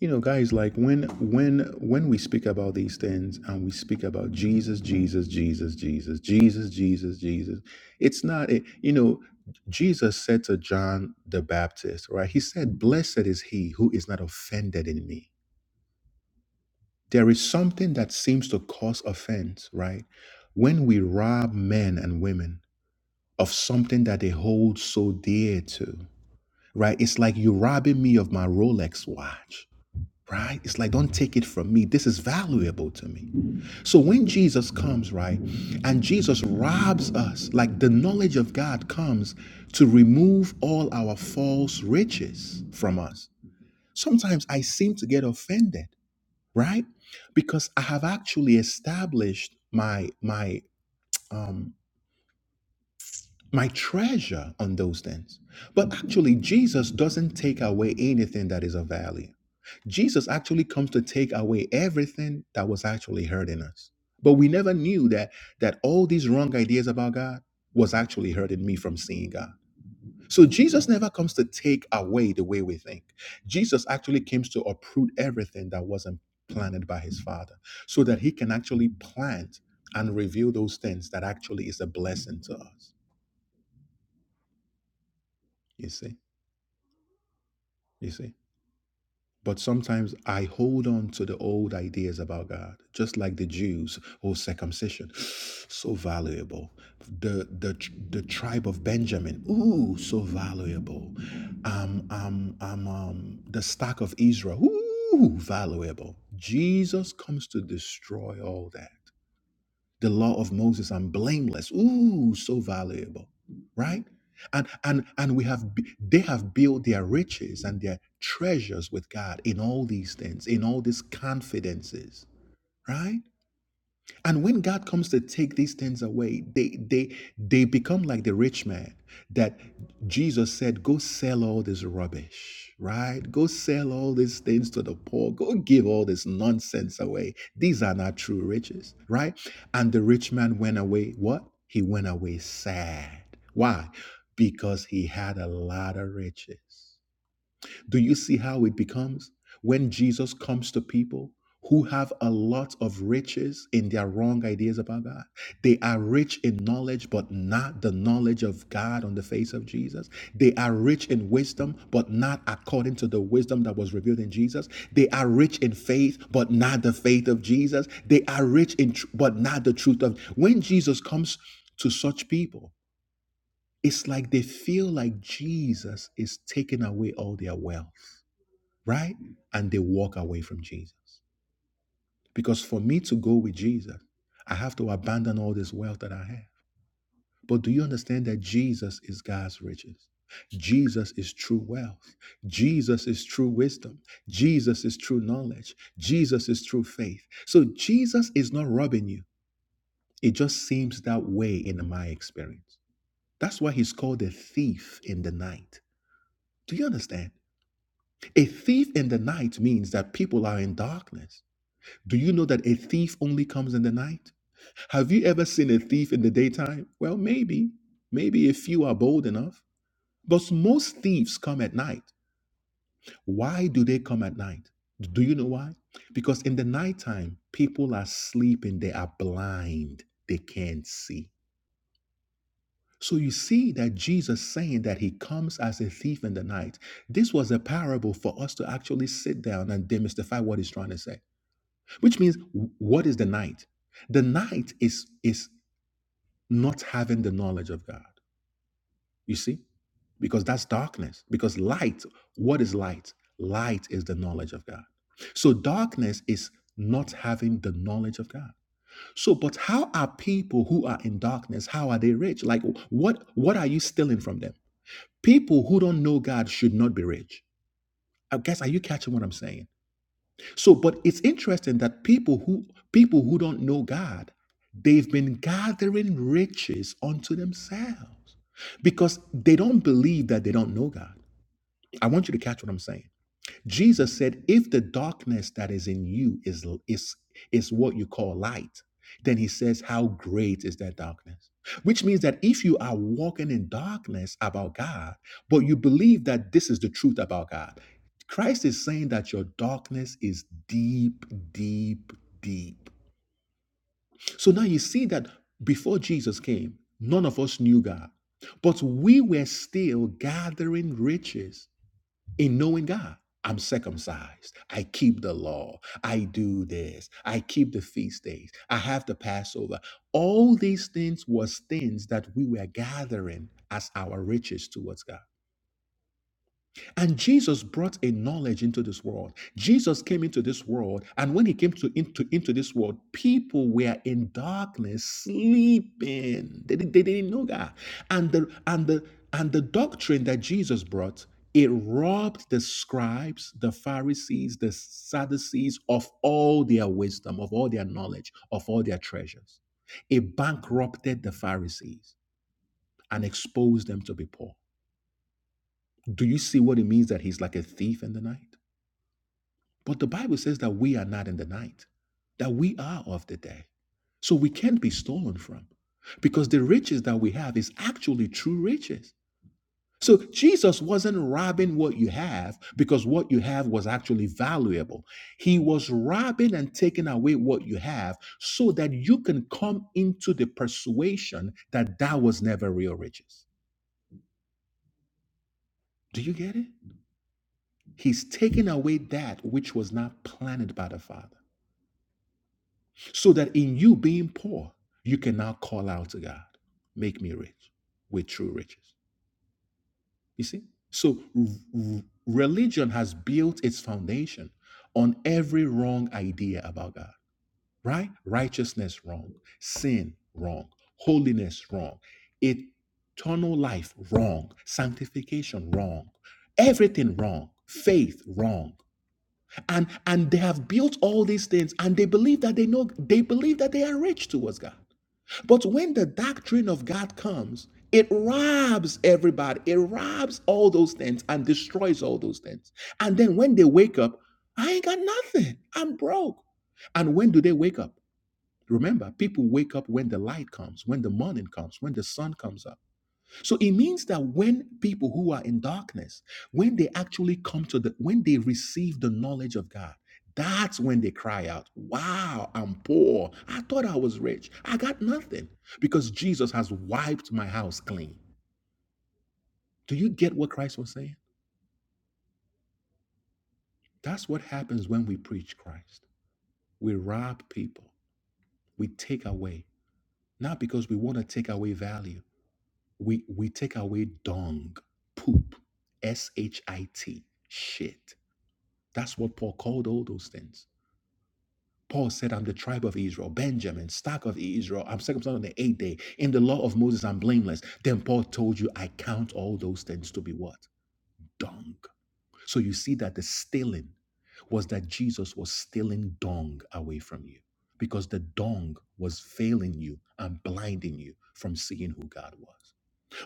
[SPEAKER 1] You know, guys, like when when when we speak about these things and we speak about Jesus, Jesus, Jesus, Jesus, Jesus, Jesus, Jesus, it's not it, you know, Jesus said to John the Baptist, right? He said, Blessed is he who is not offended in me. There is something that seems to cause offense, right? When we rob men and women of something that they hold so dear to, right? It's like you're robbing me of my Rolex watch, right? It's like, don't take it from me. This is valuable to me. So when Jesus comes, right, and Jesus robs us, like the knowledge of God comes to remove all our false riches from us. Sometimes I seem to get offended, right? Because I have actually established my my um my treasure on those things. But actually Jesus doesn't take away anything that is of value Jesus actually comes to take away everything that was actually hurting us. But we never knew that that all these wrong ideas about God was actually hurting me from seeing God. So Jesus never comes to take away the way we think. Jesus actually comes to uproot everything that wasn't planted by his father so that he can actually plant and reveal those things that actually is a blessing to us. You see? You see? But sometimes I hold on to the old ideas about God, just like the Jews or circumcision. So valuable. The, the, the tribe of Benjamin, ooh, so valuable. Um, um, um, um, the stock of Israel, ooh, valuable. Jesus comes to destroy all that the law of Moses and blameless. Ooh, so valuable, right? And and and we have they have built their riches and their treasures with God in all these things, in all these confidences, right? And when God comes to take these things away, they they they become like the rich man that Jesus said, "Go sell all this rubbish, right? Go sell all these things to the poor. Go give all this nonsense away. These are not true riches, right?" And the rich man went away. What? He went away sad. Why? Because he had a lot of riches. Do you see how it becomes? When Jesus comes to people who have a lot of riches in their wrong ideas about God, they are rich in knowledge, but not the knowledge of God on the face of Jesus. They are rich in wisdom, but not according to the wisdom that was revealed in Jesus. They are rich in faith, but not the faith of Jesus. They are rich in, tr- but not the truth of. When Jesus comes to such people, it's like they feel like Jesus is taking away all their wealth right? And they walk away from Jesus. Because for me to go with Jesus, I have to abandon all this wealth that I have. But do you understand that Jesus is God's riches? Jesus is true wealth. Jesus is true wisdom. Jesus is true knowledge. Jesus is true faith. So Jesus is not robbing you. It just seems that way in my experience. That's why he's called a thief in the night. Do you understand? A thief in the night means that people are in darkness. Do you know that a thief only comes in the night? Have you ever seen a thief in the daytime? Well, maybe. Maybe if you are bold enough. But most thieves come at night. Why do they come at night? Do you know why? Because in the nighttime, people are sleeping, they are blind, they can't see. So you see that Jesus saying that he comes as a thief in the night. This was a parable for us to actually sit down and demystify what he's trying to say. which means what is the night the night is is not having the knowledge of god you see because that's darkness because light what is light light is the knowledge of god so darkness is not having the knowledge of god so but how are people who are in darkness how are they rich like what what are you stealing from them people who don't know god should not be rich i guess are you catching what i'm saying So, but it's interesting that people who people who don't know God, they've been gathering riches unto themselves because they don't believe that they don't know God. I want you to catch what I'm saying. Jesus said, if the darkness that is in you is, is, is what you call light, then he says, how great is that darkness? Which means that if you are walking in darkness about God, but you believe that this is the truth about God, Christ is saying that your darkness is deep, deep, deep. So now you see that before Jesus came, none of us knew God, but we were still gathering riches in knowing God. I'm circumcised. I keep the law. I do this. I keep the feast days. I have the Passover. All these things was things that we were gathering as our riches towards God. And Jesus brought a knowledge into this world. Jesus came into this world, and when he came to into, into this world, people were in darkness, sleeping. They, they didn't know that. And the and the and the doctrine that Jesus brought, it robbed the scribes, the Pharisees, the Sadducees of all their wisdom, of all their knowledge, of all their treasures. It bankrupted the Pharisees and exposed them to be poor. Do you see what it means that he's like a thief in the night? But the Bible says that we are not in the night, that we are of the day. So we can't be stolen from because the riches that we have is actually true riches. So Jesus wasn't robbing what you have because what you have was actually valuable. He was robbing and taking away what you have so that you can come into the persuasion that that was never real riches. Do you get it? He's taking away that which was not planted by the Father. so that in you being poor, you can now call out to God, make me rich with true riches. You see? So r- r- religion has built its foundation on every wrong idea about God, right? Righteousness wrong, sin wrong, holiness wrong, eternal life wrong, sanctification wrong, everything wrong, faith wrong. And and they have built all these things and they believe that they know they believe that they are rich towards God. But when the doctrine of God comes, it robs everybody, it robs all those things and destroys all those things. And then when they wake up, I ain't got nothing. I'm broke. And when do they wake up? Remember, people wake up when the light comes, when the morning comes, when the sun comes up. So it means that when people who are in darkness, when they actually come to the, when they receive the knowledge of God, that's when they cry out, Wow, I'm poor. I thought I was rich. I got nothing because Jesus has wiped my house clean. Do you get what Christ was saying? That's what happens when we preach Christ. We rob people, we take away, not because we want to take away value, we, we take away dung, poop, S H I T, shit. shit That's what Paul called all those things. Paul said, I'm the tribe of Israel, Benjamin, stock of Israel. I'm circumcised on the eighth day. In the law of Moses, I'm blameless. Then Paul told you, I count all those things to be what? Dung. So you see that the stealing was that Jesus was stealing dung away from you because the dung was failing you and blinding you from seeing who God was.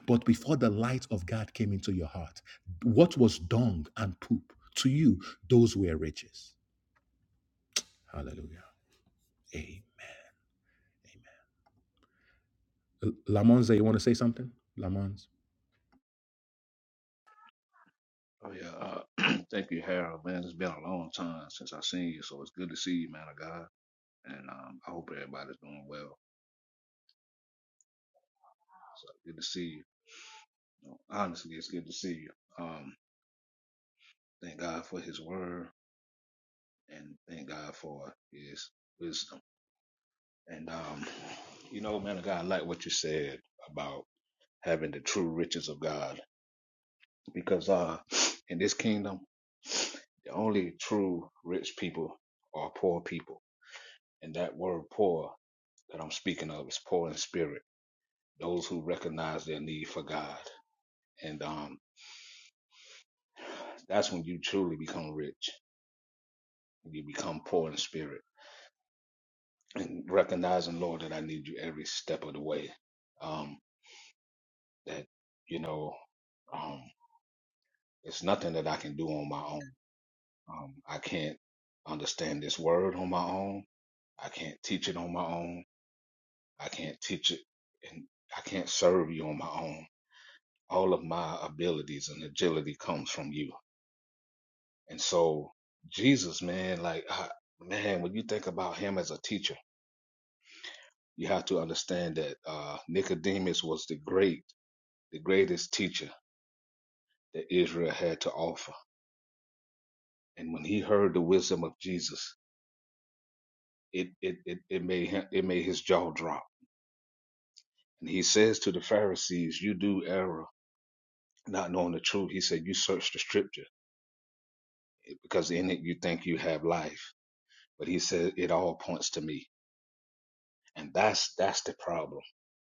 [SPEAKER 1] But before the light of God came into your heart, what was dung and poop to you, those were riches. Hallelujah. Amen. Lamonza, you want to say something? Lamonza.
[SPEAKER 4] Oh yeah, uh, thank you, Harold. Man, it's been a long time since I seen you, so it's good to see you, man of God. And um, I hope everybody's doing well. So good to see you. Honestly, it's good to see you. Um, thank God for His word, and thank God for His wisdom. And um, you know, man of God, I like what you said about having the true riches of God, because uh, in this kingdom, the only true rich people are poor people, and that word poor that I'm speaking of is poor in spirit, those who recognize their need for God. And um, that's when you truly become rich. You become poor in spirit and recognizing, Lord, that I need you every step of the way. Um, that, you know, um, it's nothing that I can do on my own. Um, I can't understand this word on my own. I can't teach it on my own. I can't teach it and I can't serve you on my own. All of my abilities and agility comes from you And so Jesus, man, like I, man, when you think about him as a teacher, you have to understand that uh, Nicodemus was the great, the greatest teacher that Israel had to offer. And when he heard the wisdom of Jesus, it it it, it made him it made his jaw drop. And he says to the Pharisees, "You do error." Not knowing the truth, he said, You search the scripture because in it you think you have life. But he said, It all points to me. And that's that's the problem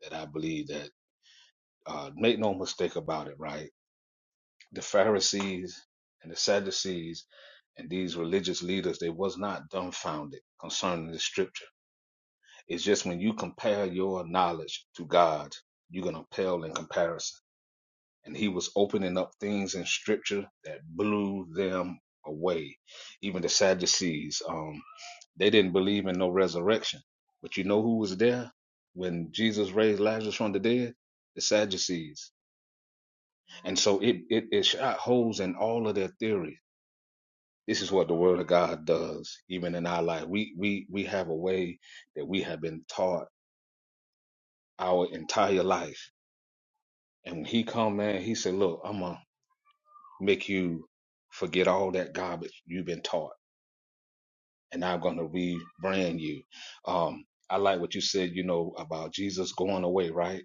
[SPEAKER 4] that I believe that Uh, make no mistake about it, right? The Pharisees and the Sadducees and these religious leaders, they was not dumbfounded concerning the scripture. It's just when you compare your knowledge to God, you're gonna pale in comparison. And he was opening up things in scripture that blew them away. Even the Sadducees, um, they didn't believe in no resurrection. But you know who was there when Jesus raised Lazarus from the dead? The Sadducees And so it, it, it shot holes in all of their theories. This is what the word of God does, even in our life. We, we, we have a way that we have been taught our entire life. And when he come man, he said, look, I'm going to make you forget all that garbage you've been taught. And I'm going to rebrand you. Um, I like what you said, you know, about Jesus going away, right?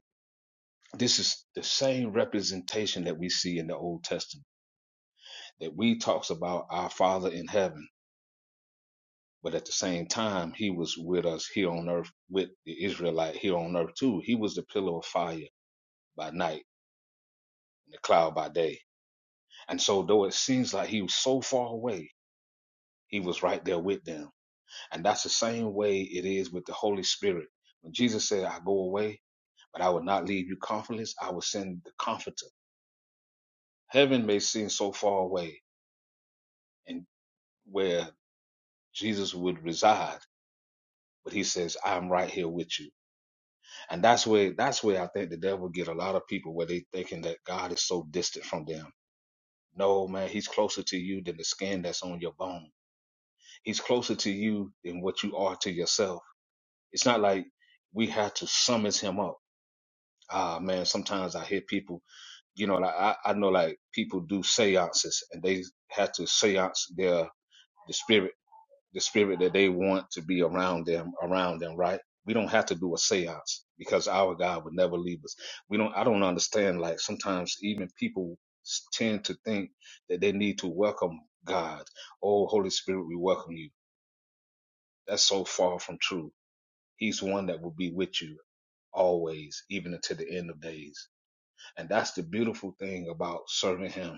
[SPEAKER 4] This is the same representation that we see in the Old Testament that we talks about our Father in heaven But at the same time, he was with us here on earth, with the Israelite here on earth too. He was the pillar of fire by night and the cloud by day. And so, though it seems like he was so far away, he was right there with them. And that's the same way it is with the Holy Spirit. When Jesus said, I go away, but I will not leave you comfortless, I will send the comforter. Heaven may seem so far away and where Jesus would reside, but he says, I'm right here with you. And that's where that's where I think the devil get a lot of people where they thinking that God is so distant from them. No, man, he's closer to you than the skin that's on your bone. He's closer to you than what you are to yourself. It's not like we have to summons him up. Ah man, sometimes I hear people, you know, like I, I know like people do seances and they have to seance their the spirit the spirit that they want to be around them around them right we don't have to do a seance because our god would never leave us we don't i don't understand like sometimes even people s- tend to think that they need to welcome god oh holy spirit we welcome you that's so far from true he's one that will be with you always even until the end of days and that's the beautiful thing about serving him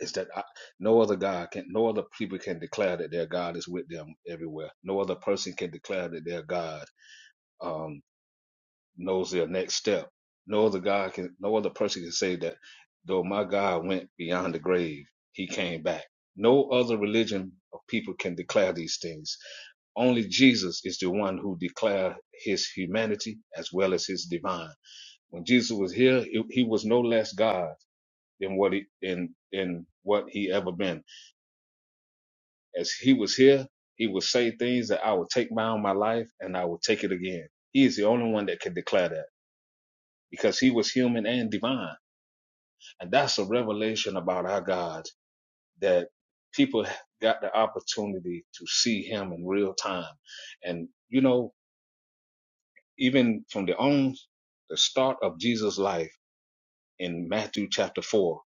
[SPEAKER 4] is that I, no other God can, no other people can declare that their God is with them everywhere. No other person can declare that their God um, knows their next step. No other God can, no other person can say that though my God went beyond the grave, he came back. No other religion of people can declare these things. Only Jesus is the one who declared his humanity as well as his divine. When Jesus was here, he he was no less God than what he, in, in what he ever been As he was here, he would say things that I would take down my life and I would take it again. He is the only one that can declare that because he was human and divine. And that's a revelation about our God that people got the opportunity to see him in real time. And, you know, even from the own, the start of Jesus' life in Matthew chapter four,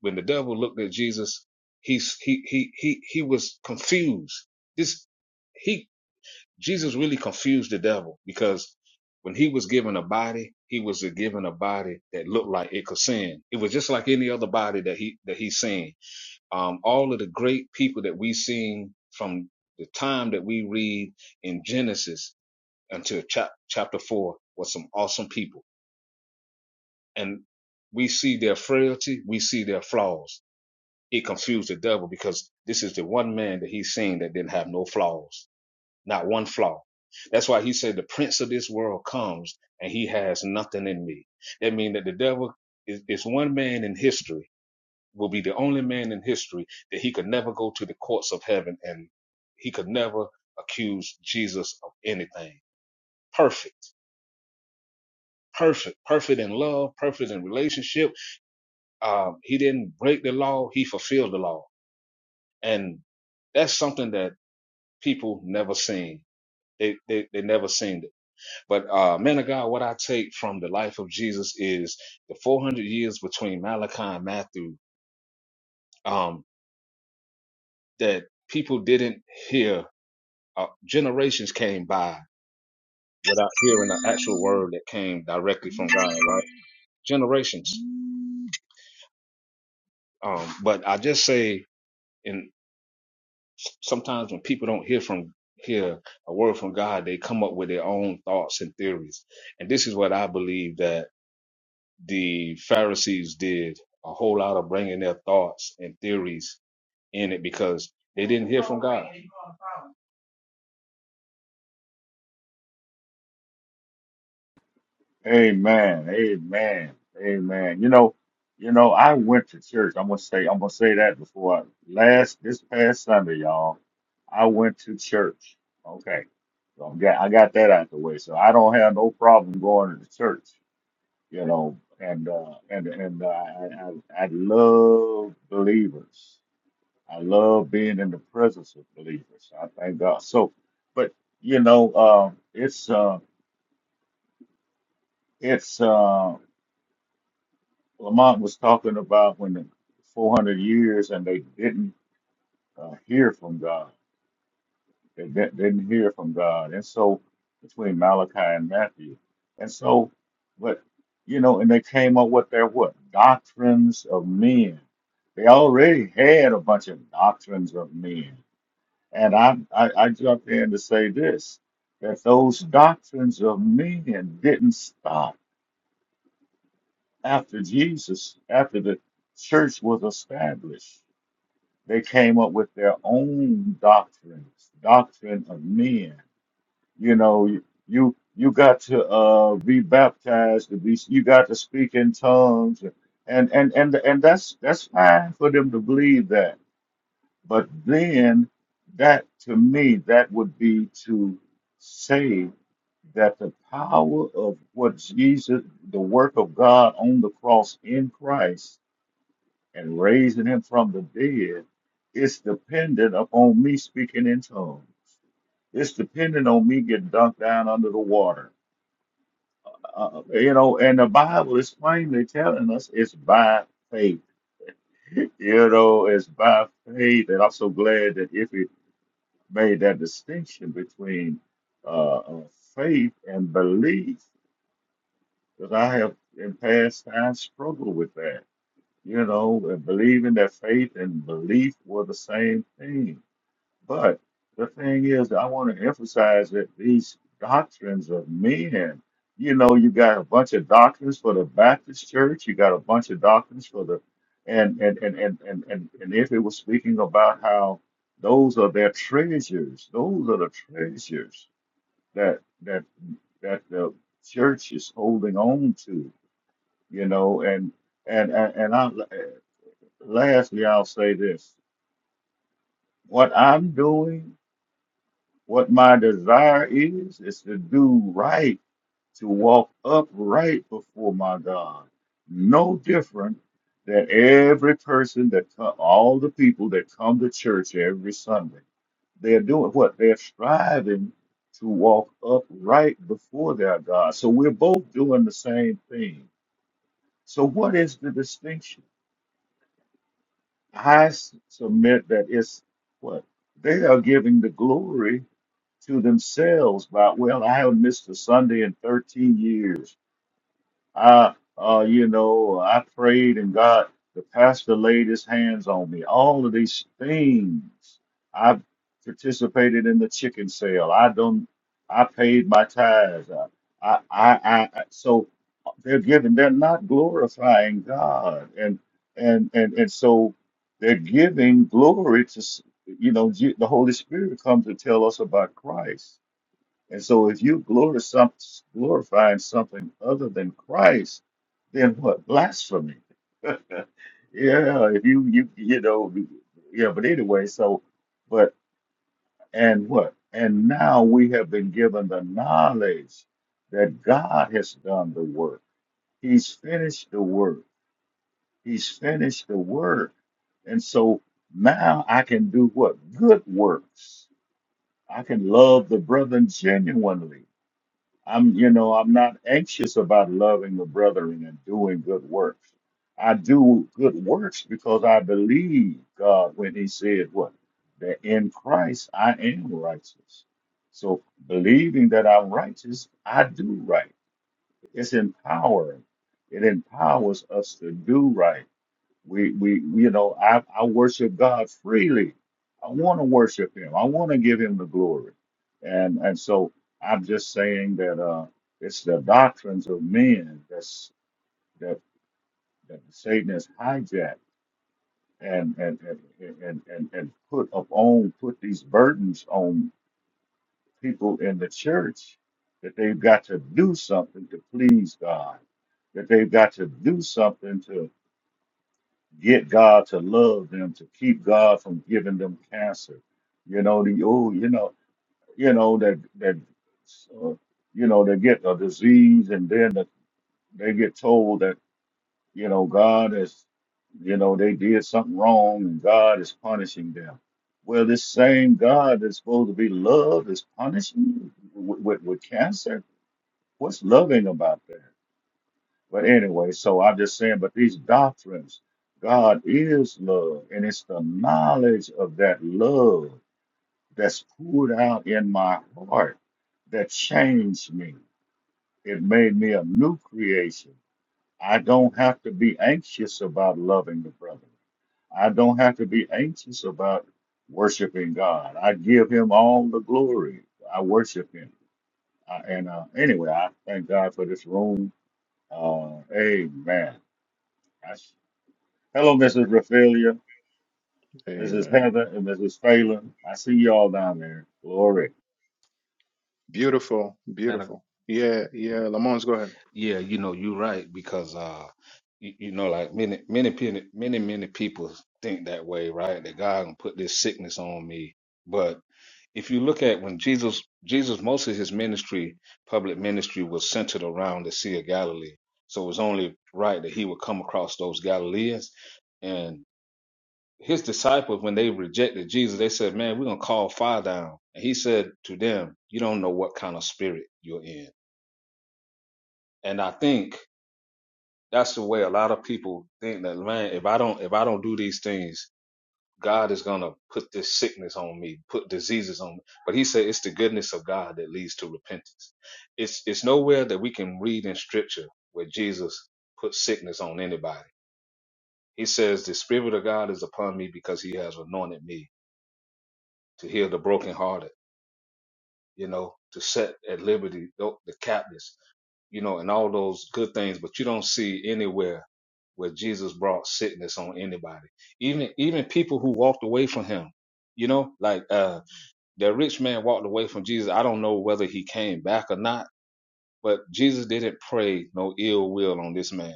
[SPEAKER 4] when the devil looked at Jesus, he's, he, he, he, he was confused. This, he. Jesus really confused the devil because when he was given a body, he was given a body that looked like it could sin. It was just like any other body that he that he's seen. Um, all of the great people that we seen from the time that we read in Genesis until chap- chapter four was some awesome people, and we see their frailty, we see their flaws. It confused the devil because this is the one man that he's seen that didn't have no flaws not one flaw. That's why he said the prince of this world comes and he has nothing in me. That means that the devil is, is one man in history, will be the only man in history that he could never go to the courts of heaven and he could never accuse Jesus of anything. Perfect, perfect, perfect in love, perfect in relationship. Um, he didn't break the law. He fulfilled the law. And that's something that people never seen. They, they, they never seen it But uh, man of God, what I take from the life of Jesus is the 400 years between Malachi and Matthew um, that people didn't hear. Uh, generations came by without hearing the actual word that came directly from God, right? Generations. Um, but I just say, and sometimes when people don't hear from hear a word from God, they come up with their own thoughts and theories. And this is what I believe that the Pharisees did a whole lot of bringing their thoughts and theories in it because they didn't hear from God.
[SPEAKER 3] Amen. Amen. Amen. You know, you know, I went to church. I'm gonna say, I'm gonna say that before I, last this past Sunday, y'all. I went to church. Okay, so I'm got I got that out the way. So I don't have no problem going to the church. You know, and uh, and and uh, I, I I love believers. I love being in the presence of believers. I thank God. So, but you know, uh, it's uh, it's. uh, Lamont was talking about when the 400 years and they didn't uh, hear from God. They di- didn't hear from God. And so between Malachi and Matthew. And so, but, you know, and they came up with their what? Doctrines of men. They already had a bunch of doctrines of men. And I, I, I jumped in to say this that those doctrines of men didn't stop after Jesus, after the church was established They came up with their own doctrines, doctrine of men. You know, you you, you got to uh, be baptized, to be, you got to speak in tongues, and and and and that's that's fine for them to believe that. But then, that to me, that would be to say that the power of what Jesus, the work of God on the cross in Christ and raising him from the dead, it's dependent upon me speaking in tongues. It's dependent on me getting dunked down under the water. Uh, you know, and the Bible is plainly telling us it's by faith. You know, it's by faith. And I'm so glad that if it made that distinction between uh, uh, faith and belief, because I have in past times struggled with that. You know, and believing that faith and belief were the same thing But the thing is, I want to emphasize that these doctrines of men, you know, you got a bunch of doctrines for the Baptist church, you got a bunch of doctrines for the, and and and and and and, and if it was speaking about how those are their treasures, those are the treasures that that that the church is holding on to, you know, and and and, and I lastly, I'll say this: what I'm doing. What my desire is, is to do right, to walk upright before my God. No different than every person that come, all the people that come to church every Sunday. They're doing what? They're striving to walk upright before their God. So we're both doing the same thing. So what is the distinction? I s- submit that it's what? They are giving the glory to themselves about, well, I haven't missed a Sunday in 13 years. I, uh, you know, I prayed and God, the pastor laid his hands on me. All of these things. I participated in the chicken sale. I don't, I paid my tithes. I, I, I, I I- so they're giving, they're not glorifying God. And, and, and, and so they're giving glory to, s- you know, Je- the Holy Spirit comes to tell us about Christ and so if you glorify some, glorifying something other than Christ, then what? Blasphemy. yeah, if you you you know yeah, but anyway, so but and what? And now we have been given the knowledge that God has done the work. He's finished the work. He's finished the work. And so now I can do what? Good works. I can love the brethren genuinely. I'm, you know, I'm not anxious about loving the brethren and doing good works. I do good works because I believe God when He said what? That in Christ I am righteous. So believing that I'm righteous, I do right. It's empowering. It empowers us to do right. We we you know I I worship God freely. I want to worship Him. I want to give Him the glory, and and so I'm just saying that uh, it's the doctrines of men that's that that Satan has hijacked and and and and and, and put upon put these burdens on people in the church that they've got to do something to please God. That they've got to do something to. get God to love them, to keep God from giving them cancer. You know, the oh, you know, you know that that uh, you know they get a disease and then the, they get told that you know God is, you know, they did something wrong and God is punishing them. Well, this same God that's supposed to be love is punishing you with, with, with cancer. What's loving about that? But anyway, so I'm just saying, but these doctrines, God is love, and it's the knowledge of that love that's poured out in my heart that changed me. It made me a new creation. I don't have to be anxious about loving the brother. I don't have to be anxious about worshiping God. I give him all the glory. I worship him. I, and uh, anyway, I thank God for this room. Uh, amen. Hello, Mrs. Raphaelia, Mrs.
[SPEAKER 1] Amen.
[SPEAKER 3] Heather, and Mrs. Phelan. I see y'all down there. Glory.
[SPEAKER 4] And uh,
[SPEAKER 1] Cool.
[SPEAKER 4] yeah, you know, you're right because uh, you, you know, like many, many, many, many, many people think that way, right? That God can put this sickness on me, but if you look at when Jesus, Jesus, most of his ministry, public ministry, was centered around the Sea of Galilee. So it was only right that he would come across those Galileans and. his disciples, when they rejected Jesus, they said, Man, we're going to call fire down. And he said to them, You don't know what kind of spirit you're in. And I think that's the way a lot of people think that, man, if I don't, if I don't do these things, God is going to put this sickness on me, put diseases on me. But he said, it's the goodness of God that leads to repentance. It's, it's nowhere that we can read in scripture where Jesus put sickness on anybody. He says, the spirit of God is upon me because he has anointed me to heal the brokenhearted you know, to set at liberty tho- the captives, you know, and all those good things. But you don't see anywhere where Jesus brought sickness on anybody, even even people who walked away from him. You know, like uh, that rich man walked away from Jesus. I don't know whether he came back or not, but Jesus didn't pray no ill will on this man.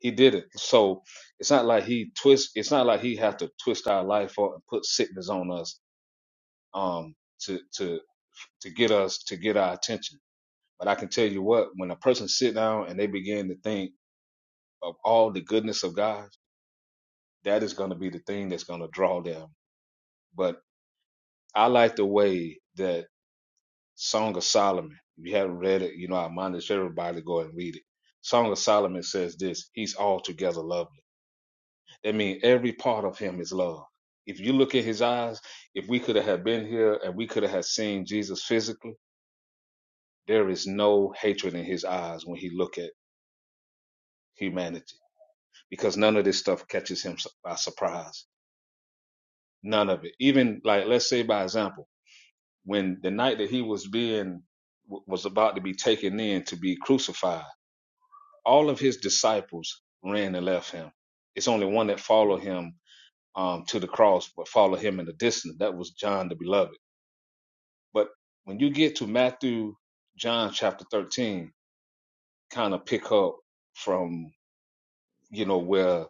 [SPEAKER 4] He didn't. So it's not like he twist. It's not like he had to twist our life up and put sickness on us um, to to to get us to get our attention but I can tell you what, when a person sit down and they begin to think of all the goodness of God, that is going to be the thing that's going to draw them. But I like the way that Song of Solomon, if you haven't read it, you know, I admonish everybody to go and read it. Song of Solomon says this, he's altogether lovely. That means every part of him is love. If you look at his eyes, if we could have been here and we could have seen Jesus physically, there is no hatred in his eyes when he look at humanity because none of this stuff catches him su- by surprise. None of it. Even like, let's say by example, when the night that he was being w- was about to be taken in to be crucified, all of his disciples ran and left him. It's only one that followed him um, to the cross, but followed him in the distance. That was John the Beloved. But when you get to Matthew, John chapter thirteen, kind of pick up from you know where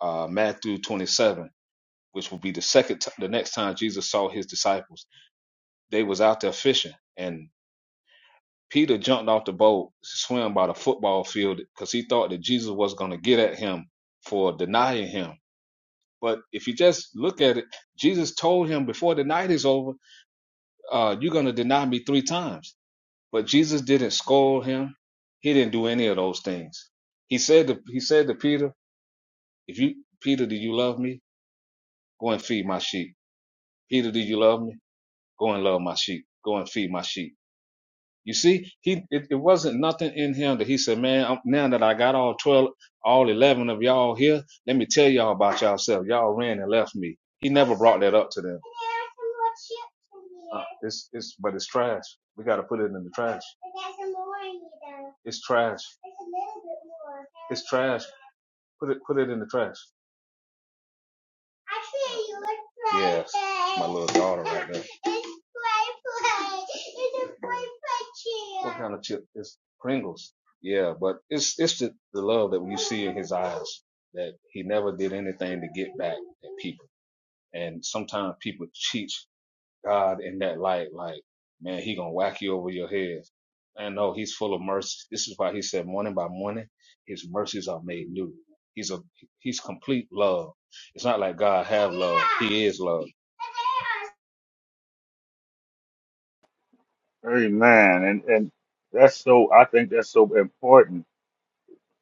[SPEAKER 4] uh, Matthew twenty seven which will be the second t- the next time Jesus saw his disciples. They was out there fishing and Peter jumped off the boat, swam by the football field because he thought that Jesus was going to get at him for denying him. But if you just look at it, Jesus told him before the night is over, uh, you're going to deny me three times. But Jesus didn't scold him. He didn't do any of those things. He said to, he said to Peter, if you, Peter, do you love me? Go and feed my sheep. Peter, do you love me? Go and love my sheep. Go and feed my sheep. You see, he it, it wasn't nothing in him that he said, man. I'm- Now that I got all twelve, all eleven of y'all here, let me tell y'all about yourself. Y'all ran and left me. He never brought that up to them. Uh, it's it's but it's trash. We got to put it in the trash. It's trash. It's trash. Put it put it in the trash. Yes, my little daughter right there. It's play play. It's a play. play. chip. What kind of chip? It's Pringles. Yeah, but it's it's the, the love that you see in his eyes that he never did anything to get back at people. And sometimes people cheat God in that light, like, man, he gonna whack you over your head. And no, he's full of mercy. This is why he said morning by morning, his mercies are made new. He's a he's complete love. It's not like God have love. He is love.
[SPEAKER 3] Amen. And and that's so I think that's so important,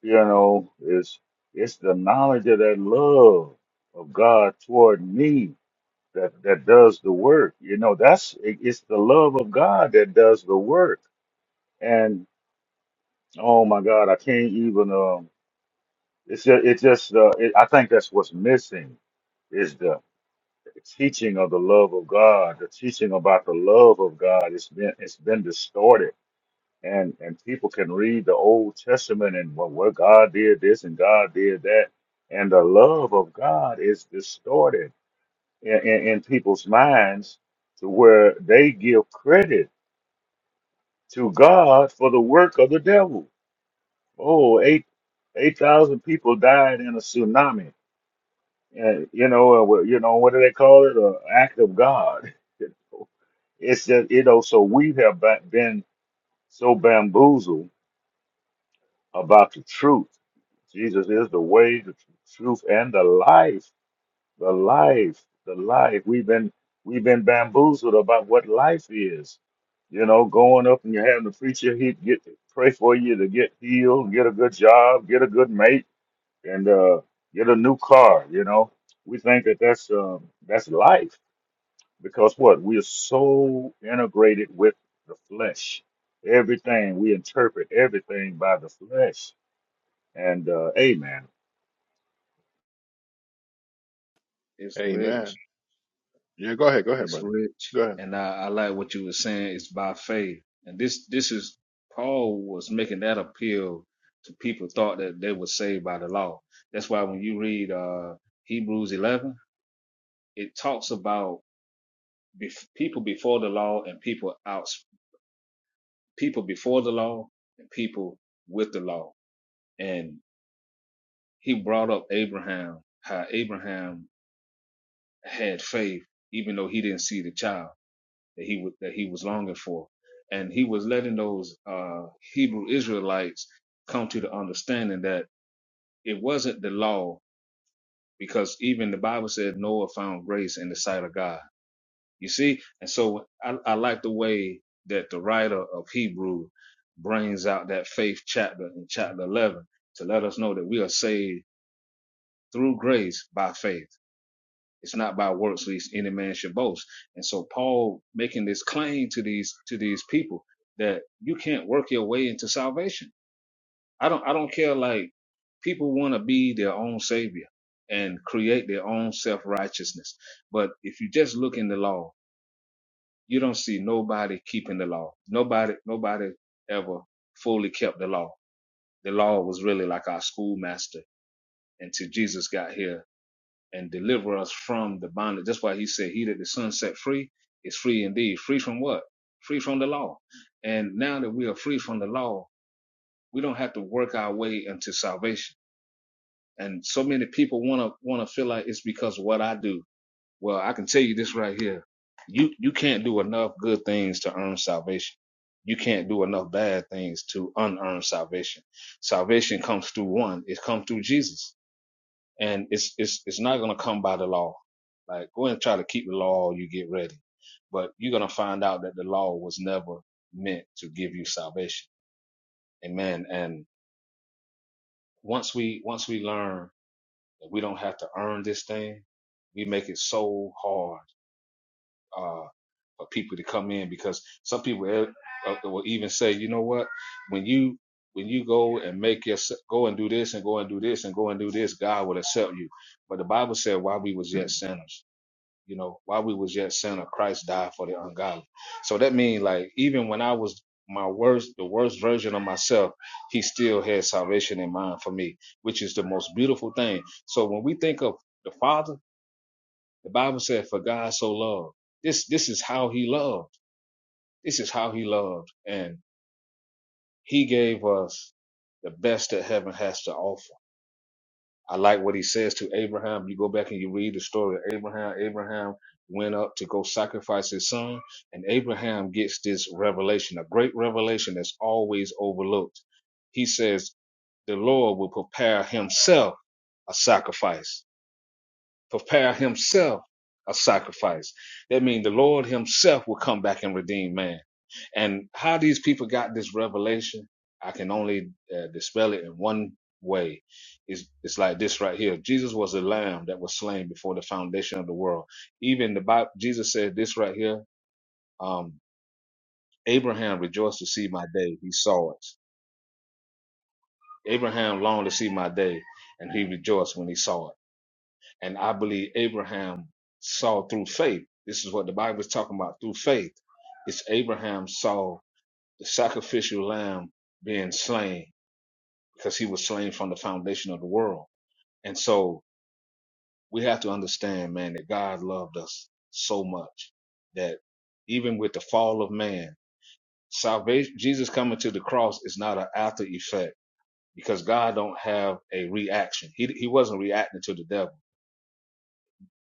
[SPEAKER 3] you know, is it's the knowledge of that love of God toward me that, that does the work. You know, that's it, it's the love of God that does the work. And oh my God, I can't even um it's just, it just uh, it, I think that's what's missing is the. the teaching of the love of God, the teaching about the love of God, it's been it's been distorted. And and people can read the Old Testament and well, well God did this and God did that. And the love of God is distorted in, in, in people's minds to where they give credit to God for the work of the devil. Oh, eight eight thousand people died in a tsunami. And, or, well, you know, what do they call it? A, a God. It's just, you know, so we've been so about the truth. Jesus is the way, the tr- truth, and the life. The life, the life. We've been we've been bamboozled about what life is. You know, going up and you're having the preacher he get pray for you to get healed, get a good job, get a good mate, and uh, get a new car. You know, we think that that's um, that's life because what we are so integrated with the flesh. Everything we interpret everything by the flesh. And uh, Amen.
[SPEAKER 4] It's rich.
[SPEAKER 1] Amen. Yeah, go ahead. Go ahead,
[SPEAKER 4] It's
[SPEAKER 1] brother.
[SPEAKER 4] rich.
[SPEAKER 1] Go ahead.
[SPEAKER 4] And I, I like what you were saying. It's by faith. And this this is Paul was making that appeal to people thought that they were saved by the law. That's why when you read uh Hebrews eleven, it talks about bef- people before the law and people out people before the law and people with the law and he brought up abraham how abraham had faith even though he didn't see the child that he was that he was longing for and he was letting those uh hebrew israelites come to the understanding that it wasn't the law because even the bible said noah found grace in the sight of god You see? And so I, I like the way that the writer of Hebrew brings out that faith chapter in chapter 11 to let us know that we are saved through grace by faith. It's not by works, least any man should boast. And so Paul making this claim to these, to these people that you can't work your way into salvation. I don't, I don't care. Like people want to be their own savior and create their own self righteousness. But if you just look in the law you don't see nobody keeping the law. Nobody, nobody ever fully kept the law. The law was really like our schoolmaster until Jesus got here and delivered us from the bondage. That's why he said, he that the son set free is free indeed. Free from what? Free from the law. And now that we are free from the law, we don't have to work our way into salvation. And so many people want to, want to feel like it's because of what I do Well, I can tell you this right here. You you can't do enough good things to earn salvation. You can't do enough bad things to unearn salvation. Salvation comes through one. It comes through Jesus. And it's it's it's not gonna come by the law. Like go and try to keep the law all you get ready. But you're gonna find out that the law was never meant to give you salvation. Amen. And once we once we learn that we don't have to earn this thing, we make it so hard uh, for people to come in because some people e- uh, will even say, you know what, when you when you go and make your go and do this and go and do this and go and do this, God will accept you. But the Bible said, while we was yet sinners, you know, while we was yet sinner, Christ died for the ungodly. So that means like even when I was my worst, the worst version of myself, he still had salvation in mind for me, which is the most beautiful thing. So when we think of the Father, the Bible said, "For God so loved." This this is how He loved. This is how He loved, and He gave us the best that heaven has to offer. I like what He says to Abraham. You go back and you read the story of Abraham. Abraham went up to go sacrifice his son, and Abraham gets this revelation, a great revelation that's always overlooked. He says, "The Lord will prepare Himself a sacrifice." prepare himself a sacrifice. That means the Lord himself will come back and redeem man. And how these people got this revelation, I can only uh, dispel it in one way. It's, it's like this right here. Jesus was a lamb that was slain before the foundation of the world. Even the Bible, Jesus said this right here. Um, Abraham rejoiced to see my day. He saw it. Abraham longed to see my day and he rejoiced when he saw it. And I believe Abraham saw through faith. This is what the Bible is talking about through faith. It's Abraham saw the sacrificial lamb being slain because he was slain from the foundation of the world. And so we have to understand, man, that God loved us so much that even with the fall of man, salvation, Jesus coming to the cross is not an after effect because God don't have a reaction. He, he wasn't reacting to the devil.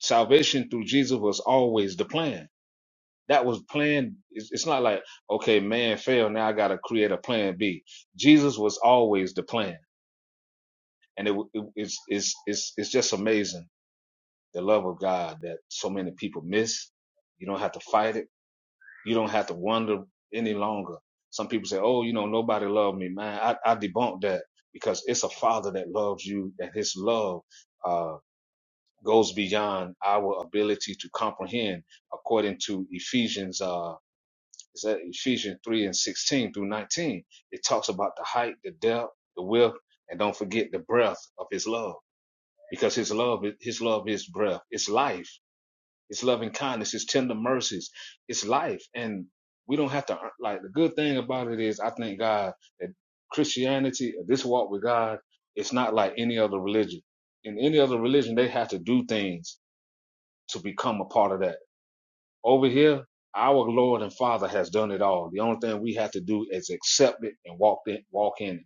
[SPEAKER 4] Salvation through Jesus was always the plan That was plan. It's, it's not like, okay, man failed. Now I got to create a plan B. Jesus was always the plan. And it, it, it's, it's, it's, it's just amazing the love of God that so many people miss. You don't have to fight it. You don't have to wonder any longer. Some people say, oh, you know, nobody loved me, man. I, I debunk that because it's a father that loves you and his love, uh, goes beyond our ability to comprehend according to Ephesians, uh, Is that Ephesians 3 and 16 through 19? It talks about the height, the depth, the width, and don't forget the breath of his love. Because his love, his love is breath, it's life, it's loving kindness, it's tender mercies, it's life. And we don't have to uh, like the good thing about it is I think God that Christianity, this walk with God, it's not like any other religion. In any other religion, they have to do things to become a part of that. Over here, our Lord and Father has done it all. The only thing we have to do is accept it and walk in, walk in it.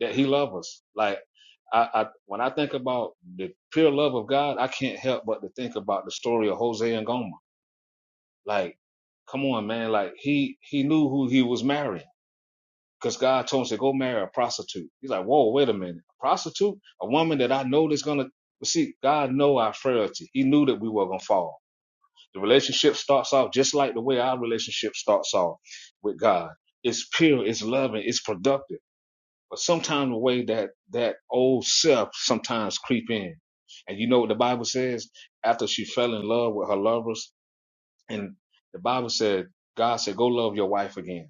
[SPEAKER 4] That He loves us. Like I, I, when I think about the pure love of God, I can't help but to think about the story of Jose and Gomer. Like, come on, man. Like he he knew who he was marrying because God told him to go marry a prostitute. He's like, whoa, wait a minute, a prostitute, a woman that I know that's gonna. But see, God know our frailty. He knew that we were gonna fall. The relationship starts off just like the way our relationship starts off with God. It's pure, it's loving, it's productive. But sometimes the way that that old self sometimes creep in. And you know what the Bible says? After she fell in love with her lovers, and the Bible said, God said, go love your wife again.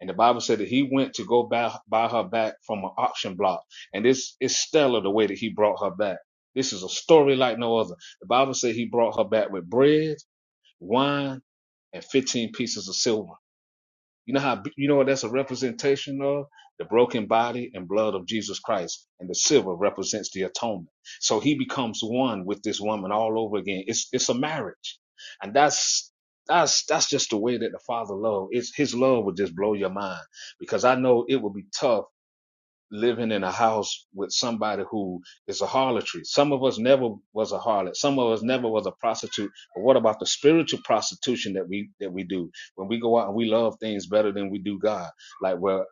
[SPEAKER 4] And the Bible said that he went to go buy, buy her back from an auction block. And this is stellar the way that he brought her back. This is a story like no other. The Bible said he brought her back with bread, wine, and 15 pieces of silver. You know how you know what that's a representation of? The broken body and blood of Jesus Christ. And the silver represents the atonement. So he becomes one with this woman all over again. It's it's a marriage. And that's that's that's just the way that the Father love. It's his love would just blow your mind. Because I know it would be tough living in a house with somebody who is a harlotry. Some of us never was a harlot. Some of us never was a prostitute. But what about the spiritual prostitution that we that we do when we go out and we love things better than we do God? Like where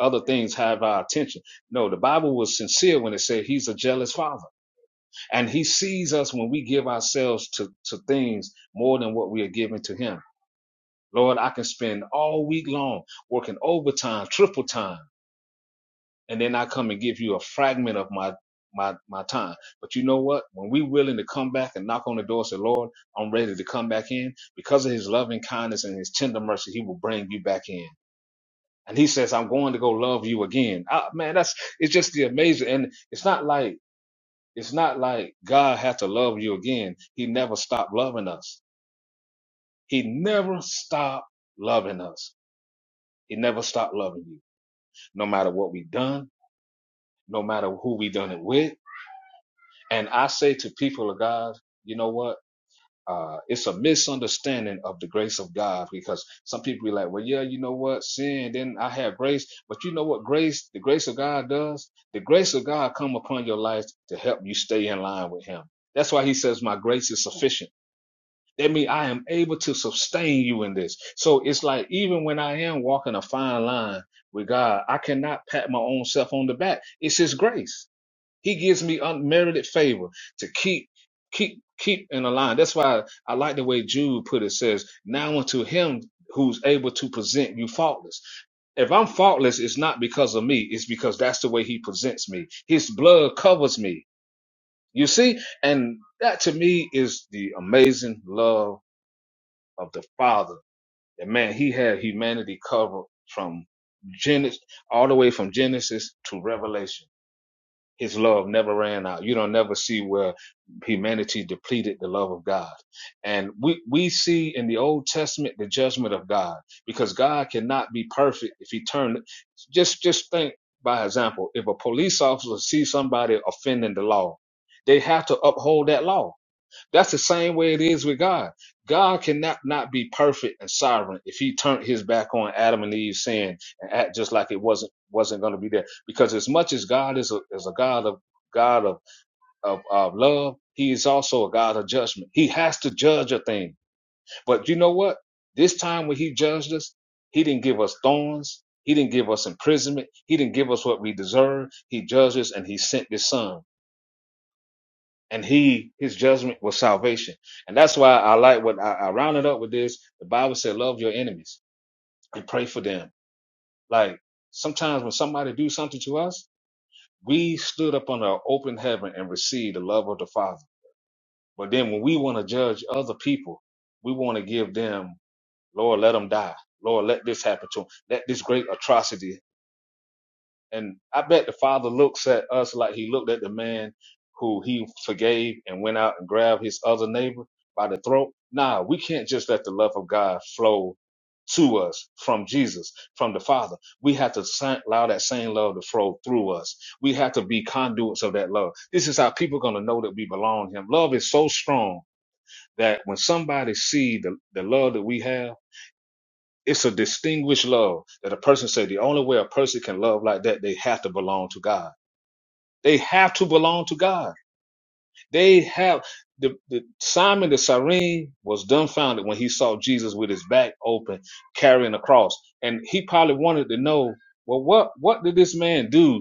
[SPEAKER 4] other things have our attention. No, the Bible was sincere when it said he's a jealous father. And he sees us when we give ourselves to, to things more than what we are giving to him. Lord, I can spend all week long working overtime, triple time and then I come and give you a fragment of my my my time. But you know what? When we willing to come back and knock on the door, and say, Lord, I'm ready to come back in, because of his loving kindness and his tender mercy, he will bring you back in. And he says, I'm going to go love you again. Ah, man, that's it's just the amazing and it's not like it's not like God had to love you again. He never stopped loving us. He never stopped loving us. He never stopped loving you. No matter what we done, no matter who we done it with, And I say to people of God, you know what? Uh, it's a misunderstanding of the grace of God because some people be like, well, yeah, you know what? Sin, then I have grace. But you know what grace, the grace of God does? The grace of God come upon your life to help you stay in line with him. That's why he says, my grace is sufficient. That means I am able to sustain you in this. So it's like, even when I am walking a fine line with God, I cannot pat my own self on the back. It's his grace. He gives me unmerited favor to keep, keep, keep in a line. That's why I like the way Jude put it. Says, "Now unto him who's able to present you faultless." If I'm faultless, it's not because of me. It's because that's the way He presents me. His blood covers me. You see, and that to me is the amazing love of the Father. And man, He had humanity covered from Genesis all the way from Genesis to Revelation his love never ran out. You don't never see where humanity depleted the love of God. And we, we see in the Old Testament the judgment of God because God cannot be perfect if he turned. Just, just think by example, if a police officer sees somebody offending the law, they have to uphold that law that's the same way it is with God. God cannot not be perfect and sovereign if he turned his back on Adam and Eve's sin and act just like it wasn't wasn't going to be there. Because as much as God is a is a God of God of, of of love, he is also a God of judgment. He has to judge a thing. But you know what? This time when he judged us, he didn't give us thorns. He didn't give us imprisonment. He didn't give us what we deserve. He judged us and he sent his son and he his judgment was salvation and that's why i like what i, I rounded up with this the bible said love your enemies and pray for them like sometimes when somebody do something to us we stood up on an open heaven and received the love of the father but then when we want to judge other people we want to give them lord let them die lord let this happen to them let this great atrocity And I bet the father looks at us like he looked at the man who he forgave and went out and grabbed his other neighbor by the throat. Nah, we can't just let the love of God flow to us from Jesus, from the Father. We have to allow that same love to flow through us. We have to be conduits of that love. This is how people are going to know that we belong to Him. Love is so strong that when somebody see the, the love that we have, it's a distinguished love that a person say the only way a person can love like that, they have to belong to God they have to belong to God. They have the, the Simon the Cyrene was dumbfounded when he saw Jesus with his back open carrying a cross, and he probably wanted to know, well, what what did this man do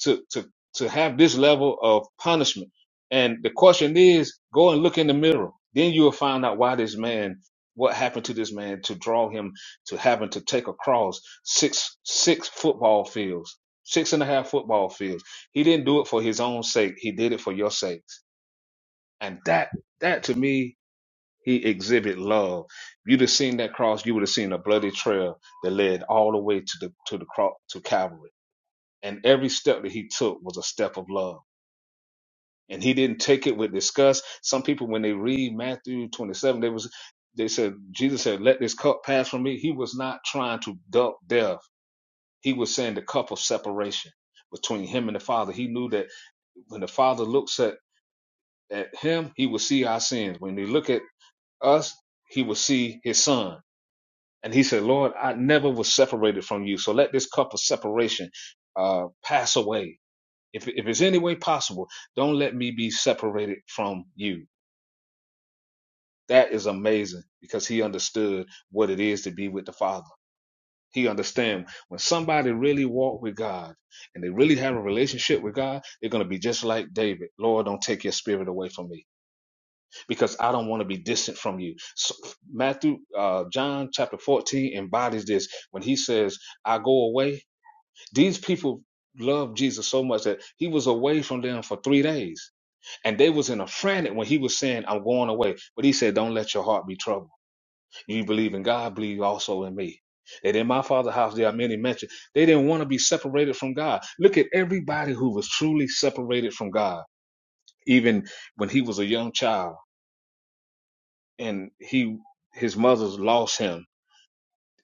[SPEAKER 4] to to to have this level of punishment. And the question is, go and look in the mirror. Then you will find out why this man, what happened to this man to draw him to having to take across six six football fields, six and a half football fields. He didn't do it for his own sake. He did it for your sakes. And that that to me, he exhibit love. You'd have seen that cross. You would have seen a bloody trail that led all the way to the to the cross to Calvary. And every step that he took was a step of love and he didn't take it with disgust. Some people, when they read Matthew 27, they was they said Jesus said, "Let this cup pass from me." He was not trying to duck death. He was saying the cup of separation between him and the Father. He knew that when the Father looks at at him, he will see our sins. When they look at us, he will see his Son. And he said, "Lord, I never was separated from you, so let this cup of separation uh, pass away. If if it's any way possible, don't let me be separated from you." That is amazing because he understood what it is to be with the Father. He understand when somebody really walk with God and they really have a relationship with God, they're going to be just like David. Lord, don't take your spirit away from me because I don't want to be distant from you. So Matthew, uh, John chapter 14 embodies this when he says, I go away. These people loved Jesus so much that he was away from them for three days and they was in a frantic when he was saying, I'm going away. But he said, don't let your heart be troubled. You believe in God, believe also in me. That in my father's house there are many mansions. They didn't want to be separated from God. Look at everybody who was truly separated from God, even when he was a young child and he his mother's lost him.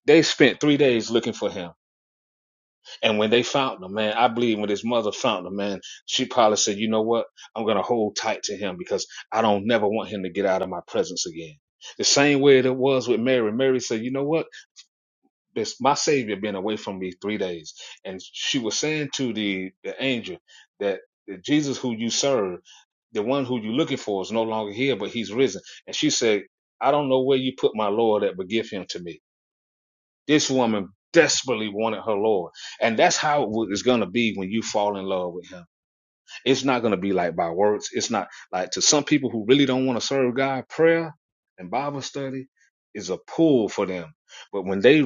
[SPEAKER 4] They spent three days looking for him. And when they found him, man, I believe when his mother found him, man, she probably said, you know what? I'm going to hold tight to him because I don't never want him to get out of my presence again. The same way that it was with Mary. Mary said, you know what? this my savior been away from me three days and she was saying to the the angel that the jesus who you serve the one who you're looking for is no longer here but he's risen and she said i don't know where you put my lord at but give him to me this woman desperately wanted her lord and that's how it is going to be when you fall in love with him it's not going to be like by words it's not like to some people who really don't want to serve god prayer and bible study is a pull for them but when they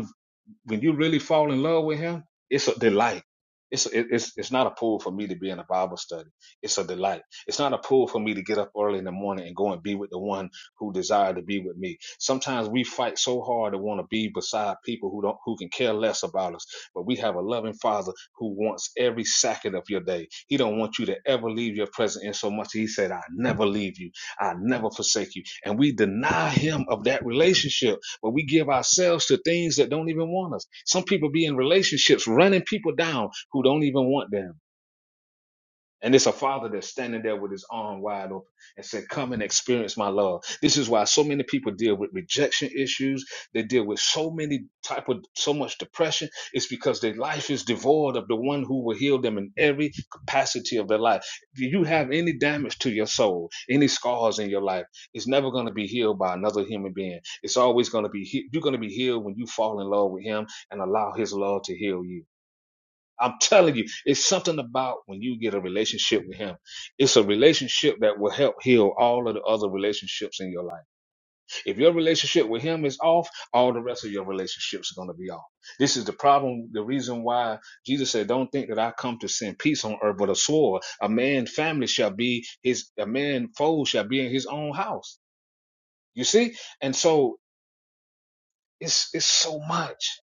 [SPEAKER 4] when you really fall in love with him, it's a delight. It's it, it's it's not a pull for me to be in a Bible study. It's a delight. It's not a pull for me to get up early in the morning and go and be with the one who desired to be with me. Sometimes we fight so hard to want to be beside people who don't who can care less about us. But we have a loving Father who wants every second of your day. He don't want you to ever leave your presence in so much. He said, "I never leave you. I never forsake you." And we deny Him of that relationship where we give ourselves to things that don't even want us. Some people be in relationships running people down who don't even want them and it's a father that's standing there with his arm wide open and said, Come and experience my love. This is why so many people deal with rejection issues. They deal with so many type of so much depression. It's because their life is devoid of the one who will heal them in every capacity of their life. If you have any damage to your soul, any scars in your life, it's never going to be healed by another human being. It's always going to be he- you're going to be healed when you fall in love with him and allow his love to heal you. I'm telling you, it's something about when you get a relationship with him. It's a relationship that will help heal all of the other relationships in your life. If your relationship with him is off, all the rest of your relationships are going to be off. This is the problem, the reason why Jesus said, Don't think that I come to send peace on earth, but a sword. A man family shall be his a man foe shall be in his own house. You see? And so it's it's so much.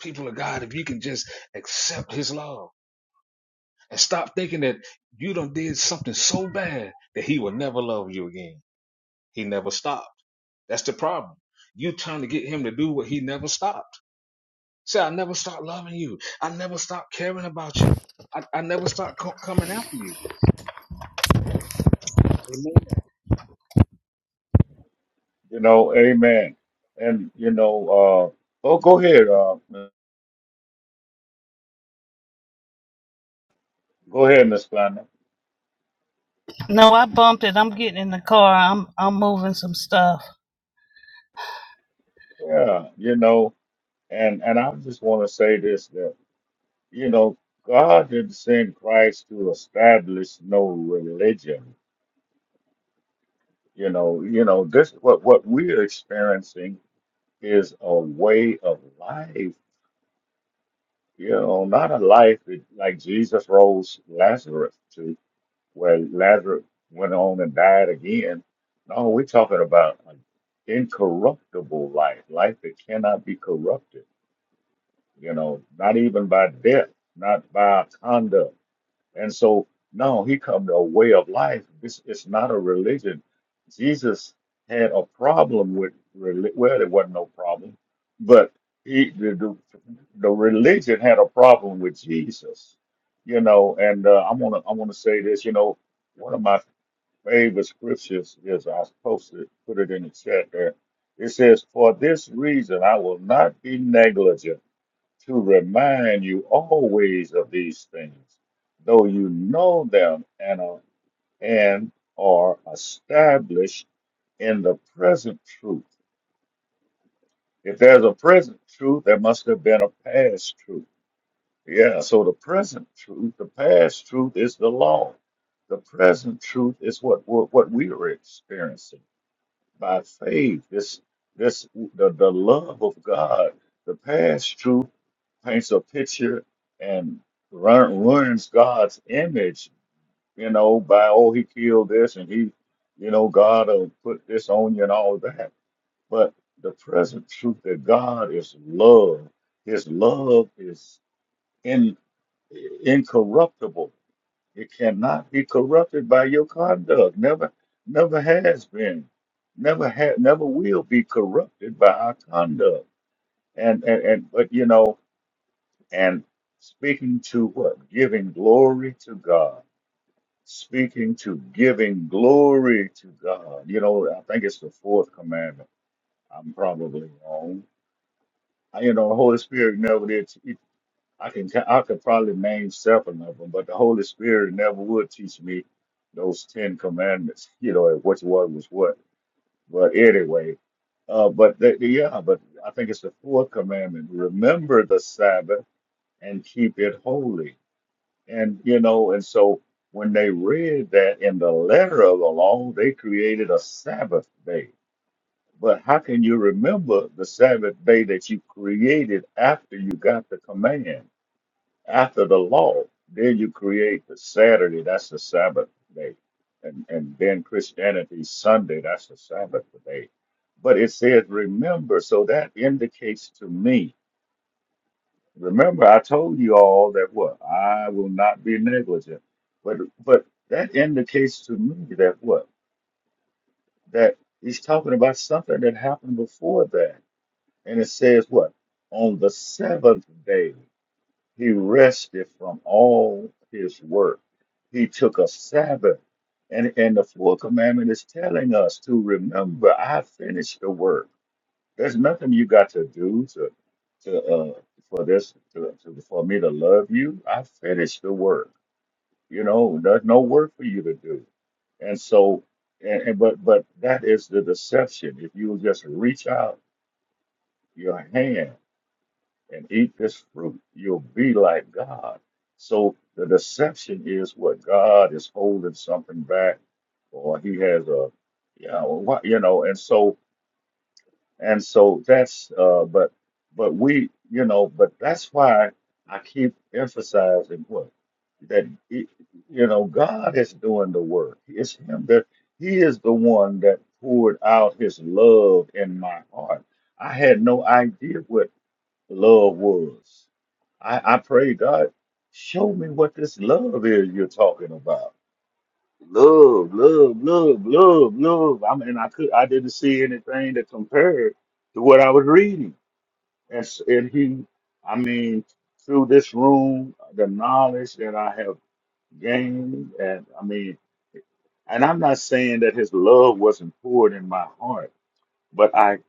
[SPEAKER 4] People of God, if you can just accept his love and stop thinking that you done did something so bad that he will never love you again. He never stopped. That's the problem. You trying to get him to do what he never stopped. Say, I never stopped loving you. I never stopped caring about you. I, I never stopped co- coming after you. Amen.
[SPEAKER 3] You know, amen. And you know, uh, oh, go ahead, uh, go ahead, Miss Planner.
[SPEAKER 5] No, I bumped it. I'm getting in the car. I'm I'm moving some stuff.
[SPEAKER 3] Yeah, you know, and and I just want to say this that you know, God didn't send Christ to establish no religion. You know, you know this what what we're experiencing is a way of life. You know, not a life that, like Jesus rose Lazarus to, where Lazarus went on and died again. No, uh, an incorruptible life, life that cannot be corrupted, you know, not even by death, not by our conduct. And so, no, he come to a way of life. This is not a religion. Jesus had a problem with religion. Well, there wasn't no problem, but he the, the, the religion had a problem with Jesus, you know. And uh, I wanna I wanna say this, you know, one of my favorite scriptures is I was supposed to put it in the chat there. It says, For this reason I will not be negligent to remind you always of these things, though you know them and are, and are established in the present truth. If there's a present truth, there must have been a past truth. Yeah, so the present truth, the past truth is the law. The present truth is what, what, what we are experiencing by faith. This this the, the love of God, the past truth paints a picture and run, ruins God's image, you know, by oh he killed this and he, you know, God will put this on you and all that. But the present truth that God is love, his love is in incorruptible. It cannot be corrupted by your conduct. Never, never has been. Never had, never will be corrupted by our conduct. And, and and but you know, and speaking to what? Giving glory to God. Speaking to giving glory to God. You know, I think it's the fourth commandment. I'm probably wrong. You know, the Holy Spirit never did. I can ca- I could probably name seven of them, but the Holy Spirit never would teach me those Ten Commandments. You know, and which one was what. But anyway, uh, but the, the- yeah, but I think it's the fourth commandment: remember the Sabbath and keep it holy. And you know, and so when they read that in the letter of the law, they created a Sabbath day. But how can you remember the Sabbath day that you created after you got the command? After the law, then you create the Saturday, that's the Sabbath day. And, and then Christianity, Sunday, that's the Sabbath day. But it says, remember, so that indicates to me, remember, I told you all that what? I will not be negligent. But, but that indicates to me that what? That he's talking about something that happened before that. And it says what? On the seventh day. He rested from all his work. He took a Sabbath. And, and the fourth commandment is telling us to remember, I finished the work. There's nothing you got to do to, to uh, for this, to, to, for me to love you. I finished the work. You know, there's no work for you to do. And so, and, and but but that is the deception. If you just reach out your hand and eat this fruit, you'll be like God. So the deception is what God is holding something back, or He has a, you know, what you know, and so and so that's, uh, but but we, you know, but that's why I keep emphasizing what that it, you know God is doing the work. It's Him that He is the one that poured out His love in my heart. I had no idea what love was I, I pray, God, show me what this love is you're talking about. Love, love, love, love, love. I mean, I could, I didn't see anything that compared to what I was reading. And, s- and he, I mean, through this room, the knowledge that I have gained, and I mean, and I'm not saying that his love wasn't poured in my heart, but I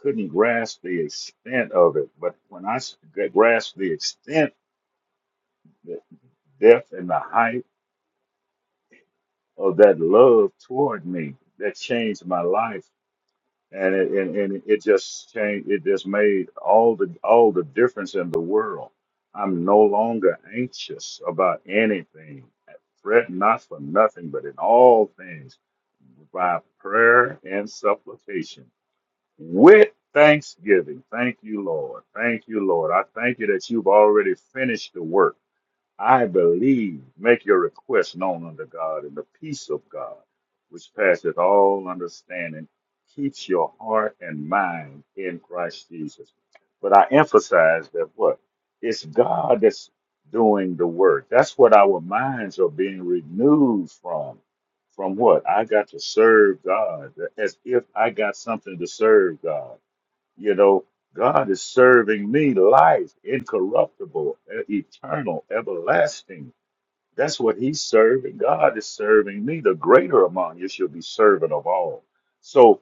[SPEAKER 3] couldn't grasp the extent of it. But when I s- grasped the extent, the depth, and the height of that love toward me that changed my life and it and, and it just changed it just made all the all the difference in the world i'm no longer anxious about anything fret not for nothing but in all things by prayer and supplication with thanksgiving thank you lord thank you lord i thank you that you've already finished the work I believe, make your request known unto God, and the peace of God, which passeth all understanding, keeps your heart and mind in Christ Jesus. But I emphasize that what? It's God that's doing the work. That's what our minds are being renewed from. From what? I got to serve God as if I got something to serve God. You know, God is serving me life, incorruptible, e- eternal, everlasting. That's what He's serving. God is serving me. The greater among you shall be servant of all. So,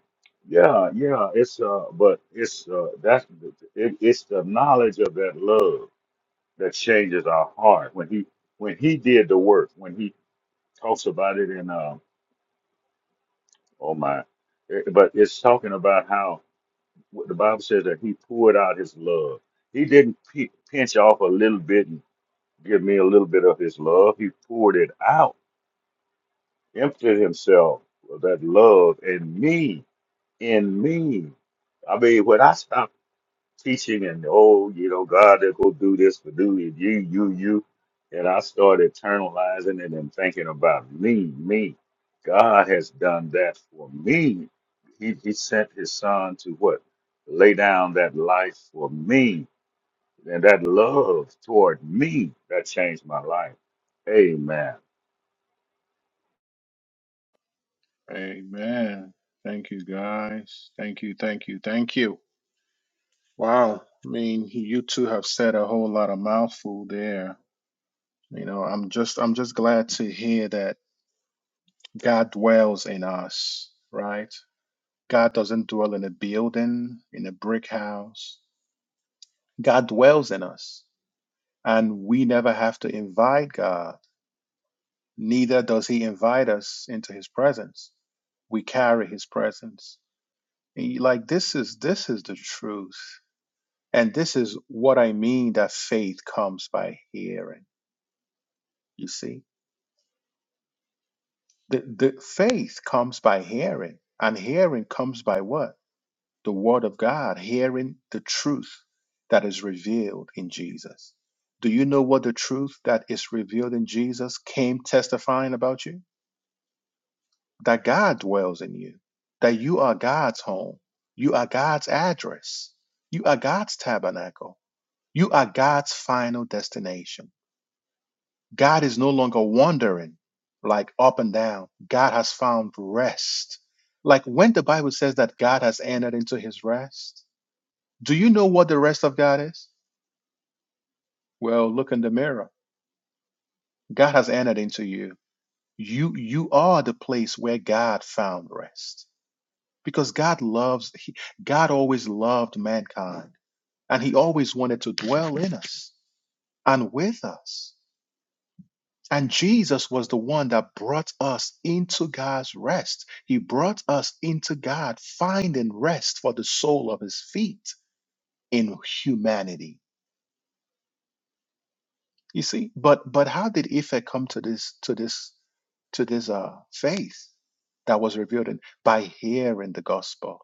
[SPEAKER 3] yeah, yeah, it's uh, but it's uh, that's it, it's the knowledge of that love that changes our heart when He when He did the work when He talks about it in uh, oh my, eh, but it's talking about how the Bible says that he poured out his love. He didn't p- pinch off a little bit and give me a little bit of his love. He poured it out, emptied himself of that love in me, in me. I mean, when I stopped teaching and oh, you know, God, they to do this for do it, you, you, you, and I started internalizing it and thinking about me, me. God has done that for me. He, he sent his son to what? Lay down that life for me And that love toward me that changed my life. Amen.
[SPEAKER 1] Amen. Thank you, guys. Thank you. Thank you. Thank you. Wow. I mean, you two have said a whole lot of mouthful there. You know, I'm just I'm just glad to hear that God dwells in us, right? God doesn't dwell in a building, in a brick house. God dwells in us. And we never have to invite God. Neither does he invite us into his presence. We carry his presence. And Like this is this is the truth. And this is what I mean that faith comes by hearing. You see? The the faith comes by hearing. And hearing comes by what? The word of God, hearing the truth that is revealed in Jesus. Do you know what the truth that is revealed in Jesus came testifying about you? that God dwells in you, that you are God's home, you are God's address, you are God's tabernacle, you are God's final destination. God is no longer wandering like up and down. God has found rest. Like when the Bible says that God has entered into his rest, do you know what the rest of God is? Well, look in the mirror. God has entered into you. You you are the place where God found rest. because God loves, he, God always loved mankind and he always wanted to dwell in us and with us. And Jesus was the one that brought us into God's rest. He brought us into God, finding rest for the sole of his feet in humanity. You see, but but how did Ife come to this to this to this uh, faith that was revealed in, by hearing the gospel?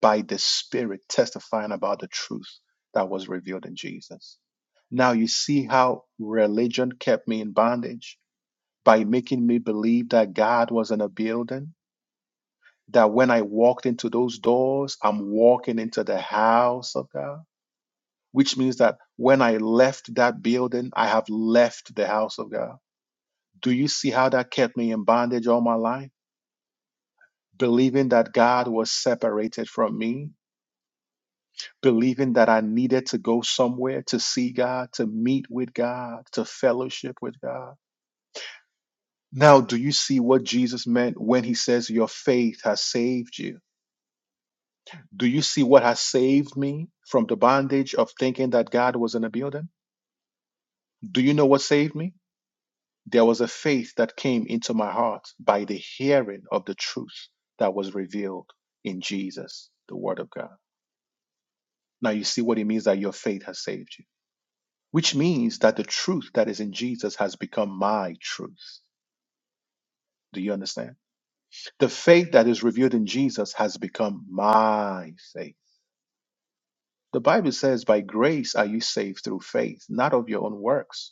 [SPEAKER 1] by the Spirit testifying about the truth that was revealed in Jesus. Now you see how religion kept me in bondage by making me believe that God was in a building, that when I walked into those doors, I'm walking into the house of God, which means that when I left that building, I have left the house of God. Do you see how that kept me in bondage all my life? Believing that God was separated from me, believing that I needed to go somewhere to see God, to meet with God, to fellowship with God. Now, do you see what Jesus meant when he says, Your faith has saved you? Do you see what has saved me from the bondage of thinking that God was in a building? Do you know what saved me? There was a faith that came into my heart by the hearing of the truth that was revealed in Jesus, the Word of God. Now, you see what it means that your faith has saved you. which means that the truth that is in Jesus has become my truth. Do you understand? The faith that is revealed in Jesus has become my faith. The Bible says, By grace are you saved through faith, not of your own works.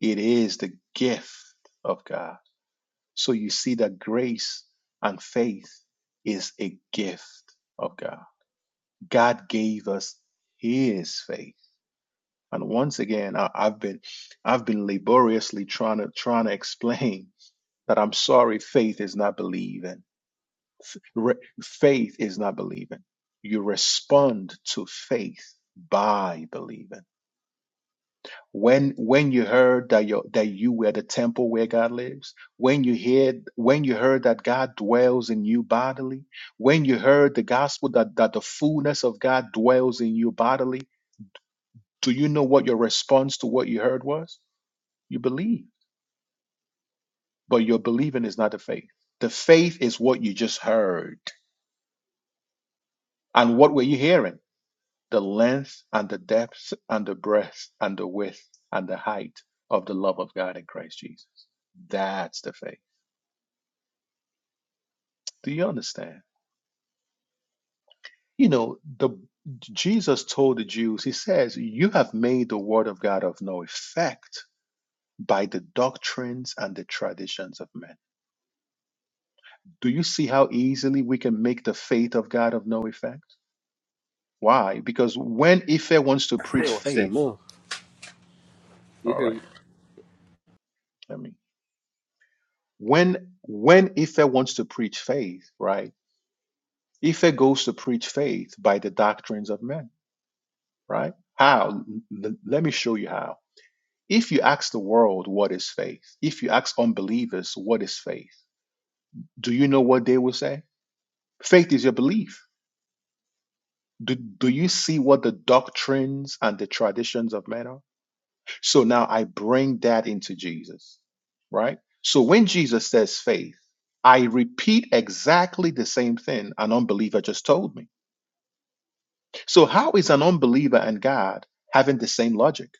[SPEAKER 1] It is the gift of God. So you see that grace and faith is a gift of God. God gave us his faith. And once again, I, I've been I've been laboriously trying to trying to explain But I'm sorry, faith is not believing. Re- faith is not believing. You respond to faith by believing. When when you heard that you that you were the temple where God lives, when you heard when you heard that God dwells in you bodily, when you heard the gospel that, that the fullness of God dwells in you bodily, do you know what your response to what you heard was? You believe. But your believing is not the faith. The faith is what you just heard And what were you hearing? The length and the depth and the breadth and the width and the height of the love of God in Christ Jesus. That's the faith. Do you understand? You know, the Jesus told the Jews, he says, You have made the word of God of no effect by the doctrines and the traditions of men. Do you see how easily we can make the faith of God of no effect? Why? Because when Ife wants to
[SPEAKER 6] They
[SPEAKER 1] preach
[SPEAKER 6] watch that
[SPEAKER 1] faith,
[SPEAKER 6] move. You
[SPEAKER 1] all
[SPEAKER 6] hear
[SPEAKER 1] right, let me when when Ife wants to preach faith, right? Ife goes to preach faith by the doctrines of men, right? How? L- l- let me show you how. If you ask the world what is faith, if you ask unbelievers what is faith, do you know what they will say? Faith is your belief. Do, do you see what the doctrines and the traditions of men are? So now I bring that into Jesus, right? So when Jesus says faith, I repeat exactly the same thing an unbeliever just told me. So how is an unbeliever and God having the same logic?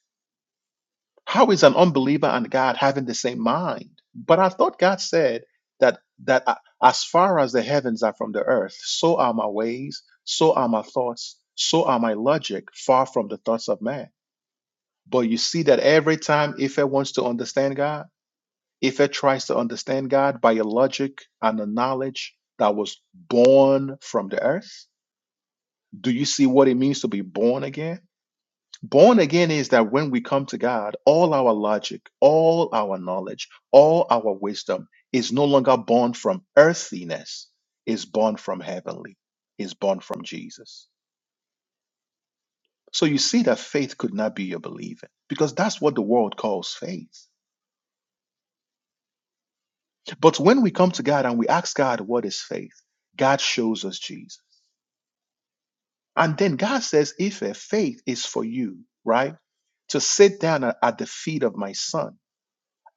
[SPEAKER 1] How is an unbeliever and God having the same mind? But I thought God said that that uh, as far as the heavens are from the earth, so are my ways, so are my thoughts, so are my logic far from the thoughts of man. But you see that every time Ife wants to understand God, If it tries to understand God by a logic and a knowledge that was born from the earth, do you see what it means to be born again? Born again is that when we come to God, all our logic, all our knowledge, all our wisdom is no longer born from earthiness, is born from heavenly, is born from Jesus. So you see that faith could not be your believing because that's what the world calls faith. But when we come to God and we ask God, what is faith? God shows us Jesus. And then God says, if a faith is for you, right, to sit down at at the feet of my son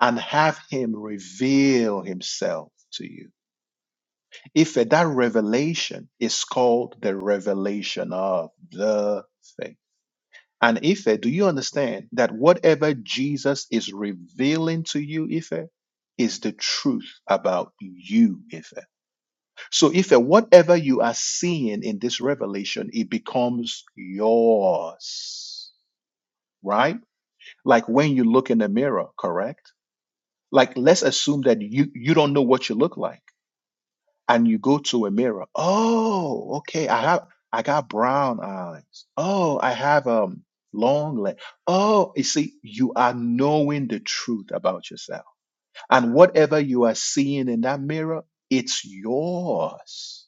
[SPEAKER 1] and have him reveal himself to you. If that revelation is called the revelation of the faith. And Ife, do you understand that whatever Jesus is revealing to you, Ife, is the truth about you, Ife? So if uh, whatever you are seeing in this revelation, it becomes yours, right? Like when you look in the mirror, correct? Like let's assume that you you don't know what you look like, and you go to a mirror. Oh, okay, I have I got brown eyes. Oh, I have um long legs. Oh, you see, you are knowing the truth about yourself, and whatever you are seeing in that mirror, it's yours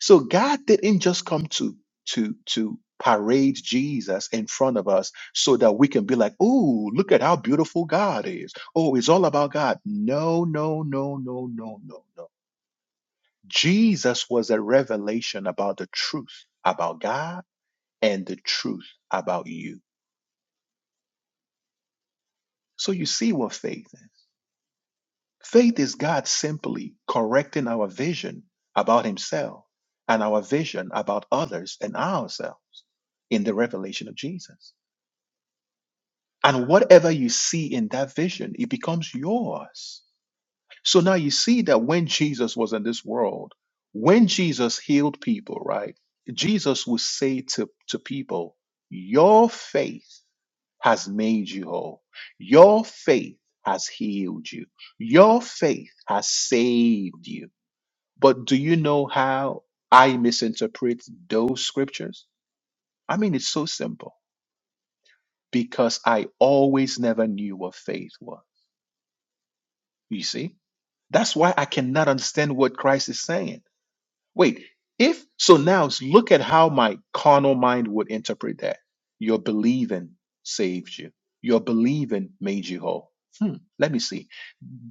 [SPEAKER 1] So God didn't just come to to to parade Jesus in front of us so that we can be like, "Oh, look at how beautiful God is." Oh, it's all about God. No, no, no, no, no, no, no. Jesus was a revelation about the truth about God and the truth about you. So you see what faith is. Faith is God simply correcting our vision about himself and our vision about others and ourselves in the revelation of Jesus. And whatever you see in that vision, it becomes yours. So now you see that when Jesus was in this world, when Jesus healed people, right? Jesus would say to, to people, Your faith has made you whole. Your faith has healed you. Your faith has saved you. But do you know how I misinterpret those scriptures? I mean, it's so simple because I always never knew what faith was. You see? That's why I cannot understand what Christ is saying. Wait, if so now look at how my carnal mind would interpret that. Your believing saved you. Your believing made you whole. Hmm, let me see.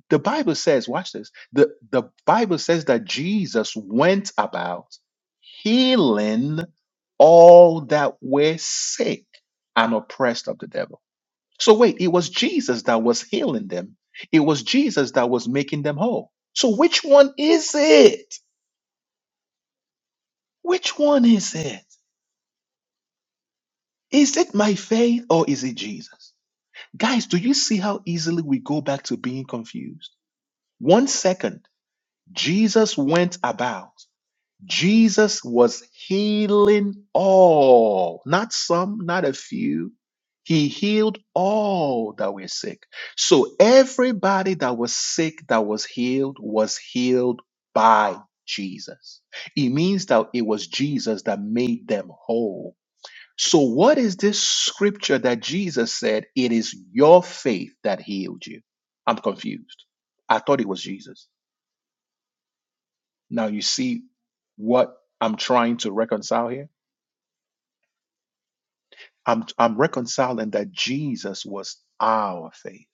[SPEAKER 1] The Bible says, watch this. The the Bible says that Jesus went about healing all that were sick and oppressed of the devil. So wait, it was Jesus that was healing them. It was Jesus that was making them whole. So which one is it? Which one is it? Is it my faith or is it Jesus? Guys, do you see how easily we go back to being confused? One second, Jesus went about. Jesus was healing all, not some, not a few. He healed all that were sick. So everybody that was sick, that was healed, was healed by Jesus. It means that it was Jesus that made them whole. So, what is this scripture that Jesus said? It is your faith that healed you. I'm confused. I thought it was Jesus. Now you see what I'm trying to reconcile here? I'm I'm reconciling that Jesus was our faith.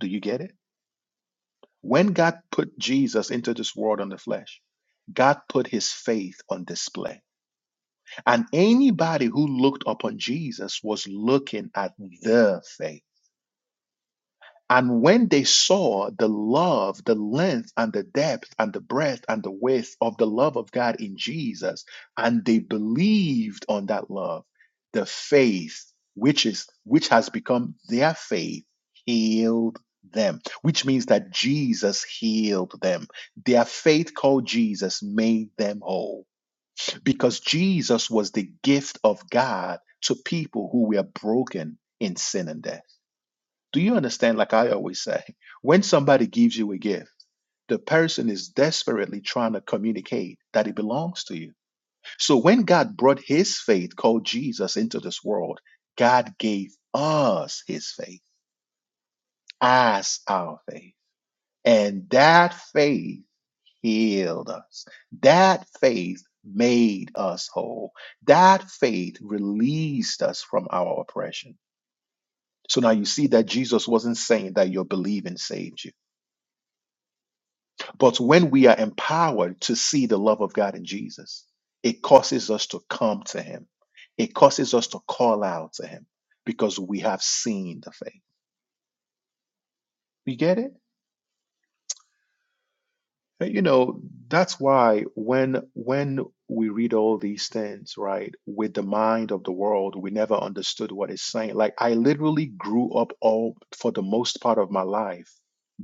[SPEAKER 1] Do you get it? When God put Jesus into this world on the flesh, God put his faith on display. And anybody who looked upon Jesus was looking at the faith. And when they saw the love, the length, and the depth, and the breadth, and the width of the love of God in Jesus, and they believed on that love, the faith which is which has become their faith healed them, which means that Jesus healed them. Their faith called Jesus made them whole because Jesus was the gift of God to people who were broken in sin and death. Do you understand? Like I always say, when somebody gives you a gift, the person is desperately trying to communicate that it belongs to you. So when God brought his faith, called Jesus, into this world, God gave us his faith as our faith. And that faith healed us. That faith made us whole. That faith released us from our oppression. So now you see that Jesus wasn't saying that your believing saved you. But when we are empowered to see the love of God in Jesus, it causes us to come to Him. It causes us to call out to Him because we have seen the faith. We get it? Hey, You know, that's why when when we read all these things, right, with the mind of the world, we never understood what it's saying. Like I literally grew up all for the most part of my life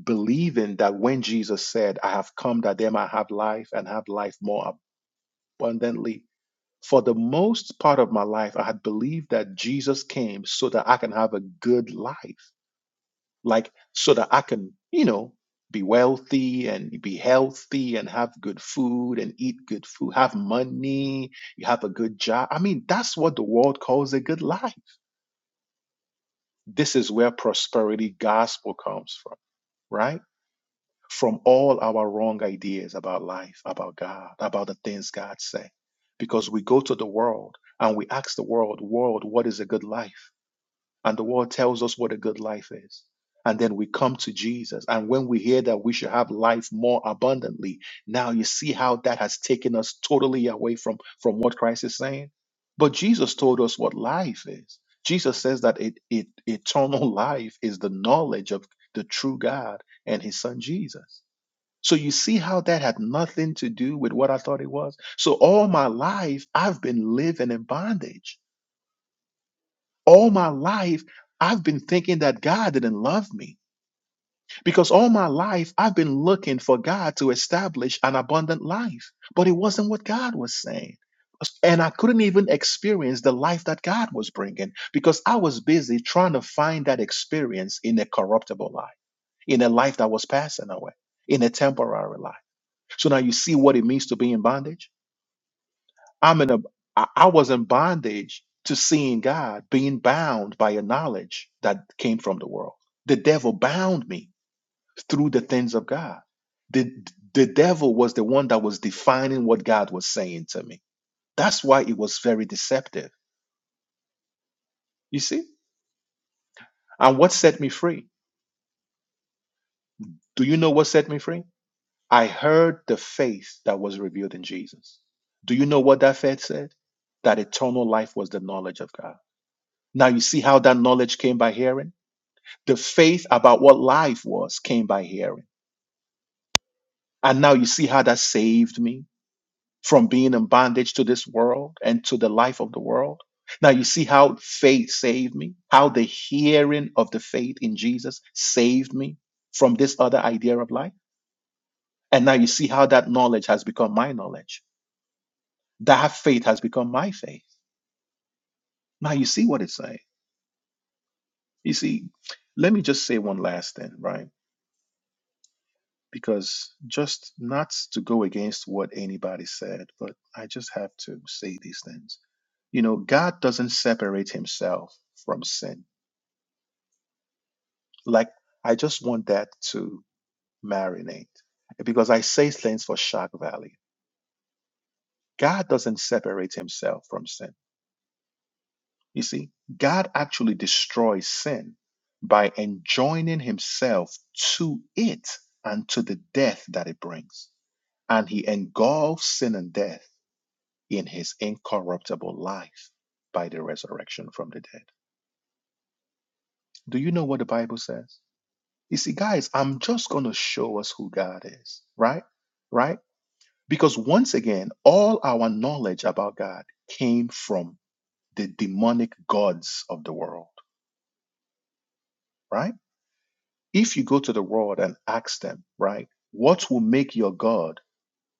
[SPEAKER 1] believing that when Jesus said, I have come that they might have life and have life more abundantly, For the most part of my life, I had believed that Jesus came so that I can have a good life, like so that I can, you know, be wealthy and be healthy and have good food and eat good food, have money, you have a good job. I mean, that's what the world calls a good life. This is where prosperity gospel comes from, right? from all our wrong ideas about life, about God, about the things God say. Because we go to the world and we ask the world, world, what is a good life? And the world tells us what a good life is. And then we come to Jesus. And when we hear that we should have life more abundantly, now you see how that has taken us totally away from, from what Christ is saying. But Jesus told us what life is. Jesus says that it, it, eternal life is the knowledge of the true God and his son Jesus. So you see how that had nothing to do with what I thought it was? So all my life, I've been living in bondage. All my life, I've been thinking that God didn't love me because all my life, I've been looking for God to establish an abundant life. But it wasn't what God was saying. And I couldn't even experience the life that God was bringing because I was busy trying to find that experience in a corruptible life, in a life that was passing away, in a temporary life. So now you see what it means to be in bondage. I'm in a I I was in bondage to seeing God, being bound by a knowledge that came from the world. The devil bound me through the things of God. The the devil was the one that was defining what God was saying to me. That's why it was very deceptive. You see? And what set me free? Do you know what set me free? I heard the faith that was revealed in Jesus. Do you know what that faith said? That eternal life was the knowledge of God Now you see how that knowledge came by hearing? The faith about what life was came by hearing. And now you see how that saved me from being in bondage to this world and to the life of the world. Now you see how faith saved me, how the hearing of the faith in Jesus saved me from this other idea of life. And now you see how that knowledge has become my knowledge. That faith has become my faith. Now you see what it's saying. You see, let me just say one last thing, right? because just not to go against what anybody said, but I just have to say these things. You know, God doesn't separate himself from sin. Like, I just want that to marinate because I say things for shock value. God doesn't separate himself from sin. You see, God actually destroys sin by enjoining himself to it and to the death that it brings. And he engulfs sin and death in his incorruptible life by the resurrection from the dead. Do you know what the Bible says? You see, guys, I'm just going to show us who God is, right? Right? Because once again, all our knowledge about God came from the demonic gods of the world, right? If you go to the world and ask them, right, what will make your God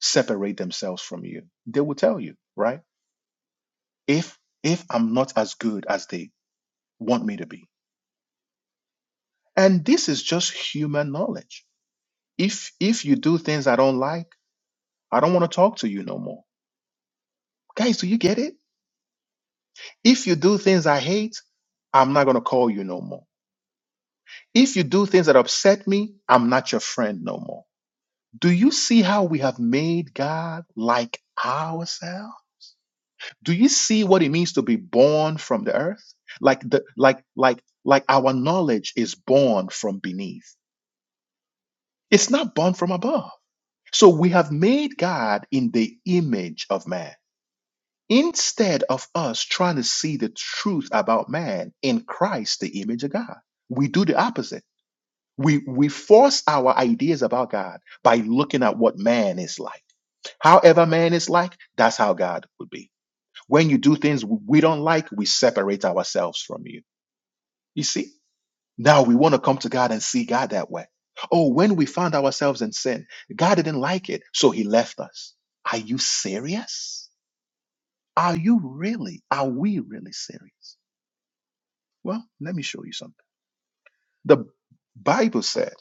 [SPEAKER 1] separate themselves from you? They will tell you, right? If if I'm not as good as they want me to be, And this is just human knowledge. If if you do things I don't like, I don't want to talk to you no more. Guys, do you get it? If you do things I hate, I'm not going to call you no more. If you do things that upset me, I'm not your friend no more. Do you see how we have made God like ourselves? Do you see what it means to be born from the earth? Like the like like like our knowledge is born from beneath. It's not born from above. So we have made God in the image of man. Instead of us trying to see the truth about man in Christ, the image of God, we do the opposite. We, we force our ideas about God by looking at what man is like. However, man is like, that's how God would be. When you do things we don't like, we separate ourselves from you. You see? Now we want to come to God and see God that way. Oh, when we found ourselves in sin, God didn't like it, so he left us. Are you serious? Are you really? Are we really serious? Well, let me show you something. The Bible said,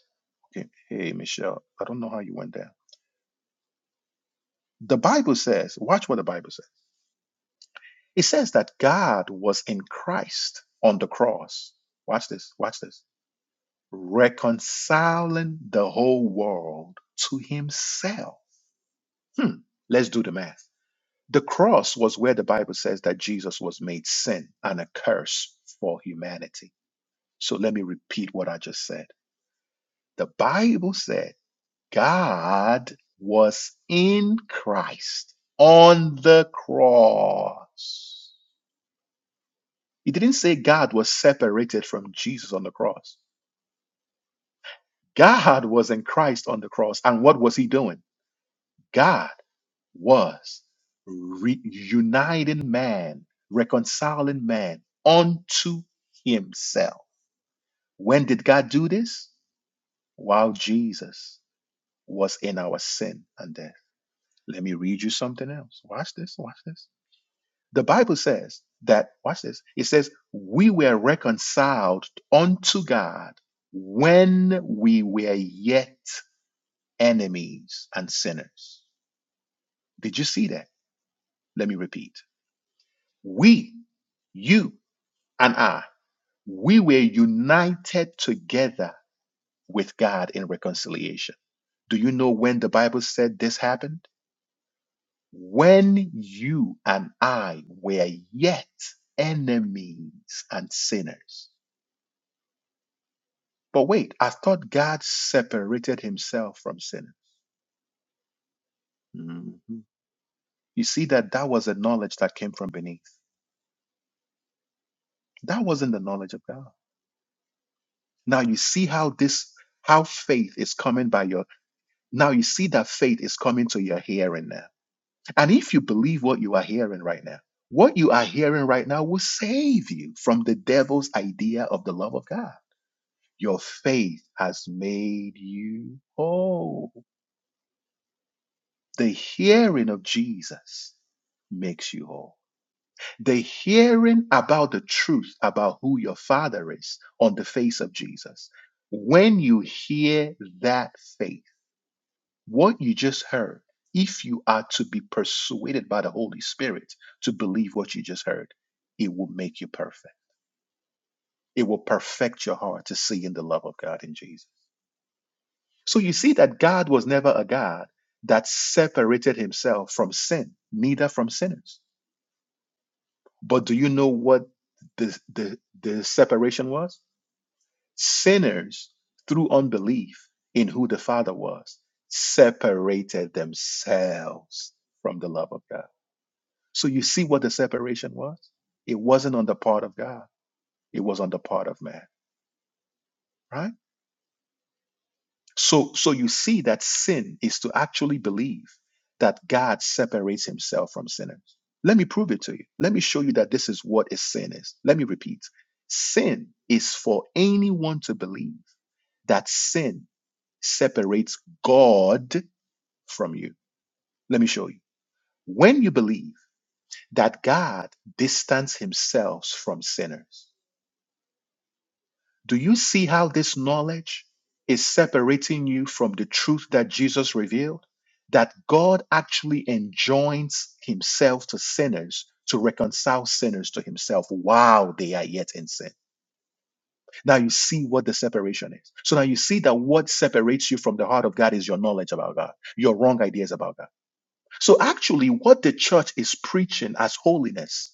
[SPEAKER 1] okay, hey, Michelle, I don't know how you went there. The Bible says, watch what the Bible says. It says that God was in Christ on the cross. Watch this, watch this. Reconciling the whole world to himself Hmm, let's do the math. The cross was where the Bible says that Jesus was made sin and a curse for humanity. So let me repeat what I just said. The Bible said God was in Christ on the cross. It didn't say God was separated from Jesus on the cross. God was in Christ on the cross. And what was he doing? God was reuniting man, reconciling man unto himself. When did God do this? While Jesus was in our sin and death. Let me read you something else. Watch this, watch this. The Bible says that, watch this, it says, we were reconciled unto God when we were yet enemies and sinners. Did you see that? Let me repeat. We, you and I, we were united together with God in reconciliation. Do you know when the Bible said this happened? When you and I were yet enemies and sinners. But wait, I thought God separated himself from sinners. Mhm. You see that that was a knowledge that came from beneath. That wasn't the knowledge of God. Now you see how this how faith is coming by your Now you see that faith is coming to your hearing now. And if you believe what you are hearing right now, what you are hearing right now will save you from the devil's idea of the love of God. Your faith has made you whole. The hearing of Jesus makes you whole. The hearing about the truth about who your father is on the face of Jesus. When you hear that faith, What you just heard, if you are to be persuaded by the Holy Spirit to believe what you just heard, it will make you perfect. It will perfect your heart to see in the love of God in Jesus. So you see that God was never a God that separated himself from sin, neither from sinners. But do you know what the, the, the separation was? Sinners, through unbelief in who the Father was, separated themselves from the love of God. So you see what the separation was? It wasn't on the part of God, it was on the part of man, right? So so you see that sin is to actually believe that God separates himself from sinners. Let me prove it to you. Let me show you that this is what a sin is. Let me repeat. Sin is for anyone to believe that sin separates God from you. Let me show you. When you believe that God distanced himself from sinners, Do you see how this knowledge is separating you from the truth that Jesus revealed? That God actually enjoins himself to sinners to reconcile sinners to himself while they are yet in sin. Now you see what the separation is. So now you see that what separates you from the heart of God is your knowledge about God, your wrong ideas about God. So actually, what the church is preaching as holiness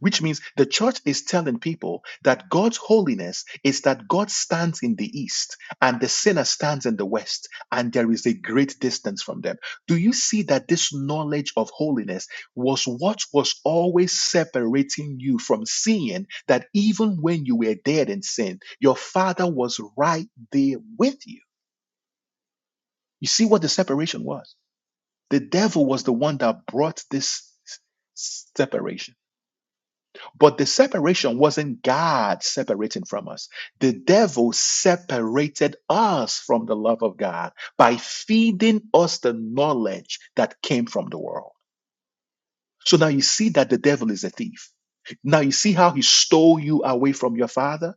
[SPEAKER 1] which means the church is telling people that God's holiness is that God stands in the east and the sinner stands in the west, and there is a great distance from them. Do you see that this knowledge of holiness was what was always separating you from seeing that even when you were dead in sin, your father was right there with you? You see what the separation was? The devil was the one that brought this s- separation But the separation wasn't God separating from us. The devil separated us from the love of God by feeding us the knowledge that came from the world. So now you see that the devil is a thief. Now you see how he stole you away from your father?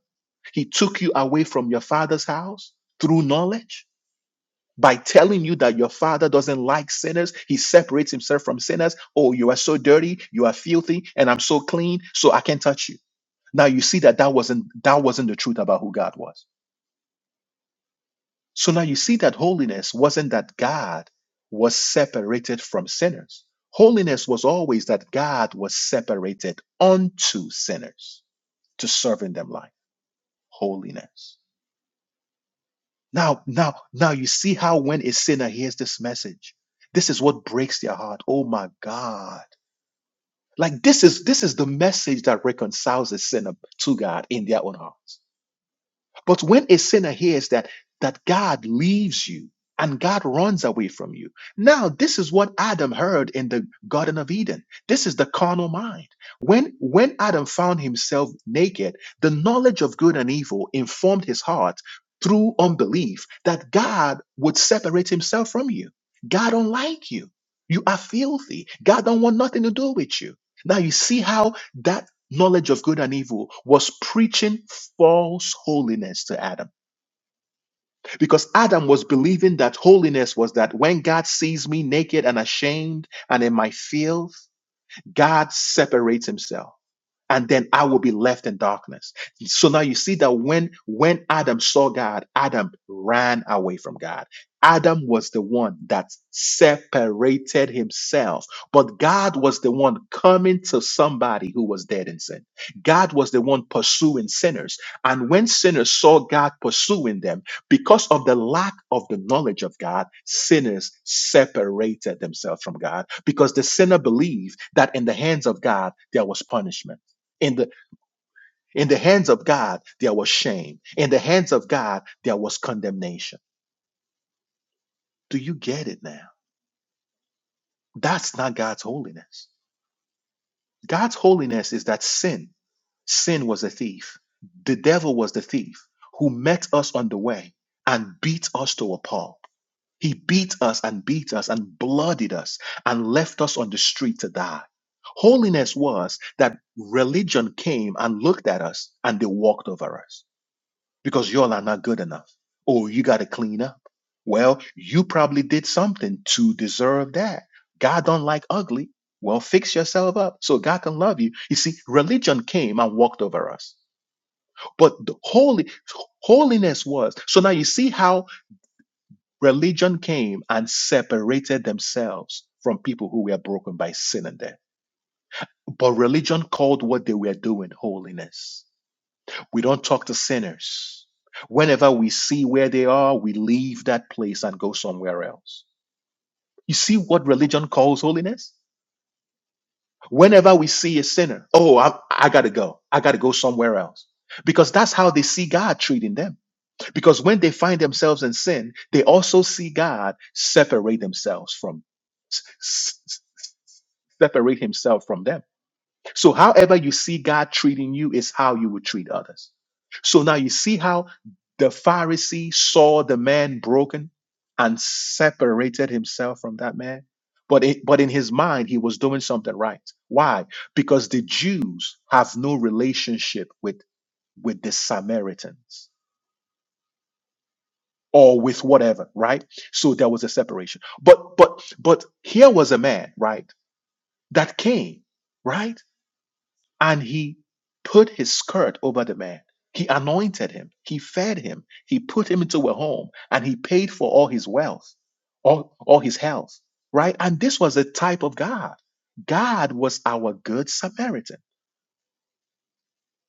[SPEAKER 1] He took you away from your father's house through knowledge by telling you that your father doesn't like sinners. He separates himself from sinners. Oh, you are so dirty, you are filthy, and I'm so clean, so I can't touch you. Now you see that that wasn't that wasn't the truth about who God was. So now you see that holiness wasn't that God was separated from sinners. Holiness was always that God was separated unto sinners to serve in them like holiness. Now, now, now you see how when a sinner hears this message, this is what breaks their heart. Oh my God. Like this is this is the message that reconciles a sinner to God in their own hearts. But when a sinner hears that that God leaves you and God runs away from you. Now, this is what Adam heard in the Garden of Eden. This is the carnal mind. When when Adam found himself naked, the knowledge of good and evil informed his heart through unbelief that God would separate himself from you. God don't like you. You are filthy. God don't want nothing to do with you. Now you see how that knowledge of good and evil, was preaching false holiness to Adam. Because Adam was believing that holiness was that when God sees me naked and ashamed and in my filth, God separates himself and then I will be left in darkness. So now you see that when when Adam saw God, Adam ran away from God. Adam was the one that separated himself, but God was the one coming to somebody who was dead in sin. God was the one pursuing sinners. And when sinners saw God pursuing them, because of the lack of the knowledge of God, sinners separated themselves from God because the sinner believed that in the hands of God there was punishment. In the in the hands of God there was shame. In the hands of God there was condemnation. Do you get it now? That's not God's holiness. God's holiness is that sin, sin was a thief. The devil was the thief who met us on the way and beat us to a pulp He beat us and beat us and bloodied us and left us on the street to die. Holiness was that religion came and looked at us and they walked over us because y'all are not good enough. Oh, you got to clean up. Well, you probably did something to deserve that. God don't like ugly. Well, fix yourself up so God can love you. You see, religion came and walked over us. But the holy holiness was. So now you see how Religion came and separated themselves from people who were broken by sin and death. But religion called what they were doing holiness. We don't talk to sinners. Whenever we see where they are, we leave that place and go somewhere else. You see what religion calls holiness? Whenever we see a sinner, oh, I, I gotta go. I gotta go somewhere else. Because that's how they see God treating them. Because when they find themselves in sin, they also see God separate themselves from s- s- s- separate himself from them. So however you see God treating you is how you would treat others. So now you see how the Pharisee saw the man broken and separated himself from that man. But it, but in his mind he was doing something right. Why? Because the Jews have no relationship with with the Samaritans or with whatever, right? So there was a separation. But but but here was a man, right, that came, right? And he put his skirt over the man. He anointed him, he fed him, he put him into a home, and he paid for all his wealth, all, all his health, right? And this was a type of God. God was our good Samaritan.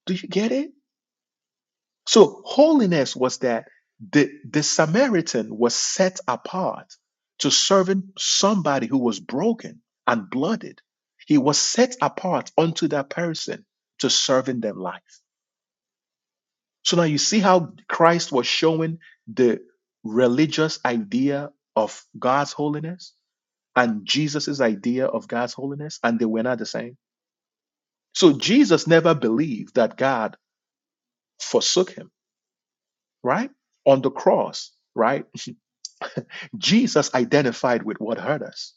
[SPEAKER 1] Do you get it? So holiness was that the, the Samaritan was set apart to serving somebody who was broken and blooded. He was set apart unto that person to serving them life. So now you see how Christ was showing the religious idea of God's holiness and Jesus's idea of God's holiness, and they were not the same. So Jesus never believed that God forsook him, right? On the cross, right? Jesus identified with what hurt us,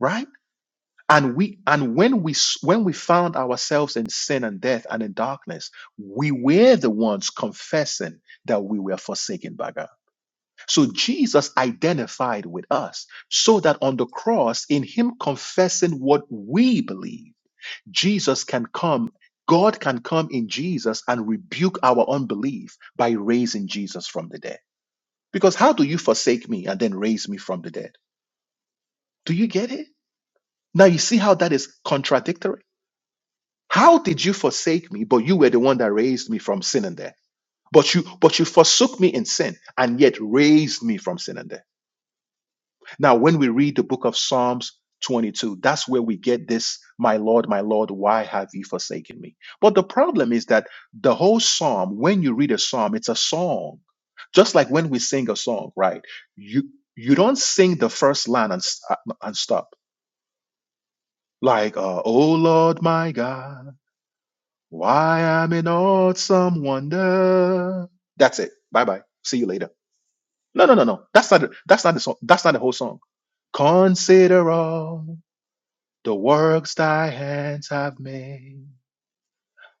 [SPEAKER 1] right? And we and when we s- when we found ourselves in sin and death and in darkness, we were the ones confessing that we were forsaken by God. So Jesus identified with us, so that on the cross, in Him confessing what we believe, Jesus can come. God can come in Jesus and rebuke our unbelief by raising Jesus from the dead. Because how do you forsake me and then raise me from the dead? Do you get it? Now you see how that is contradictory. How did you forsake me, but you were the one that raised me from sin and death? But you but you forsook me in sin and yet raised me from sin and death. Now, when we read the book of Psalms 22, that's where we get this, my Lord, my Lord, why have you forsaken me? But the problem is that the whole psalm, when you read a psalm, it's a song. Just like when we sing a song, right? You you don't sing the first line and, s- uh, and stop. Like, uh, oh Lord, my God. Why I'm in awesome wonder. That's it. Bye bye. See you later. No, no, no, no. That's not. the- That's not the song. That's not the whole song. Consider all the works thy hands have made.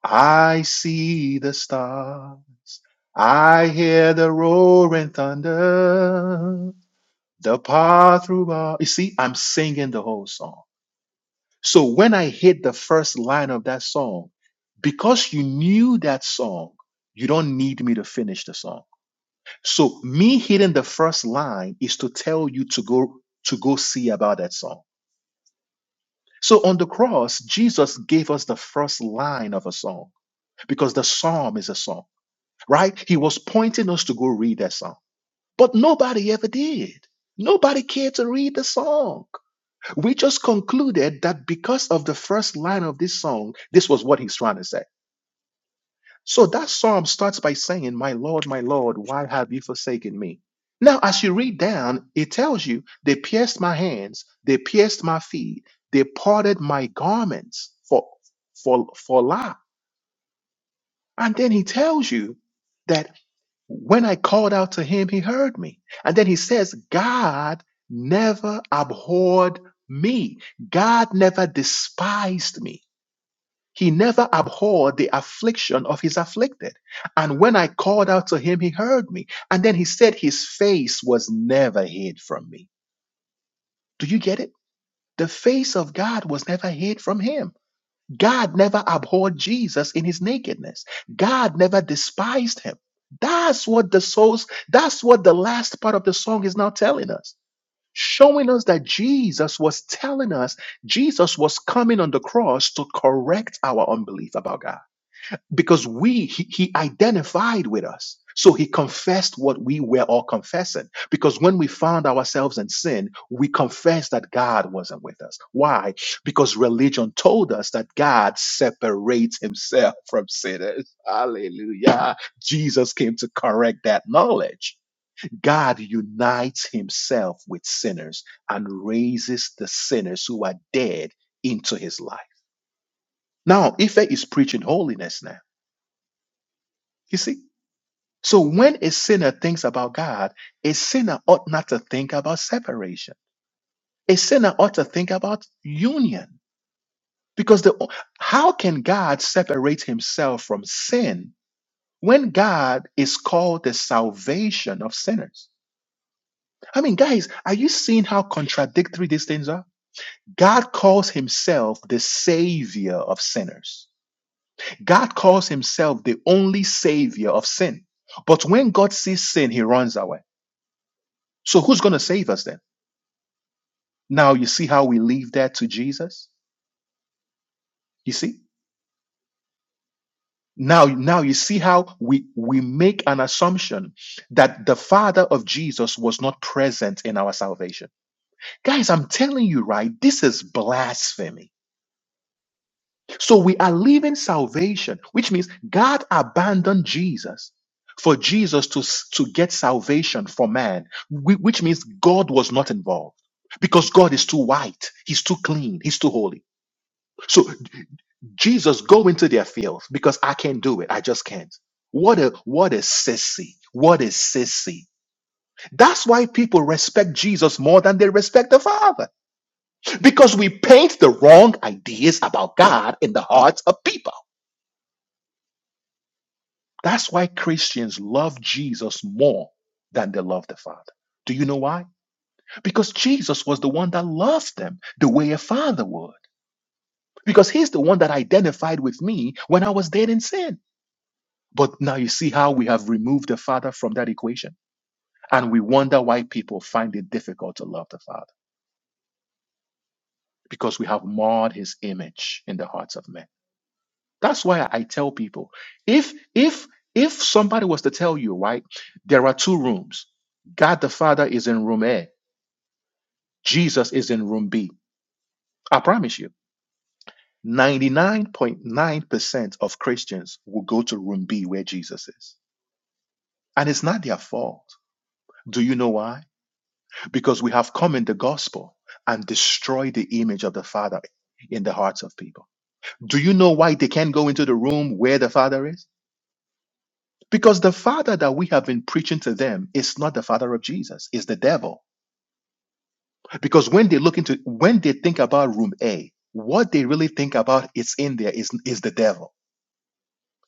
[SPEAKER 1] I see the stars. I hear the roaring thunder. The path through all. You see, I'm singing the whole song. So when I hit the first line of that song, because you knew that song, you don't need me to finish the song. So me hitting the first line is to tell you to go to go see about that song. So on the cross, Jesus gave us the first line of a song because the psalm is a song, right? He was pointing us to go read that song. But nobody ever did. Nobody cared to read the song. We just concluded that because of the first line of this song, this was what he's trying to say. So that psalm starts by saying, My Lord, my Lord, why have you forsaken me? Now, as you read down, it tells you, They pierced my hands, they pierced my feet, they parted my garments for, for, for lie. And then he tells you, that. When I called out to him, he heard me. And then he says, God never abhorred me. God never despised me. He never abhorred the affliction of his afflicted. And when I called out to him, he heard me. And then he said, His face was never hid from me. Do you get it? The face of God was never hid from him. God never abhorred Jesus in his nakedness. God never despised him. That's what the souls, that's what the last part of the song is now telling us. Showing us that Jesus was telling us, Jesus was coming on the cross to correct our unbelief about God because we he, he identified with us so he confessed what we were all confessing because when we found ourselves in sin we confessed that god wasn't with us why because religion told us that god separates himself from sinners hallelujah jesus came to correct that knowledge god unites himself with sinners and raises the sinners who are dead into his life now ife is preaching holiness now you see So when a sinner thinks about God, a sinner ought not to think about separation. A sinner ought to think about union. Because the how can God separate himself from sin when God is called the salvation of sinners? I mean, guys, are you seeing how contradictory these things are? God calls himself the savior of sinners. God calls himself the only savior of sin. But when God sees sin, he runs away. So who's going to save us then? Now you see how we leave that to Jesus? You see? Now, now you see how we, we make an assumption that the father of Jesus was not present in our salvation. Guys, I'm telling you, right? This is blasphemy. So we are leaving salvation, which means God abandoned Jesus for Jesus to, s- to get salvation for man, whi- which means God was not involved because God is too white. He's too clean. He's too holy. So. Jesus, go into their fields because I can't do it. I just can't. What a what a sissy. What a sissy. That's why people respect Jesus more than they respect the Father. Because we paint the wrong ideas about God in the hearts of people. That's why Christians love Jesus more than they love the Father. Do you know why? Because Jesus was the one that loved them the way a father would. Because he's the one that identified with me when I was dead in sin. But now you see how we have removed the Father from that equation. And we wonder why people find it difficult to love the Father because we have marred his image in the hearts of men. That's why I tell people if, if, if somebody was to tell you, right, there are two rooms, God the Father is in room A, Jesus is in room B, I promise you, 99.9% of Christians will go to room B where Jesus is. And it's not their fault. Do you know why? because we have come in the gospel and destroyed the image of the Father in the hearts of people. Do you know why they can't go into the room where the Father is? Because the Father that we have been preaching to them is not the Father of Jesus, it's the devil. Because when they look into, when they think about room A, what they really think about is in there is, is the devil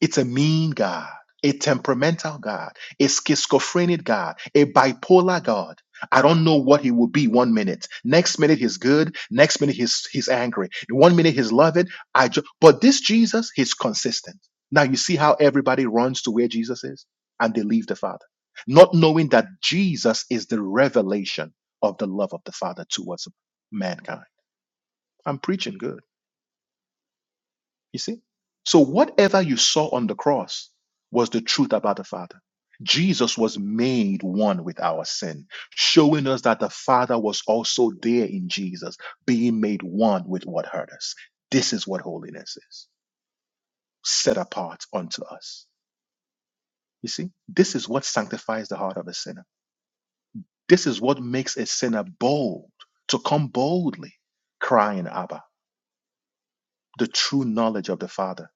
[SPEAKER 1] It's a mean God, a temperamental God, a schizophrenic God, a bipolar God. I don't know what he will be one minute. Next minute he's good. Next minute he's he's angry. One minute he's loving. I ju- but this Jesus, he's consistent. Now you see how everybody runs to where Jesus is and they leave the Father, not knowing that Jesus is the revelation of the love of the Father towards mankind. I'm preaching good. You see? So whatever you saw on the cross was the truth about the Father. Jesus was made one with our sin, showing us that the Father was also there in Jesus, being made one with what hurt us. This is what holiness is, set apart unto us. You see, this is what sanctifies the heart of a sinner. This is what makes a sinner bold to come boldly crying, Abba, the true knowledge of the Father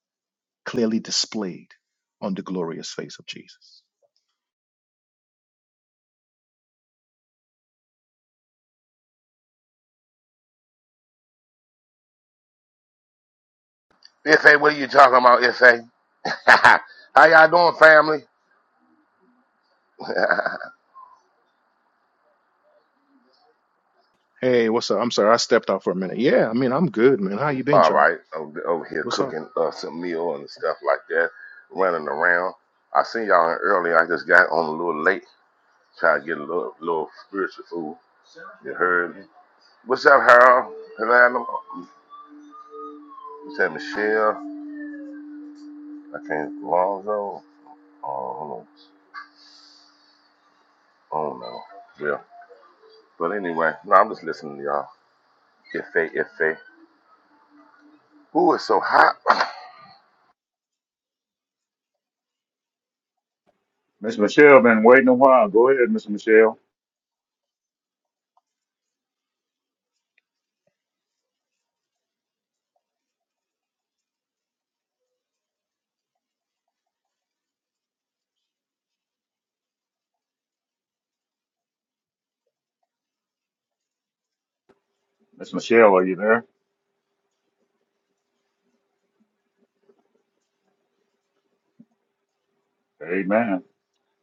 [SPEAKER 1] clearly displayed on the glorious face of Jesus.
[SPEAKER 7] Ife, what are you talking about, Ife? How y'all doing, family?
[SPEAKER 1] Hey, what's up? I'm sorry, I stepped out for a minute. Yeah, I mean, I'm good, man. How you been,
[SPEAKER 7] All
[SPEAKER 1] y'all?
[SPEAKER 7] right, over over here
[SPEAKER 1] What's up?
[SPEAKER 7] cooking uh, some meal and stuff like that, running around. I seen y'all earlier. I just got on a little late, try to get a little little spiritual food. You heard me? What's up, Harold? Hello, Adam. what's up, Michelle? I can't Lonzo. Oh, hold on. oh no, yeah. But anyway, no, I'm just listening to y'all. Ife, Ife, Ooh, it's so hot?
[SPEAKER 3] Miss Michelle been waiting a while. Go ahead, Miss Michelle. Miss Michelle, are you there? Amen.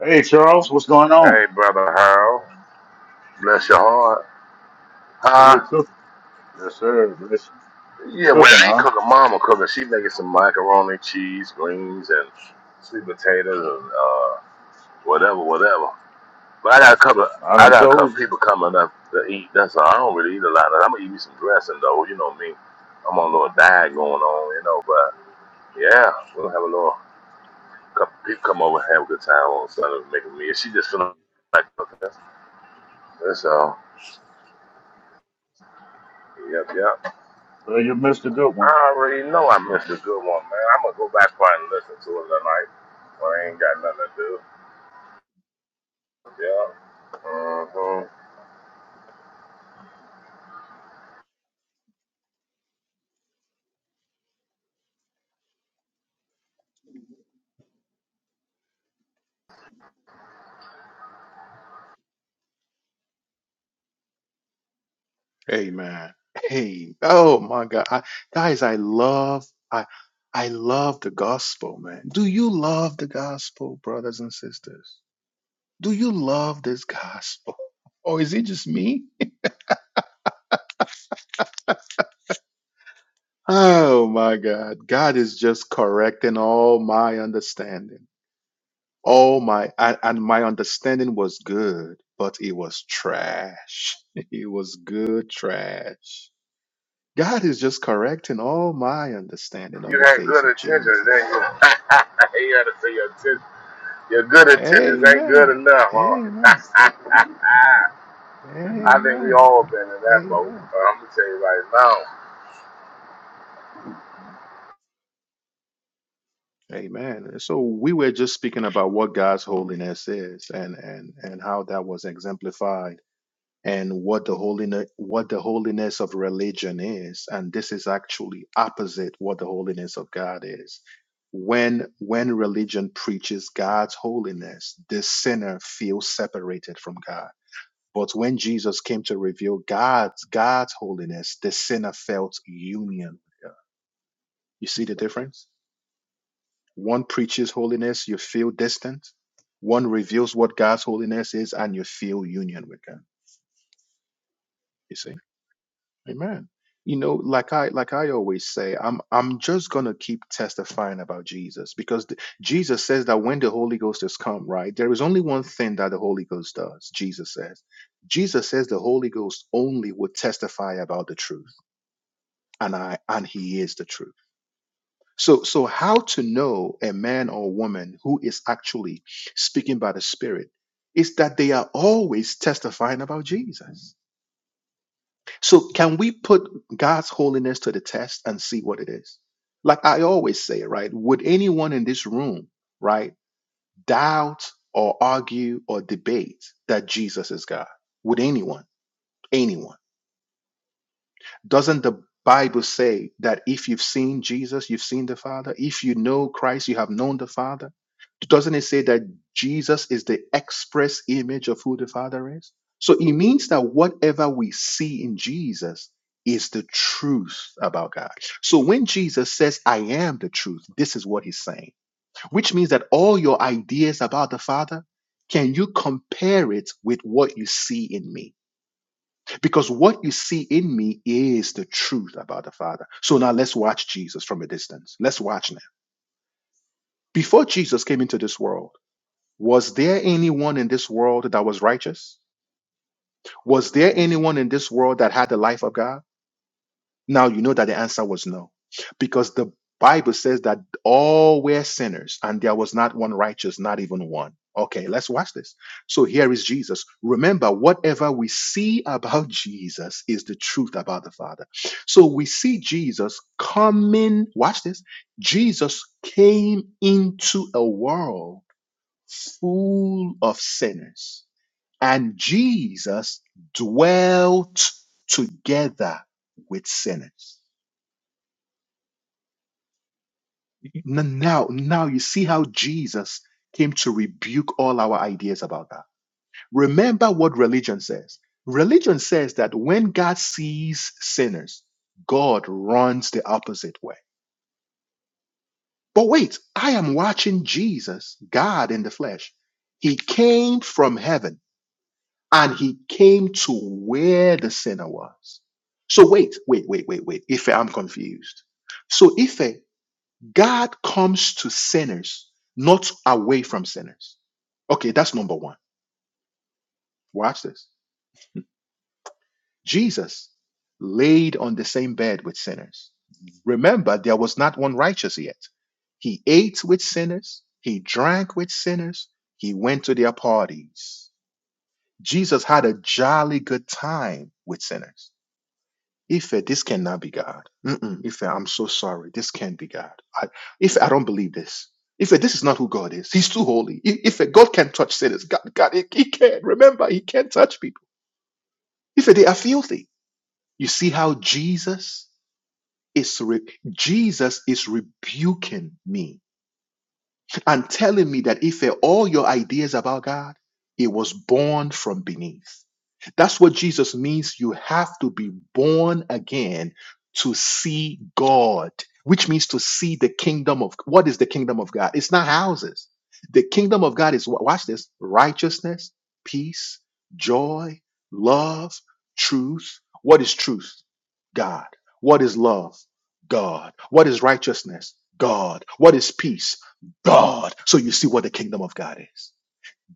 [SPEAKER 3] Hey Charles, what's going on?
[SPEAKER 7] hey, brother Harold. Bless your heart.
[SPEAKER 3] So
[SPEAKER 7] Uh,
[SPEAKER 3] you're cooking. Yes, sir. Bless you. you
[SPEAKER 7] yeah, well,
[SPEAKER 3] cooking,
[SPEAKER 7] I ain't
[SPEAKER 3] huh?
[SPEAKER 7] cooking. Mama cooking. She making some macaroni, cheese, greens, and sweet potatoes, and uh, whatever, whatever. But I got a couple. Of,
[SPEAKER 3] I
[SPEAKER 7] I
[SPEAKER 3] done
[SPEAKER 7] got a
[SPEAKER 3] told
[SPEAKER 7] couple
[SPEAKER 3] you.
[SPEAKER 7] people coming up to eat. That's all. I don't really eat a lot. I'm gonna eat me some dressing though. You know me. I'm on a little diet going on. You know, but yeah, we'll have a little couple people come over and have a good time on Sunday, make a meal. She just feeling like cooking. That's all. Yep, yep.
[SPEAKER 3] So you missed a good one.
[SPEAKER 7] I already know I missed a good one, man. I'm gonna go back probably and listen to it tonight when I ain't got nothing to do. Yeah. hmm
[SPEAKER 1] Hey, man. Hey, oh my God, I, guys, I love, I, I love the gospel, man. Do you love the gospel, brothers and sisters? Do you love this gospel, or is it just me? Oh my God, God is just correcting all my understanding. Oh my, and, and my understanding was good, but it was trash. It was good trash. God is just correcting all my understanding on
[SPEAKER 7] You
[SPEAKER 1] the
[SPEAKER 7] had
[SPEAKER 1] face
[SPEAKER 7] good
[SPEAKER 1] of
[SPEAKER 7] intentions, didn't you?
[SPEAKER 1] Jesus.
[SPEAKER 7] you had to say your attention. Your good intentions ain't good
[SPEAKER 1] Amen.
[SPEAKER 7] enough, huh?
[SPEAKER 1] Amen.
[SPEAKER 7] I think we
[SPEAKER 1] Amen.
[SPEAKER 7] all been in that boat.
[SPEAKER 1] Amen.
[SPEAKER 7] But I'm gonna tell you right now,
[SPEAKER 1] Amen. So we were just speaking about what God's holiness is and and and how that was exemplified and what the holiness what the holiness of religion is and this is actually opposite what the holiness of god is when when religion preaches god's holiness the sinner feels separated from god but when jesus came to reveal god's god's holiness the sinner felt union with God. you see the difference one preaches holiness you feel distant one reveals what god's holiness is and you feel union with god you see Amen. You know, like I like I always say, I'm I'm just gonna keep testifying about Jesus because the, Jesus says that when the Holy Ghost has come, right, there is only one thing that the Holy Ghost does. Jesus says, Jesus says the Holy Ghost only will testify about the truth, and I and He is the truth. So so how to know a man or woman who is actually speaking by the Spirit is that they are always testifying about Jesus So can we put God's holiness to the test and see what it is? Like I always say, right? Would anyone in this room, right, doubt or argue or debate that Jesus is God? Would anyone? Anyone? Doesn't the Bible say that if you've seen Jesus, you've seen the Father? If you know Christ, you have known the Father? Doesn't it say that Jesus is the express image of who the Father is? So it means that whatever we see in Jesus is the truth about God. So when Jesus says, I am the truth, this is what he's saying, which means that all your ideas about the Father, can you compare it with what you see in me? because what you see in me is the truth about the Father. So now let's watch Jesus from a distance. Let's watch now. Before Jesus came into this world, was there anyone in this world that was righteous? Was there anyone in this world that had the life of God? Now you know that the answer was no, because the Bible says that all were sinners and there was not one righteous, not even one. Okay, let's watch this. So here is Jesus. Remember, whatever we see about Jesus is the truth about the Father. So we see Jesus coming, watch this. Jesus came into a world full of sinners, and Jesus dwelt together with sinners. N- Now, now you see how Jesus came to rebuke all our ideas about that. Remember what religion says. Religion says that when God sees sinners, God runs the opposite way. But wait, I am watching Jesus, God in the flesh. He came from heaven and he came to where the sinner was. So wait, wait, wait, wait, wait. Ife, I'm confused. So Ife, God comes to sinners, not away from sinners. Okay, that's number one. Watch this. Jesus laid on the same bed with sinners. Remember, there was not one righteous yet. He ate with sinners, he drank with sinners, he went to their parties. Jesus had a jolly good time with sinners. Ife, this cannot be God. Mm-mm, Ife, I'm so sorry. This can't be God. I, Ife, I don't believe this. if this is not who God is. He's too holy. If God can touch sinners. God, God, he, he can't. Remember, he can't touch people. Ife, they are filthy. You see how Jesus is re- Jesus is rebuking me. and telling me that if eh, all your ideas about God, it was born from beneath. That's what Jesus means. You have to be born again to see God, which means to see the kingdom of what is the kingdom of God? It's not houses. The kingdom of God is wa- watch this righteousness, peace, joy, love, truth. What is truth? God. What is love? God. What is righteousness? God. What is peace? God. So you see what the kingdom of God is.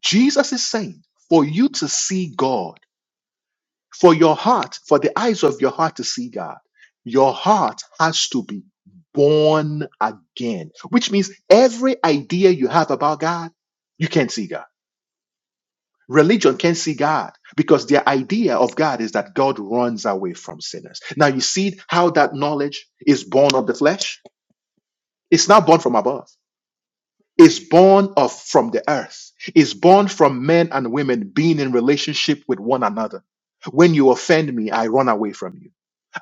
[SPEAKER 1] Jesus is saying, for you to see God, for your heart, for the eyes of your heart to see God, your heart has to be born again, which means every idea you have about God, you can't see God. Religion can't see God because their idea of God is that God runs away from sinners. Now, you see how that knowledge is born of the flesh? It's not born from above. is born of from the earth is born from men and women being in relationship with one another when you offend me i run away from you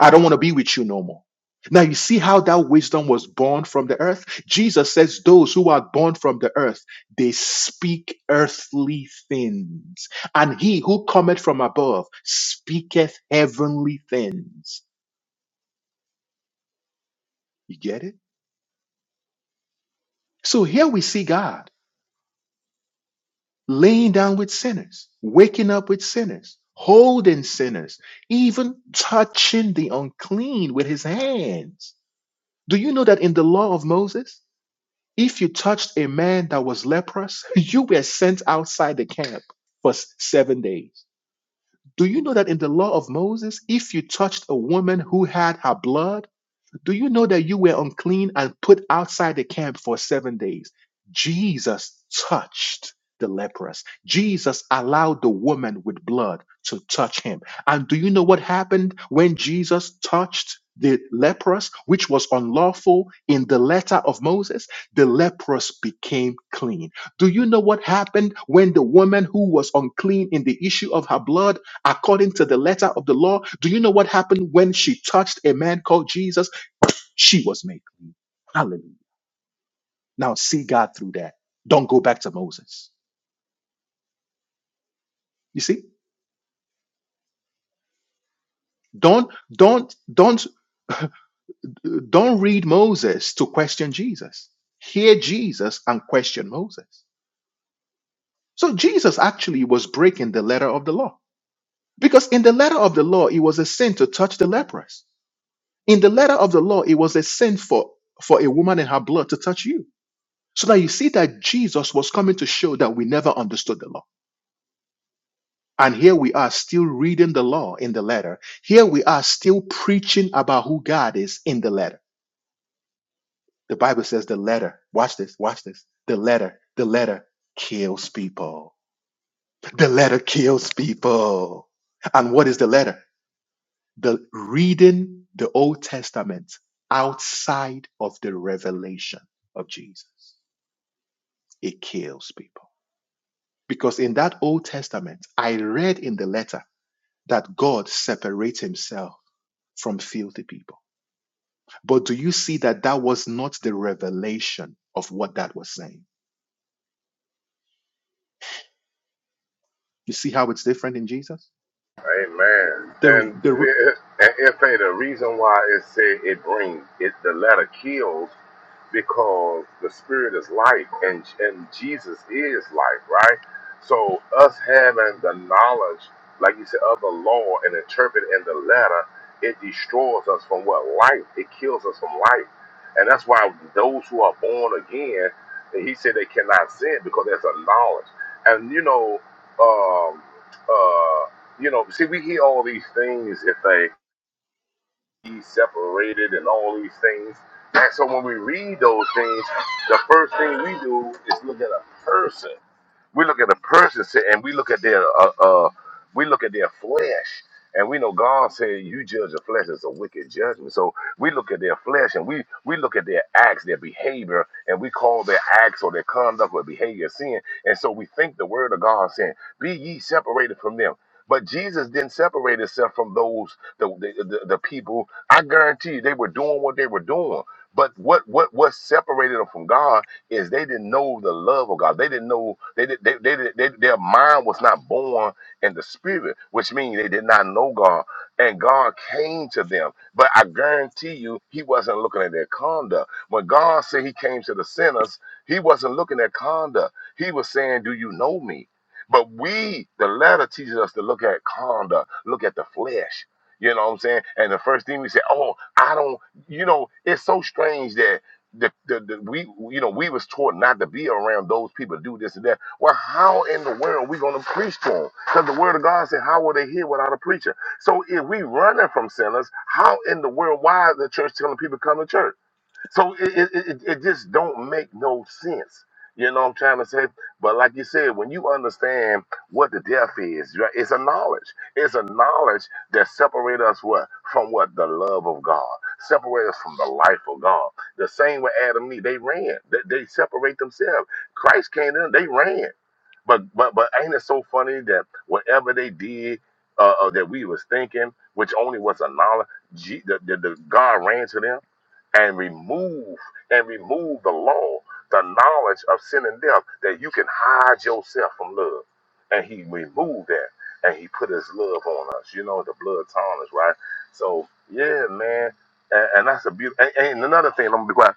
[SPEAKER 1] i don't want to be with you no more now you see how that wisdom was born from the earth jesus says those who are born from the earth they speak earthly things and he who cometh from above speaketh heavenly things you get it so here we see god laying down with sinners, waking up with sinners, holding sinners, even touching the unclean with his hands. Do you know that in the law of Moses, if you touched a man that was leprous, you were sent outside the camp for s- seven days? Do you know that in the law of Moses, if you touched a woman who had her blood, do you know that you were unclean and put outside the camp for seven days? Jesus touched the leprous. Jesus allowed the woman with blood to touch him. And do you know what happened when Jesus touched the leprous, which was unlawful in the letter of Moses? The leprous became clean. Do you know what happened when the woman who was unclean in the issue of her blood, according to the letter of the law, do you know what happened when she touched a man called Jesus? She was made clean. Hallelujah. Now see God through that. Don't go back to Moses. You see? Don't don't don't don't read Moses to question Jesus. Hear Jesus and question Moses. So Jesus actually was breaking the letter of the law. Because in the letter of the law, it was a sin to touch the leprous. In the letter of the law, it was a sin for, for a woman in her blood to touch you. So now you see that Jesus was coming to show that we never understood the law. And here we are still reading the law in the letter. Here we are still preaching about who God is in the letter. The Bible says the letter, watch this, watch this. The letter, the letter kills people. The letter kills people. And what is the letter? The reading the Old Testament outside of the revelation of Jesus. It kills people. Because in that Old Testament, I read in the letter that God separates himself from filthy people. But do you see that that was not the revelation of what that was saying? You see how it's different in Jesus?
[SPEAKER 7] Amen.
[SPEAKER 1] The,
[SPEAKER 7] And,
[SPEAKER 1] the,
[SPEAKER 7] be- and if ain't a reason why it said it brings it, the letter kills. because the spirit is life and and Jesus is life, right? So us having the knowledge, like you said, of the law and interpret in the letter, it destroys us from what life. It kills us from life, and that's why those who are born again, and he said they cannot sin because there's a knowledge. And you know, um, uh, you know, see, we hear all these things if they he's separated and all these things. And so when we read those things, the first thing we do is look at a person. We look at a person sit- and we look at their uh, uh we look at their flesh and we know God said you judge the flesh is a wicked judgment. So we look at their flesh and we we look at their acts, their behavior, and we call their acts or their conduct or behavior sin. And so we think the word of God saying, Be ye separated from them. But Jesus didn't separate himself from those the the, the, the people. I guarantee you they were doing what they were doing. But what what what separated them from God? is they didn't know the love of God. They didn't know they did they, they, did- they their mind was not born in the spirit, which means they did not know God. And God came to them. But I guarantee you, he wasn't looking at their conduct. When God said he came to the sinners, he wasn't looking at conduct. He was saying, Do you know me? But we, the letter teaches us to look at conduct, look at the flesh. You know what I'm saying? And the first thing we say, oh, I don't, you know, it's so strange that the, the, the we you know we was taught not to be around those people do this and that. Well, how in the world are we gonna preach to them? Because the word of God said, "How will they hear without a preacher?" So if we running from sinners, how in the world why is the church telling people come to church? So it, it, it, it it just don't make no sense. You know what I'm trying to say? But like you said, when you understand what the death is, right, it's a knowledge. It's a knowledge that separates us what from what the love of God, separate us from the life of God. The same with Adam and Eve, they ran. They, they separate themselves. Christ came in, they ran. But but but ain't it so funny that whatever they did uh, uh, that we was thinking, which only was a knowledge, G, the, the, the God ran to them and remove and remove the law, the knowledge of sin and death, that you can hide yourself from love. And he removed that and he put his love on us. You know, the blood on right? So yeah, man. And, and that's a beautiful and, and another thing, I'm gonna be quiet.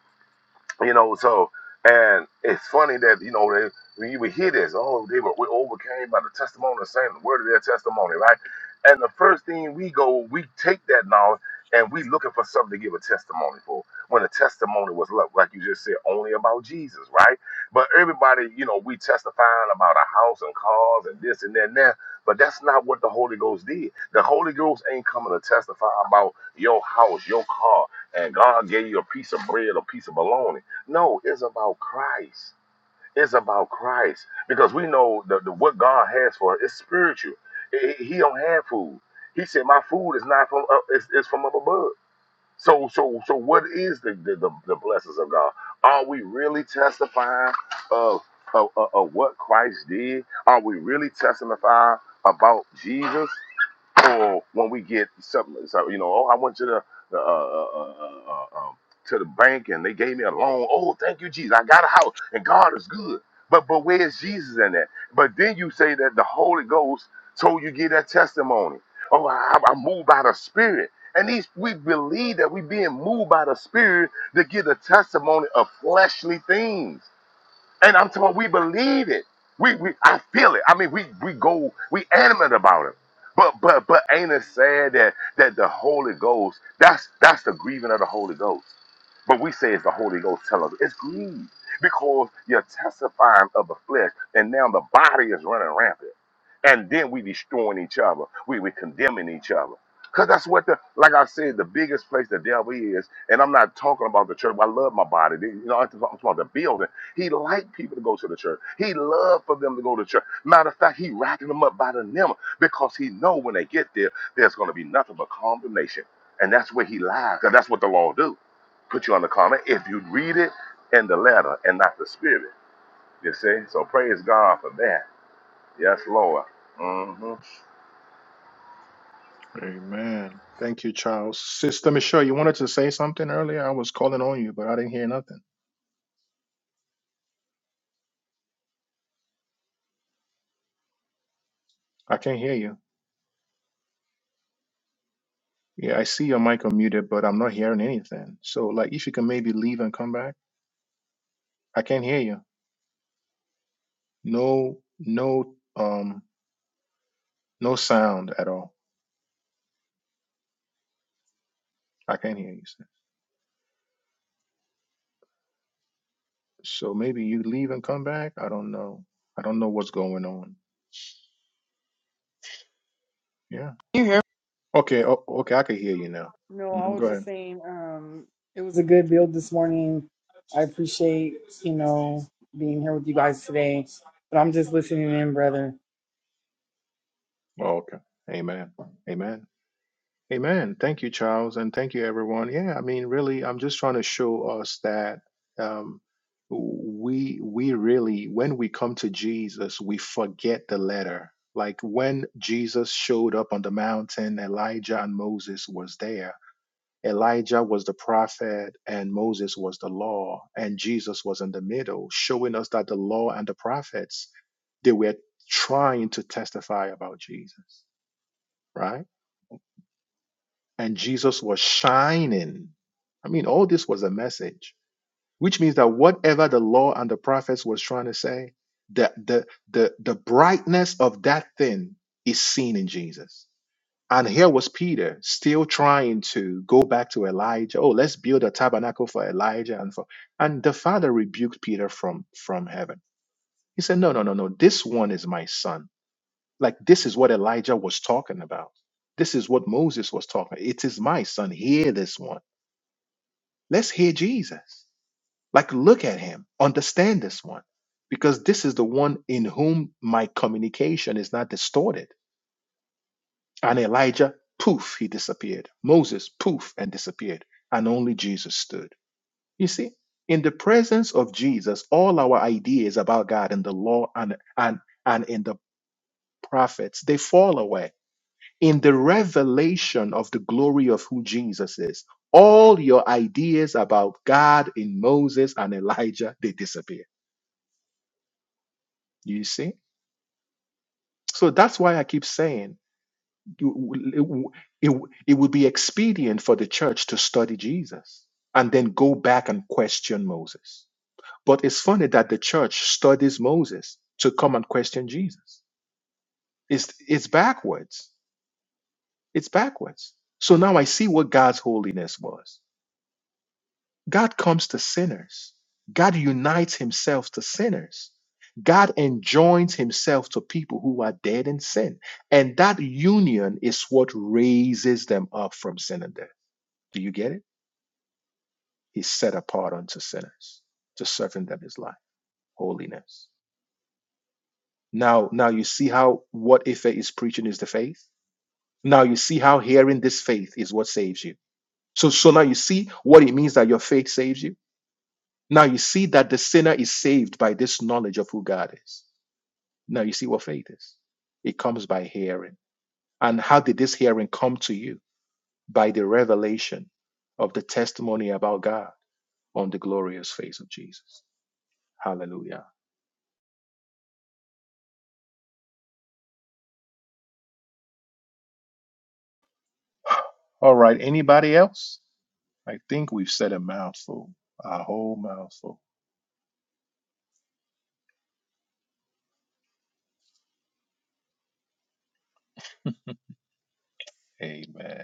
[SPEAKER 7] You know, so and it's funny that you know they, when you would hear this, oh, they were we overcame by the testimony of saying the word of their testimony, right? And the first thing we go, we take that knowledge and we looking for something to give a testimony for. When the testimony was lo- like you just said, only about Jesus, right? But everybody, you know, we testifying about our house and cars and this and that and that. But that's not what the Holy Ghost did. The Holy Ghost ain't coming to testify about your house, your car, and God gave you a piece of bread, a piece of bologna. No, it's about Christ. It's about Christ because we know the, the what God has for us is spiritual. He, he he don't have food. He said, "My food is not from up, it's, it's from up above." So, so, so, what is the the, the, the blessings of God? Are we really testifying of, of of of what Christ did? Are we really testifying about Jesus? or when we get something, so, you know, oh, I went to the uh, uh, uh, uh, uh, um, to the bank and they gave me a loan. Oh, thank you, Jesus. I got a house and God is good. But but where is Jesus in that? But then you say that the Holy Ghost told you give that testimony. Oh, I, I moved by the Spirit. And these we believe that we being moved by the Spirit to give a testimony of fleshly things. And I'm talking, we believe it. We, we I feel it. I mean, we we go, we animate about it. But but but ain't it sad that that the Holy Ghost, that's that's the grieving of the Holy Ghost. But we say it's the Holy Ghost telling us it's greed because you're testifying of the flesh, and now the body is running rampant. And then we destroying each other. We we condemning each other. Cause that's what the like I said, the biggest place the devil is, and I'm not talking about the church. I love my body. You know, I'm talking about the building. He liked people to go to the church. He loved for them to go to church. Matter of fact, he racking them up by the number because he know when they get there, there's gonna be nothing but condemnation. And that's where he lies, because that's what the law do put you on the comment if you read it in the letter and not the spirit. You see, so praise God for that. Yes, Lord. Mm-hmm.
[SPEAKER 1] Amen. Thank you, Charles. Sister Michelle, you wanted to say something earlier? I was calling on you, but I didn't hear nothing. I can't hear you. Yeah, I see your mic unmuted, but I'm not hearing anything. So like if you can maybe leave and come back. I can't hear you. No no um no sound at all. I can't hear you. sir. So maybe you leave and come back. I don't know. I don't know what's going on. Yeah.
[SPEAKER 8] You hear?
[SPEAKER 1] Okay, o- okay, I can hear you now.
[SPEAKER 8] No, I
[SPEAKER 1] hmm Go
[SPEAKER 8] was just
[SPEAKER 1] ahead.
[SPEAKER 8] saying, um, it was a good build this morning. I appreciate, you know, being here with you guys today. But I'm just listening in, brother.
[SPEAKER 1] Oh, okay. Amen. Amen. Amen. Thank you, Charles, and thank you, everyone. Yeah, I mean, really, I'm just trying to show us that um, we we really, when we come to Jesus, we forget the letter. Like when Jesus showed up on the mountain, Elijah and Moses was there. Elijah was the prophet and Moses was the law, and Jesus was in the middle, showing us that the law and the prophets they were trying to testify about Jesus, right? and Jesus was shining. I mean, all this was a message, which means that whatever the law and the prophets was trying to say, the the the, the brightness of that thing is seen in Jesus. And here was Peter still trying to go back to Elijah. Oh, let's build a tabernacle for Elijah and for and the father rebuked Peter from from heaven. He said, No, no, no, no. This one is my son like this is what Elijah was talking about. This is what Moses was talking. It is my son. Hear this one. Let's hear Jesus. Like look at him. Understand this one. Because this is the one in whom my communication is not distorted. And Elijah, poof, he disappeared. Moses, poof, and disappeared. And only Jesus stood. You see, in the presence of Jesus, all our ideas about God and the law and and and in the prophets, they fall away in the revelation of the glory of who Jesus is, all your ideas about God in Moses and Elijah, they disappear. You see? So that's why I keep saying you- it, it, it would be expedient for the church to study Jesus and then go back and question Moses. But it's funny that the church studies Moses to come and question Jesus. It's, it's backwards. It's backwards. So now I see what God's holiness was. God comes to sinners. God unites himself to sinners. God enjoins himself to people who are dead in sin. And that union is what raises them up from sin and death. Do you get it? He's set apart unto sinners to serving them his life, holiness. Now, now you see how what Ife is preaching is the faith. Now you see how hearing this faith is what saves you. So, so now you see what it means that your faith saves you. Now you see that the sinner is saved by this knowledge of who God is. Now you see what faith is. It comes by hearing. And how did this hearing come to you? By the revelation of the testimony about God on the glorious face of Jesus. Hallelujah. All right. Anybody else? I think we've said a mouthful, a whole mouthful. Amen.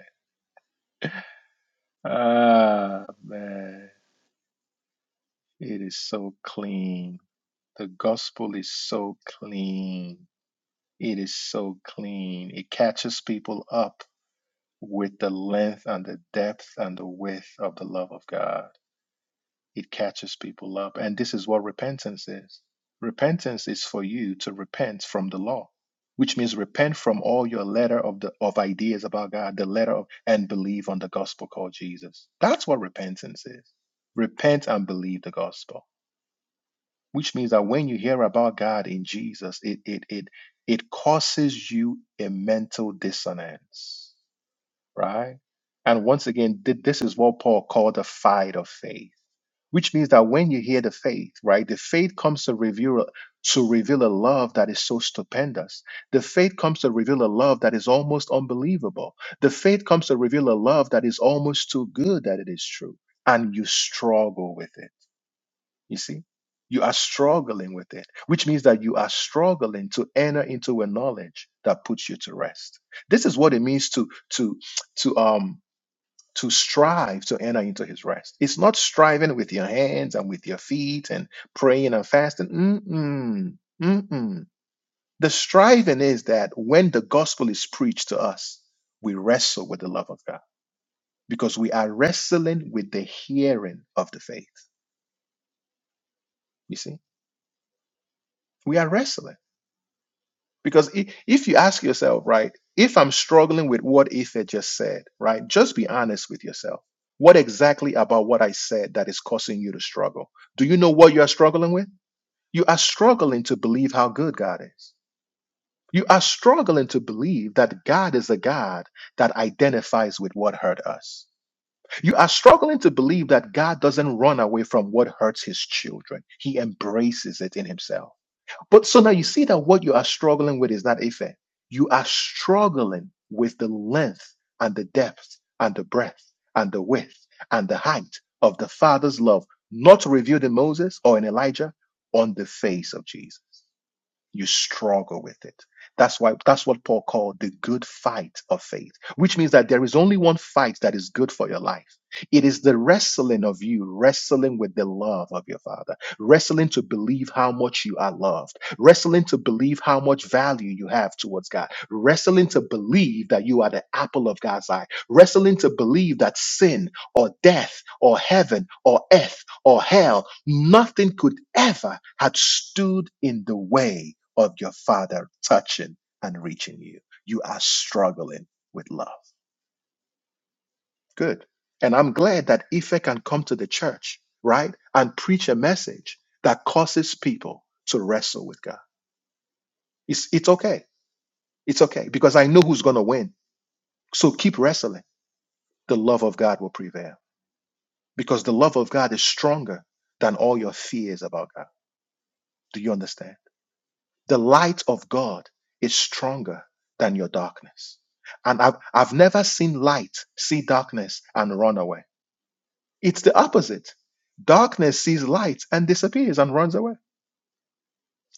[SPEAKER 1] Ah, man. It is so clean. The gospel is so clean It is so clean. It catches people up with the length and the depth and the width of the love of God. It catches people up. And this is what repentance is repentance is for you to repent from the law. Which means repent from all your letter of the of ideas about God, the letter of and believe on the gospel called Jesus. That's what repentance is. Repent and believe the gospel which means that when you hear about God in Jesus, it it it it causes you a mental dissonance, right? And once again, thi- this is what Paul called the fight of faith, which means that when you hear the faith, right, the faith comes to reveal to reveal a love that is so stupendous. The faith comes to reveal a love that is almost unbelievable. The faith comes to reveal a love that is almost too good that it is true, and you struggle with it you see, you are struggling with it, which means that you are struggling to enter into a knowledge that puts you to rest. This is what it means to to to um to strive to enter into his rest. It's not striving with your hands and with your feet and praying and fasting. Mm-mm. Mm-mm. The striving is that when the gospel is preached to us, we wrestle with the love of God because we are wrestling with the hearing of the faith. You see, we are wrestling. Because i- if you ask yourself, right, if I'm struggling with what Ether just said, right, just be honest with yourself. What exactly about what I said that is causing you to struggle? Do you know what you are struggling with? You are struggling to believe how good God is. You are struggling to believe that God is a God that identifies with what hurt us. You are struggling to believe that God doesn't run away from what hurts his children, he embraces it in himself. But so now you see that what you are struggling with is not Ife. You are struggling with the length and the depth and the breadth and the width and the height of the Father's love, not revealed in Moses or in Elijah, on the face of Jesus you struggle with it. That's why that's what Paul called the good fight of faith, which means that there is only one fight that is good for your life. It is the wrestling of you, wrestling with the love of your father, wrestling to believe how much you are loved, wrestling to believe how much value you have towards God, wrestling to believe that you are the apple of God's eye, wrestling to believe that sin or death or heaven or earth or hell, nothing could ever have stood in the way of your Father touching and reaching you. You are struggling with love. Good. And I'm glad that Ife can come to the church, right? And preach a message that causes people to wrestle with God. It's, it's okay. It's okay because I know who's going to win. So keep wrestling. The love of God will prevail because the love of God is stronger than all your fears about God. Do you understand? The light of God is stronger than your darkness. And I've, I've never seen light see darkness and run away. It's the opposite. Darkness sees light and disappears and runs away.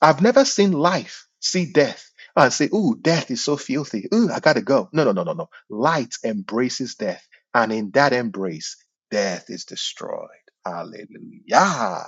[SPEAKER 1] I've never seen life see death and say, Ooh, death is so filthy. Ooh, I gotta go. No, no, no, no, no. Light embraces death. And in that embrace, death is destroyed. Hallelujah.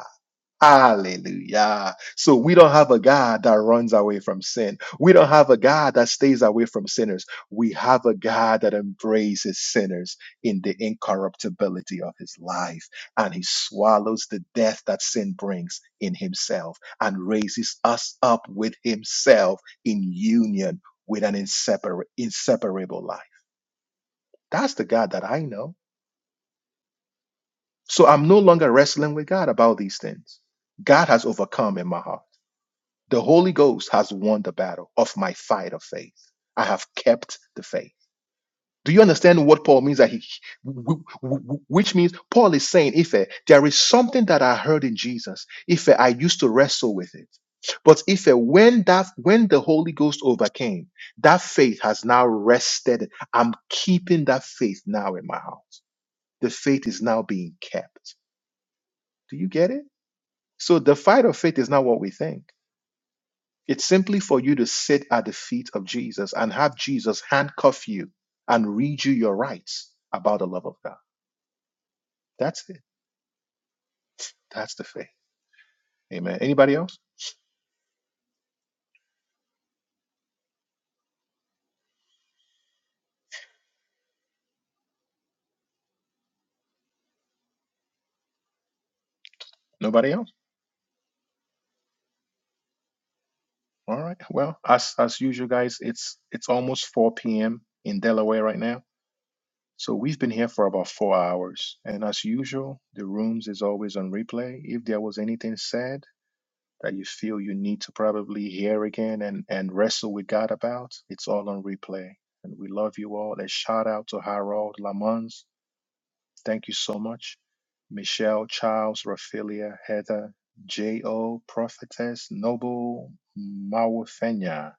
[SPEAKER 1] Hallelujah. So we don't have a God that runs away from sin. We don't have a God that stays away from sinners. We have a God that embraces sinners in the incorruptibility of his life. And he swallows the death that sin brings in himself and raises us up with himself in union with an insepar- inseparable life. That's the God that I know. So I'm no longer wrestling with God about these things. God has overcome in my heart. The Holy Ghost has won the battle of my fight of faith. I have kept the faith. Do you understand what Paul means? That he, wh- wh- which means Paul is saying, if eh, there is something that I heard in Jesus, if eh, I used to wrestle with it, but if eh, when that when the Holy Ghost overcame, that faith has now rested. I'm keeping that faith now in my house. The faith is now being kept. Do you get it? So the fight of faith is not what we think. It's simply for you to sit at the feet of Jesus and have Jesus handcuff you and read you your rights about the love of God. That's it. That's the faith. Amen. Anybody else? Nobody else? All right. Well, as as usual, guys, it's it's almost 4 p.m. in Delaware right now. So we've been here for about four hours. And as usual, the rooms is always on replay. If there was anything said, that you feel you need to probably hear again and, and wrestle with God about, it's all on replay. And we love you all. A shout out to Harold Lamons. Thank you so much. Michelle, Charles, Raphaelia, Heather, J.O., Prophetess, Noble, Mawafenya.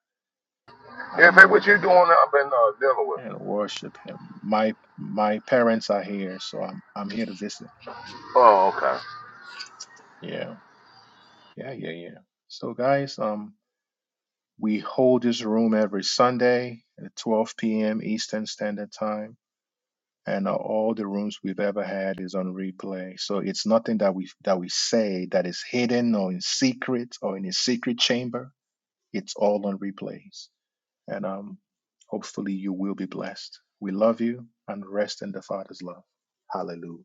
[SPEAKER 1] I don't
[SPEAKER 7] If
[SPEAKER 1] know what
[SPEAKER 7] what
[SPEAKER 1] that
[SPEAKER 7] you
[SPEAKER 1] means.
[SPEAKER 7] doing up in uh, Delaware?
[SPEAKER 1] And worship him. My my parents are here, so I'm I'm here to visit.
[SPEAKER 7] Oh, okay.
[SPEAKER 1] Yeah. Yeah, yeah, yeah. So guys, um We hold this room every Sunday at 12 p.m. Eastern Standard Time, and uh, all the rooms we've ever had is on replay. So it's nothing that we that we say that is hidden or in secret or in a secret chamber. It's all on replays, and um, hopefully you will be blessed. We love you and rest in the Father's love. Hallelujah.